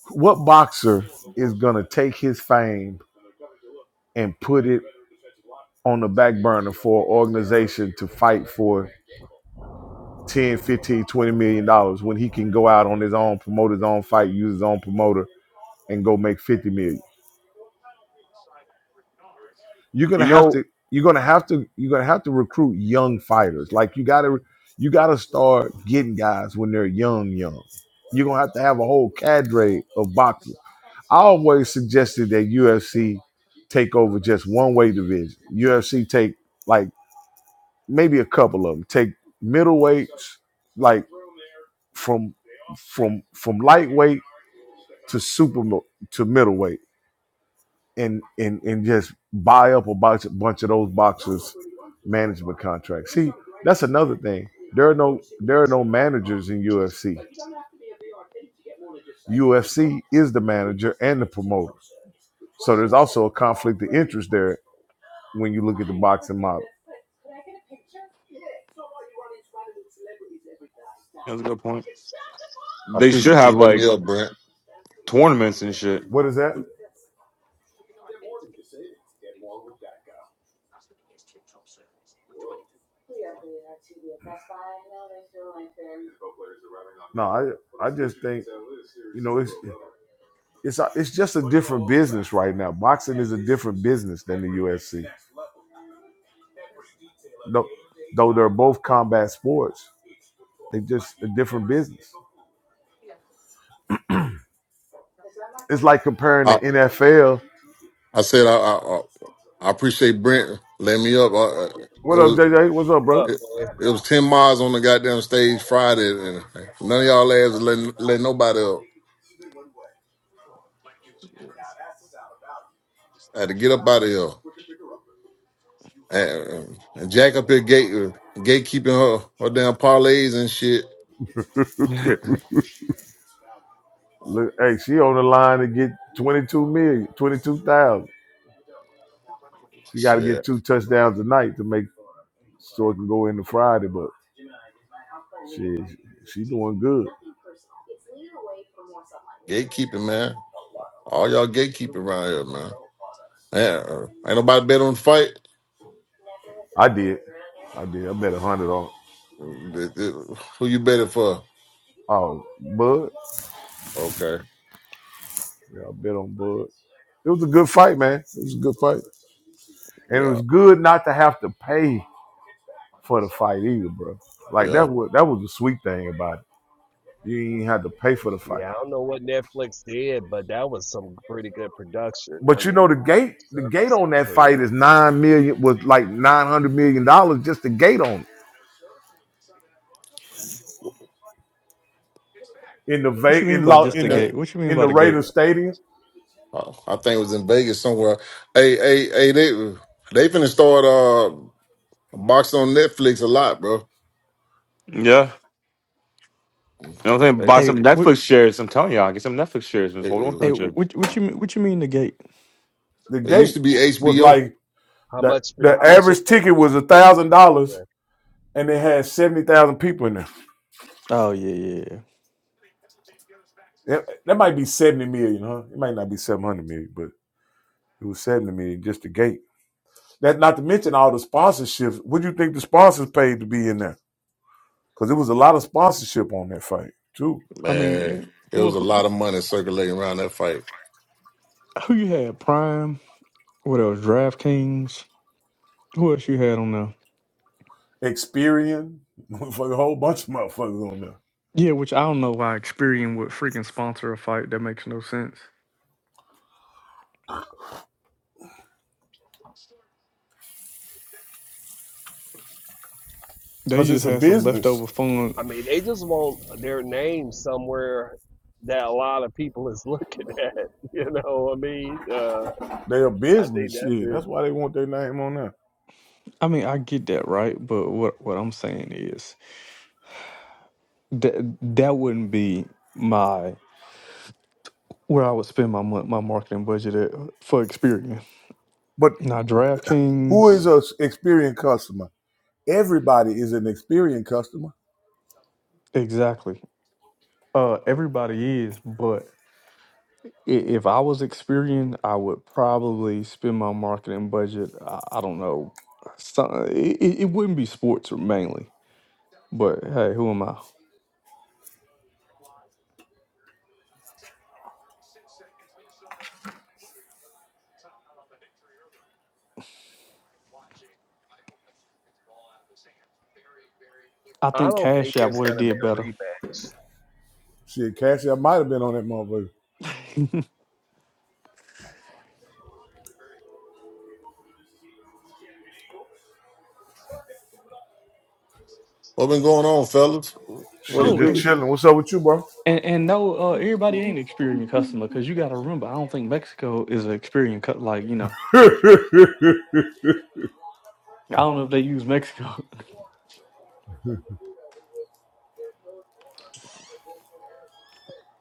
[SPEAKER 2] what boxer is gonna take his fame and put it on the back burner for an organization to fight for ten, fifteen, twenty million dollars when he can go out on his own, promote his own fight, use his own promoter, and go make 50 million. you're
[SPEAKER 1] You
[SPEAKER 2] gonna have
[SPEAKER 1] know,
[SPEAKER 2] to you're gonna have to you're gonna have to recruit young fighters. Like you gotta you gotta start getting guys when they're young, young. You're gonna have to have a whole cadre of boxers. I always suggested that UFC take over just one weight division. UFC take like maybe a couple of them. Take middleweights, like from from from lightweight to super to middleweight and and and just buy up a bunch, bunch of those boxers' management contracts. See, that's another thing. There are no there are no managers in UFC. UFC is the manager and the promoter. So there's also a conflict of interest there when you look at the boxing model.
[SPEAKER 1] that's a good point.
[SPEAKER 10] I
[SPEAKER 1] They should
[SPEAKER 10] appreciate you
[SPEAKER 1] have
[SPEAKER 10] letting me
[SPEAKER 1] like
[SPEAKER 10] up, Brent.
[SPEAKER 1] tournaments and shit.
[SPEAKER 2] What is that? No, I I just think you know it's it's a- it's just a different business right now. Boxing is a different business than the UFC. Though, though they're both combat sports, They just a different business. It's like comparing the
[SPEAKER 10] I,
[SPEAKER 2] NFL.
[SPEAKER 10] I said I, I I appreciate Brent letting me up. I, I- it
[SPEAKER 2] What up,
[SPEAKER 10] was
[SPEAKER 2] JJ? What's up, bro?
[SPEAKER 5] Look,
[SPEAKER 10] it,
[SPEAKER 5] man,
[SPEAKER 10] it was ten miles on the goddamn stage Friday, and none of y'all lads let let nobody up. I had to get up out of here and, and jack up your gate gatekeeping her her damn parlays and shit.
[SPEAKER 1] (laughs) yeah,
[SPEAKER 2] Look, hey, she on the line to get twenty-two million, twenty-two thousand. She got to get
[SPEAKER 10] Shit,
[SPEAKER 2] two touchdowns tonight to make so it can go into Friday, but she she doing good.
[SPEAKER 10] gatekeeping man. All y'all gatekeeping around here, man. Yeah, uh, ain't nobody bet on the fight.
[SPEAKER 2] I did. I did. I bet a 100 on
[SPEAKER 10] Th- th- Who you betting for?
[SPEAKER 2] oh, Bud.
[SPEAKER 10] Okay,
[SPEAKER 2] Yeah, I bet on Bud. It was a good fight, man. It was a good fight. And it
[SPEAKER 10] yeah,
[SPEAKER 2] was good not to have to pay for the fight either, bro. Like that
[SPEAKER 10] yeah.
[SPEAKER 2] was that was the sweet thing about it You ain't had to pay for the fight.
[SPEAKER 5] yeah, I don't know what Netflix did, but that was some pretty good production. I
[SPEAKER 2] But you know the
[SPEAKER 5] mean,
[SPEAKER 2] gate, the gate on that
[SPEAKER 5] service.
[SPEAKER 2] fight is nine million was like nine hundred million dollars just the gate on it. In the
[SPEAKER 9] What you
[SPEAKER 2] Va-
[SPEAKER 9] mean
[SPEAKER 2] in
[SPEAKER 9] by
[SPEAKER 2] law
[SPEAKER 9] just
[SPEAKER 2] in
[SPEAKER 9] the
[SPEAKER 2] the
[SPEAKER 9] gate? What you mean
[SPEAKER 2] in the
[SPEAKER 9] by the gate?
[SPEAKER 2] Raiders Stadium,
[SPEAKER 10] Oh, I think it was in Vegas somewhere. Hey, hey, hey, they they finna start uh boxing on Netflix a lot, bro.
[SPEAKER 1] you know what I'm saying.
[SPEAKER 10] They
[SPEAKER 1] Buy
[SPEAKER 9] Hey,
[SPEAKER 1] some
[SPEAKER 9] what
[SPEAKER 1] Netflix shares. I'm telling y'all, get some Netflix shares. Just
[SPEAKER 10] it,
[SPEAKER 1] hold on to
[SPEAKER 10] it-
[SPEAKER 9] hey
[SPEAKER 1] them shit.
[SPEAKER 9] what what you mean what you mean the gate?
[SPEAKER 2] the
[SPEAKER 10] it used
[SPEAKER 2] gate
[SPEAKER 10] to be
[SPEAKER 2] was
[SPEAKER 10] HBO.
[SPEAKER 2] like
[SPEAKER 5] How
[SPEAKER 2] the
[SPEAKER 5] much?
[SPEAKER 2] the
[SPEAKER 5] How much? It,
[SPEAKER 2] average
[SPEAKER 5] made
[SPEAKER 2] ticket was
[SPEAKER 5] in-
[SPEAKER 2] a thousand dollars
[SPEAKER 5] yeah.
[SPEAKER 2] and they had seventy thousand people in there.
[SPEAKER 9] Oh yeah, yeah. yeah.
[SPEAKER 2] That, that might be seventy million, huh? It might not be seven hundred million, but it was seventy million just the gate. That not to mention all the sponsorships. What do you think the sponsors paid to be in there? Because it was a lot of sponsorship on that fight too.
[SPEAKER 9] I
[SPEAKER 10] Man,
[SPEAKER 9] mean,
[SPEAKER 10] it
[SPEAKER 9] well,
[SPEAKER 10] was a
[SPEAKER 9] who,
[SPEAKER 10] lot
[SPEAKER 9] who
[SPEAKER 10] of money circulating around that fight.
[SPEAKER 9] who you had? Prime. What else? DraftKings. Who else you had on there?
[SPEAKER 2] Experian, (laughs) motherfucker, a whole bunch of motherfuckers on there.
[SPEAKER 9] Yeah, which I don't know why Experian would freaking sponsor a fight. That makes no sense. They
[SPEAKER 2] Cause it's
[SPEAKER 9] just
[SPEAKER 2] a
[SPEAKER 9] had some
[SPEAKER 2] business.
[SPEAKER 9] leftover funds.
[SPEAKER 5] I mean, they just want their name somewhere that a lot of people is looking at. (laughs) You know, what I mean, uh,
[SPEAKER 2] They a
[SPEAKER 5] I think
[SPEAKER 2] business
[SPEAKER 5] that's
[SPEAKER 2] shit.
[SPEAKER 5] it.
[SPEAKER 2] That's why they want their name on there.
[SPEAKER 9] I mean, I get that, right? But what what I'm saying is that that wouldn't be my where I would spend my mon- my marketing budget at for Experian.
[SPEAKER 2] But
[SPEAKER 9] Now,
[SPEAKER 2] who is
[SPEAKER 9] DraftKings,
[SPEAKER 2] a s- Experian customer? Everybody is an Experian customer.
[SPEAKER 9] exactly. Uh, everybody is, but i- if I was Experian, I would probably spend my marketing budget. I, I don't know. Some, it, it it wouldn't be sports mainly But hey, who am I? I
[SPEAKER 5] I
[SPEAKER 9] think
[SPEAKER 5] don't think
[SPEAKER 9] Cash App
[SPEAKER 5] there's
[SPEAKER 9] would
[SPEAKER 5] going
[SPEAKER 9] have
[SPEAKER 5] to be
[SPEAKER 9] did
[SPEAKER 5] a
[SPEAKER 9] better.
[SPEAKER 5] rematch.
[SPEAKER 2] Shit, Cassie, I might have been on that motherfucker.
[SPEAKER 10] What been going on, fellas? What
[SPEAKER 2] Shit,
[SPEAKER 10] it
[SPEAKER 9] Oh,
[SPEAKER 2] just
[SPEAKER 9] and
[SPEAKER 10] do?
[SPEAKER 2] chilling. What's up with you, bro?
[SPEAKER 9] and, and no, uh, everybody ain't Experian customer because you got to remember, I don't think Mexico is an Experian cut. Like you know, I don't know if they use Mexico.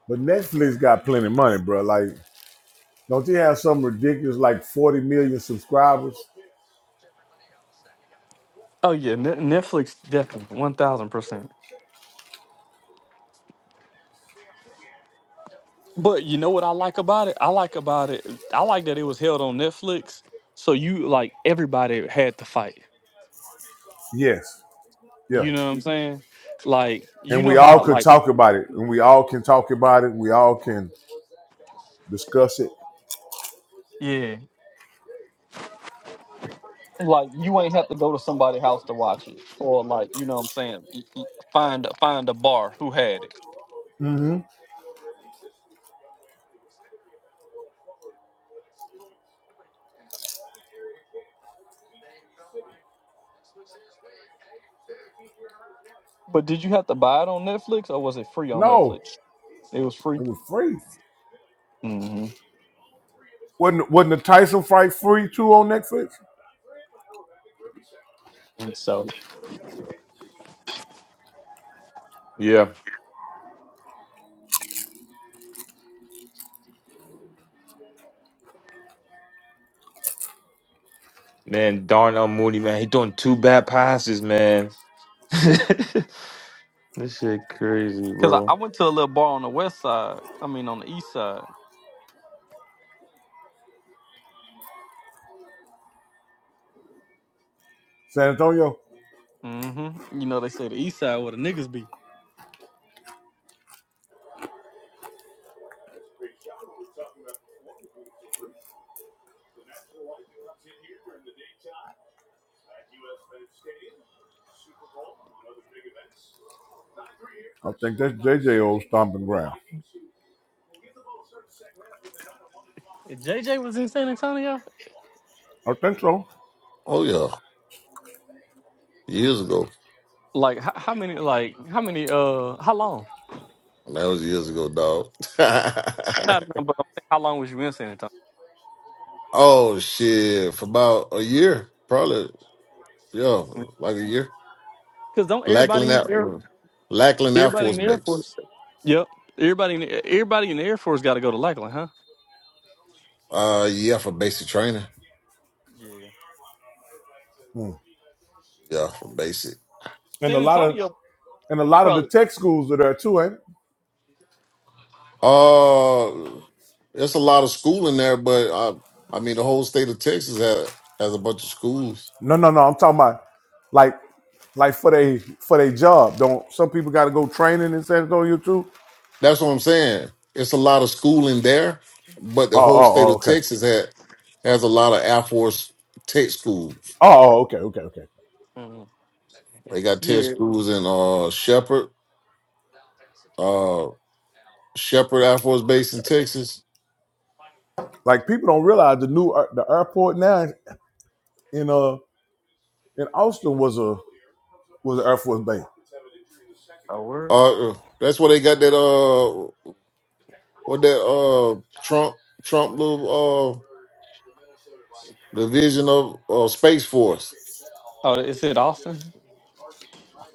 [SPEAKER 2] But Netflix got plenty of money, bro. Like, don't they have some ridiculous like 40 million subscribers?
[SPEAKER 9] (laughs) oh yeah, Net Netflix definitely one thousand percent. But you know what I like about it? I like about it. I like that it was held on Netflix, so you like everybody had to fight.
[SPEAKER 2] Yes. Yeah.
[SPEAKER 9] You know what I'm saying? Like you
[SPEAKER 2] And
[SPEAKER 9] know
[SPEAKER 2] we all
[SPEAKER 9] how
[SPEAKER 2] could
[SPEAKER 9] like
[SPEAKER 2] talk about it. And we all can talk about it. We all can discuss it.
[SPEAKER 9] yeah. Like you ain't have to go to somebody's house to watch it, or like you know what I'm saying, y- y- find find a bar who had it. But did you have to buy it on Netflix, or was it free on
[SPEAKER 2] No,
[SPEAKER 9] Netflix? It was free.
[SPEAKER 2] it was free.
[SPEAKER 9] hmm
[SPEAKER 2] Wasn't wasn't the Tyson fight free too on Netflix?
[SPEAKER 9] So,
[SPEAKER 1] Yeah, man. Darnell Mooney, man, he doing two bad passes, man. (laughs) this shit crazy,
[SPEAKER 9] because I, I
[SPEAKER 1] bro.
[SPEAKER 9] went to a little bar on the west side. I mean, on the east side.
[SPEAKER 2] San Antonio.
[SPEAKER 9] hmm You know, they say the east side where the niggas be.
[SPEAKER 2] I think that's JJ old stomping ground.
[SPEAKER 9] If JJ was in San Antonio.
[SPEAKER 2] I think so.
[SPEAKER 10] Oh yeah, years ago.
[SPEAKER 9] Like how, how many? Like how many? Uh, how long?
[SPEAKER 10] That was years ago, dog.
[SPEAKER 9] Not, but I'm saying, how long was you in San Antonio?
[SPEAKER 10] (laughs) oh shit, for about a year, probably. Yeah, like a year.
[SPEAKER 9] Because don't everybody
[SPEAKER 10] Lackland
[SPEAKER 9] in
[SPEAKER 10] Air Lackland Air
[SPEAKER 9] everybody
[SPEAKER 10] Force Base.
[SPEAKER 9] Yep. Everybody in the, everybody in the Air Force got to go to Lackland, huh?
[SPEAKER 10] Uh, yeah, for basic training.
[SPEAKER 9] Yeah.
[SPEAKER 10] Yeah, for basic.
[SPEAKER 2] And a
[SPEAKER 9] San
[SPEAKER 2] lot of
[SPEAKER 9] Antonio
[SPEAKER 2] and a lot of the
[SPEAKER 9] probably.
[SPEAKER 2] tech schools are there too, ain't? it?
[SPEAKER 10] Uh, there's a lot of schooling there, but I, I mean, the whole state of Texas has, has a bunch of schools.
[SPEAKER 2] No, no, no. I'm talking about like like for they for their job. Don't some people got to go training in San Antonio too?
[SPEAKER 10] That's what I'm saying. It's a lot of schooling there, but the
[SPEAKER 2] Oh,
[SPEAKER 10] whole
[SPEAKER 2] oh,
[SPEAKER 10] state
[SPEAKER 2] oh,
[SPEAKER 10] of
[SPEAKER 2] okay.
[SPEAKER 10] Texas has, has a lot of Air Force tech schools.
[SPEAKER 2] Oh, oh, okay, okay, okay.
[SPEAKER 9] Mm.
[SPEAKER 10] They got tech
[SPEAKER 9] Yeah.
[SPEAKER 10] schools in uh Shepherd, uh Shepherd Air Force Base in Texas.
[SPEAKER 2] Like people don't realize the new air- the airport now in uh in Austin was a was an Air Force base.
[SPEAKER 9] Oh, where?
[SPEAKER 10] Uh, that's where they got that uh what that uh Trump Trump little uh The Vision of uh, Space Force.
[SPEAKER 9] Oh, is it Austin?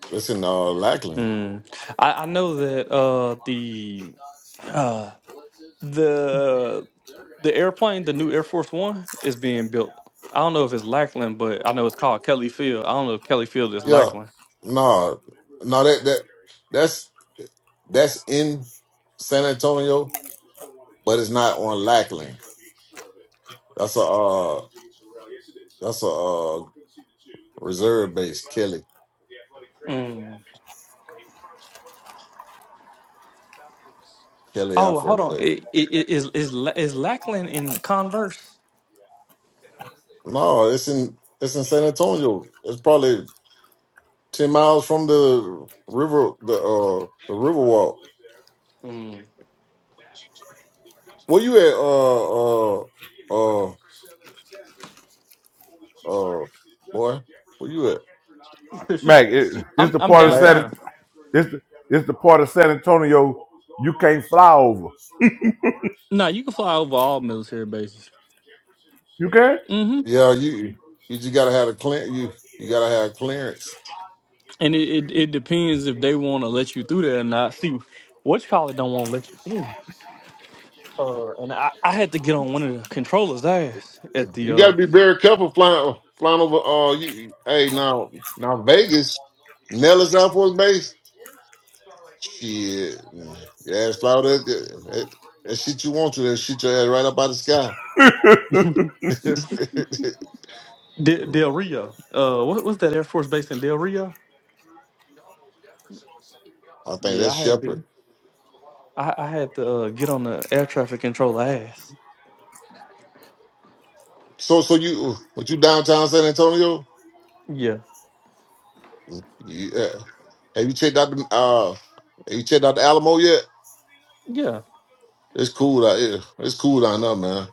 [SPEAKER 10] That's in uh, Lackland.
[SPEAKER 9] Mm. I, I know that uh the uh the the airplane, the new Air Force One, is being built. I don't know if it's Lackland, but I know it's called Kelly Field. I don't know if Kelly Field is
[SPEAKER 10] Yeah.
[SPEAKER 9] Lackland.
[SPEAKER 10] No, no, that that that's that's in San Antonio, but it's not on Lackland. That's a uh, that's a uh, reserve base, Kelly
[SPEAKER 9] Mm.
[SPEAKER 10] Kelly Air
[SPEAKER 9] Oh, hold
[SPEAKER 10] Force
[SPEAKER 9] on.
[SPEAKER 10] Base.
[SPEAKER 9] It, it, it, is is La- is Lackland in Converse?
[SPEAKER 10] No, it's in it's in San Antonio. It's probably ten miles from the river, the uh, the river walk.
[SPEAKER 9] Mm.
[SPEAKER 10] Where you at, uh, uh, uh, uh, boy? Where you at,
[SPEAKER 9] (laughs)
[SPEAKER 2] Mac, it, this
[SPEAKER 9] I'm
[SPEAKER 2] the
[SPEAKER 9] I'm
[SPEAKER 2] part of
[SPEAKER 10] Mac?
[SPEAKER 2] Saturday.
[SPEAKER 9] downtown.
[SPEAKER 2] It's the, it's the part of San Antonio you can't fly over.
[SPEAKER 9] No, you can fly over all military bases.
[SPEAKER 2] You can?
[SPEAKER 9] hmm
[SPEAKER 10] Yeah, you you just gotta have a clear you you gotta have clearance.
[SPEAKER 9] And it, it, it depends if they want to let you through there or not. See, what you call it don't want to let you in. Uh, and I, I had to get on one of the controllers' ass at the
[SPEAKER 10] You
[SPEAKER 9] uh
[SPEAKER 10] gotta be very careful flying flying over. Uh, you you- hey now now Vegas, Nellis Air Force Base. Shit, man. yeah, it's fly over there. That, that, that shit you want to, that shit your ass right up out the sky.
[SPEAKER 9] De- Del Rio. Uh, what was that Air Force base in Del Rio?
[SPEAKER 10] (laughs) I think
[SPEAKER 9] Yeah,
[SPEAKER 10] that's
[SPEAKER 9] I had to.
[SPEAKER 10] Shepard.
[SPEAKER 9] I, I had to uh, get on the air traffic controller ass.
[SPEAKER 10] So so you what you downtown San Antonio?
[SPEAKER 9] Yeah.
[SPEAKER 10] Yeah. Have you checked out the uh? Have you checked out the Alamo yet?
[SPEAKER 9] Yeah.
[SPEAKER 10] It's cool out here. It's cool down there, man.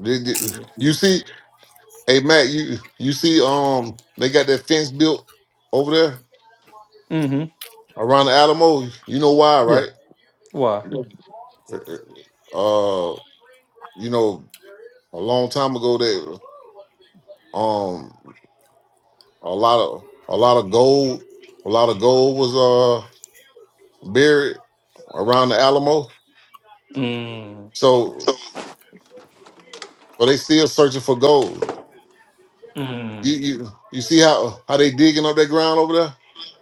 [SPEAKER 10] Did- did-
[SPEAKER 9] Yeah.
[SPEAKER 10] You see, hey Matt, you you see, um, they got that fence built over there
[SPEAKER 9] hmm
[SPEAKER 10] around the Alamo. You know why,
[SPEAKER 9] Yeah.
[SPEAKER 10] right?
[SPEAKER 9] Why?
[SPEAKER 10] Uh, you know, a long time ago, they um, a lot of a lot of gold, a lot of gold was uh buried around the Alamo.
[SPEAKER 9] Mm.
[SPEAKER 10] So, so they still searching for gold.
[SPEAKER 9] Mm.
[SPEAKER 10] You you you see how how they digging up that ground over there?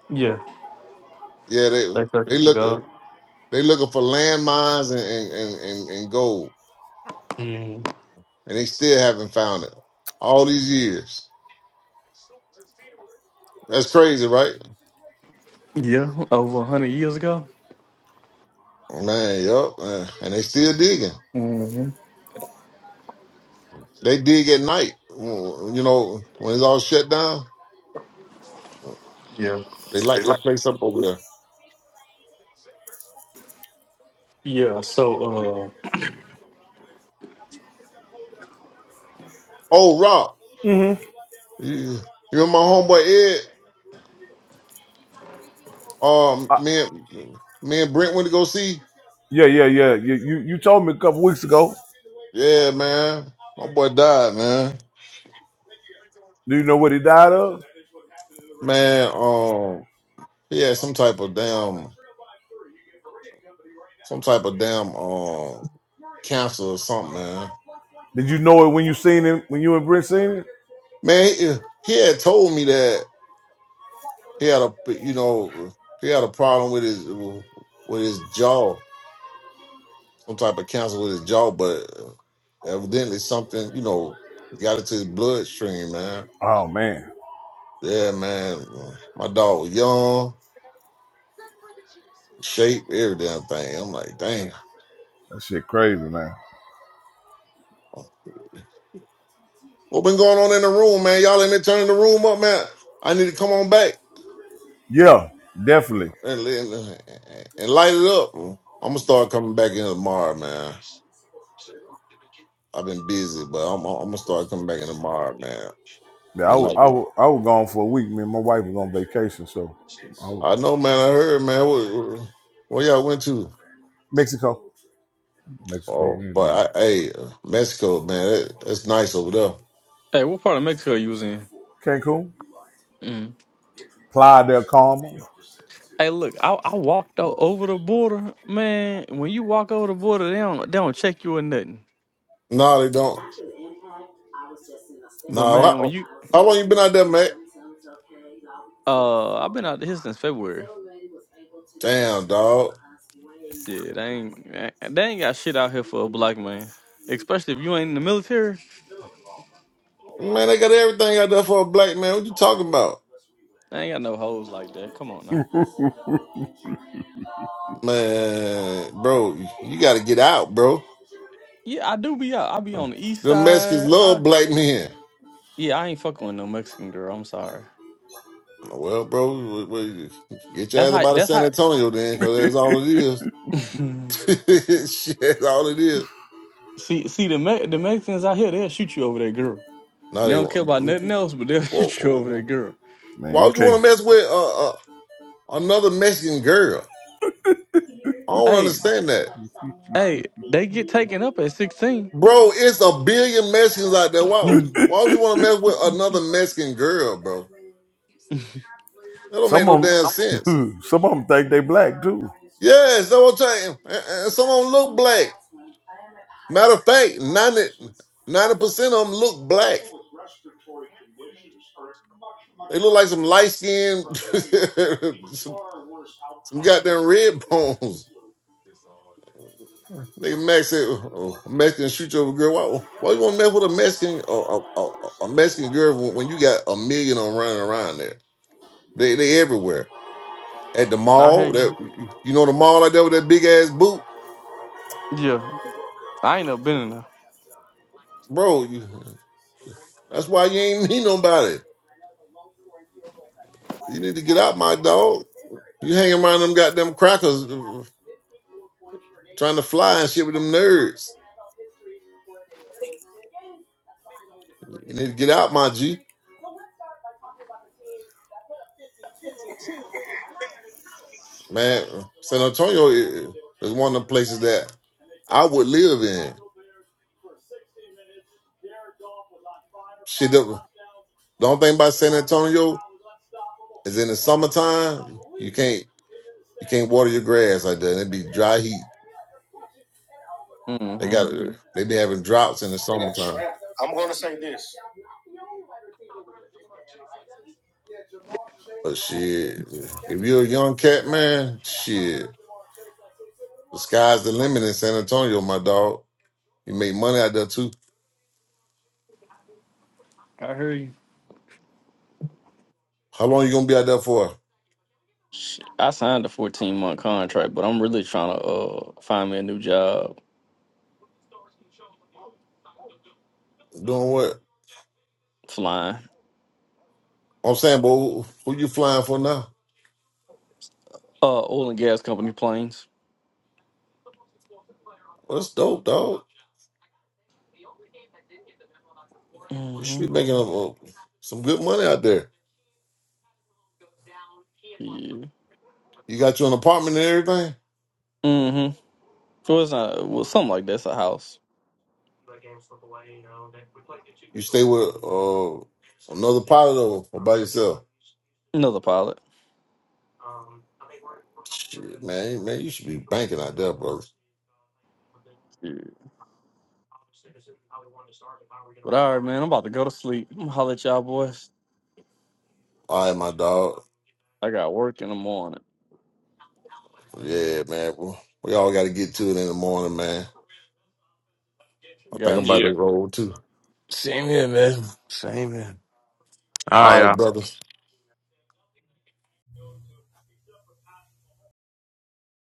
[SPEAKER 9] Yeah.
[SPEAKER 10] Yeah, they
[SPEAKER 9] They
[SPEAKER 10] they
[SPEAKER 9] fucking
[SPEAKER 10] look.
[SPEAKER 9] forgot.
[SPEAKER 10] They looking for landmines and and, and and and gold, and they still haven't found it all these years. That's crazy, right?
[SPEAKER 9] Yeah, over a hundred years ago.
[SPEAKER 10] Man, yup. uh, And they still digging.
[SPEAKER 9] hmm
[SPEAKER 10] They dig at night. Mm, You know, when it's all shut down,
[SPEAKER 9] Yeah,
[SPEAKER 10] they light that place up over there.
[SPEAKER 9] yeah. So, uh,
[SPEAKER 10] Oh, Rob,
[SPEAKER 2] hmm
[SPEAKER 10] you, you remember my homeboy Ed? Um, me and me and Brent went to go see.
[SPEAKER 2] yeah, yeah, yeah. You, you you told me a couple weeks ago.
[SPEAKER 10] Yeah, man. My boy died, man.
[SPEAKER 2] Do you know what he died of?
[SPEAKER 10] Man, um, he had some type of damn, some type of damn. um, cancer or something, man.
[SPEAKER 2] Did you know it when you seen him when you and Brent seen it?
[SPEAKER 10] Man, he, he had told me that he had a you know he had a problem with his with his jaw, some type of cancer with his jaw, but evidently something you know got into his bloodstream, man.
[SPEAKER 2] Oh man,
[SPEAKER 10] Yeah, man. My dog was young, shape, every damn thing. I'm like, damn.
[SPEAKER 2] that shit crazy, man.
[SPEAKER 10] What been going on in the room, man? Y'all in there turning the room up, man. I need to come on back
[SPEAKER 2] Yeah, definitely.
[SPEAKER 10] and, and, and light it up. I'm gonna start coming back in tomorrow, man. I've been busy, but I'm I'm gonna start coming back in tomorrow, man.
[SPEAKER 2] Yeah, I
[SPEAKER 10] They
[SPEAKER 2] was,
[SPEAKER 10] like
[SPEAKER 2] I
[SPEAKER 10] it.
[SPEAKER 2] was, I was gone for a week. Me and my wife was on vacation, so I was,
[SPEAKER 10] I know, man. I heard, man. What, what- where y'all went to?
[SPEAKER 2] Mexico, Mexico,
[SPEAKER 10] Oh,
[SPEAKER 2] we was in
[SPEAKER 10] but I, hey, uh, Mexico, man. That, that's nice over there.
[SPEAKER 9] hey, what part of Mexico you was in?
[SPEAKER 2] Cancun,
[SPEAKER 9] Mm.
[SPEAKER 2] Playa del Carmen.
[SPEAKER 9] Hey, look, I, I walked o- over the border, man. When you walk over the border, they don't they don't check you or nothing.
[SPEAKER 10] No, they don't.
[SPEAKER 9] But
[SPEAKER 10] No,
[SPEAKER 9] man, when
[SPEAKER 10] how,
[SPEAKER 9] you
[SPEAKER 10] how long you been out there, man?
[SPEAKER 9] uh, I've been out here since February.
[SPEAKER 10] Damn, dog.
[SPEAKER 9] Yeah, they ain't eh, they ain't got shit out here for a black man, especially if you ain't in the military.
[SPEAKER 10] Man, they got everything out there for a black man. What you talking about,
[SPEAKER 9] They ain't got no hoes like that. Come on now.
[SPEAKER 10] man, bro? You got to get out, bro.
[SPEAKER 9] Yeah, I do be out. I be on the east
[SPEAKER 10] The Mexicans
[SPEAKER 9] side. I,
[SPEAKER 10] love black men.
[SPEAKER 9] yeah, I ain't fucking with no Mexican girl. I'm sorry.
[SPEAKER 10] Well, bro, we, we, get your
[SPEAKER 9] That's
[SPEAKER 10] ass
[SPEAKER 9] how.
[SPEAKER 10] about to
[SPEAKER 9] That's
[SPEAKER 10] San
[SPEAKER 9] how.
[SPEAKER 10] Antonio then, because that's all it is.
[SPEAKER 9] see,
[SPEAKER 10] (laughs) Shit, that's all it is.
[SPEAKER 9] see the Me- the Mexicans out here, they'll shoot you over that girl.
[SPEAKER 10] No,
[SPEAKER 9] They
[SPEAKER 10] they
[SPEAKER 9] don't care about nothing
[SPEAKER 10] want.
[SPEAKER 9] else, but they'll (laughs) shoot you over that
[SPEAKER 10] Whoa.
[SPEAKER 9] girl.
[SPEAKER 2] Man,
[SPEAKER 10] Why
[SPEAKER 2] you
[SPEAKER 10] would you
[SPEAKER 2] can't
[SPEAKER 10] want to mess with uh, uh, another Mexican girl? I don't
[SPEAKER 9] Hey,
[SPEAKER 10] understand that,
[SPEAKER 9] hey, they get taken up at sixteen. (laughs)
[SPEAKER 10] bro. It's a billion Mexicans out there. Why?
[SPEAKER 9] Mhm.
[SPEAKER 10] Why would you want to mess with another Mexican girl, bro? That don't make
[SPEAKER 2] Some
[SPEAKER 10] no
[SPEAKER 2] of
[SPEAKER 10] damn sense.
[SPEAKER 2] them, (laughs) some of them think they black too.
[SPEAKER 10] Yes, that's what I'm saying. And and some of them look black. Matter of fact, 90 percent of them look black. They look like some light skin, (laughs) some, some goddamn red bones. Nigga Max said, oh, a Mexican shoot your girl. Why, why you want to mess with a Mexican a, a, a a Mexican girl when, when you got a million on running around there? They they everywhere at the
[SPEAKER 9] I hear
[SPEAKER 10] mall.
[SPEAKER 9] you.
[SPEAKER 10] That you know the mall out there with that big ass boot,
[SPEAKER 9] Yeah, I ain't never been in
[SPEAKER 10] bro. You, that's why you ain't (laughs) meet nobody. You need to get out, my dog. You hanging around them goddamn crackers, uh, trying to fly and shit with them nerds. You need to get out, my G. Man, San Antonio i- is one of the places that I would live in. Shit, up. The only thing about San Antonio is in the summertime you can't you can't water your grass like that. It'd be dry heat.
[SPEAKER 9] there.
[SPEAKER 10] They
[SPEAKER 9] hmm
[SPEAKER 10] got they be having droughts in the summertime. But shit, if you're a young cat man, shit, the sky's the limit in San Antonio, my dog. You make money out there too. How long you gonna be out there for?
[SPEAKER 9] I signed a fourteen month contract, but I'm really trying to uh find me a new job
[SPEAKER 10] Doing what?
[SPEAKER 9] flying
[SPEAKER 10] I'm saying, but who, who you flying for now?
[SPEAKER 9] uh oil and gas company planes.
[SPEAKER 10] Well, that's dope, dog. You should
[SPEAKER 9] hmm
[SPEAKER 10] be making uh, some good money out there.
[SPEAKER 9] Yeah.
[SPEAKER 10] You got you an apartment and everything.
[SPEAKER 9] Mm-hmm. Well, it's not. Well, something like that's a house.
[SPEAKER 10] stay with uh another pilot or, or by yourself?
[SPEAKER 9] Another pilot.
[SPEAKER 10] Shit, man, man, you should be banking out there, brother.
[SPEAKER 9] Yeah. But all right, man, I'm about to go to sleep. I'm gonna holler at y'all boys.
[SPEAKER 10] All right, my dog.
[SPEAKER 9] I got work in the morning.
[SPEAKER 10] Yeah, man. We we all got to get to it in the morning, man. I think I'm
[SPEAKER 9] Got
[SPEAKER 10] about to
[SPEAKER 1] Yeah.
[SPEAKER 9] to.
[SPEAKER 10] roll too.
[SPEAKER 1] Same here, man. Same here. All right,
[SPEAKER 10] All right,
[SPEAKER 1] y'all.
[SPEAKER 10] brother.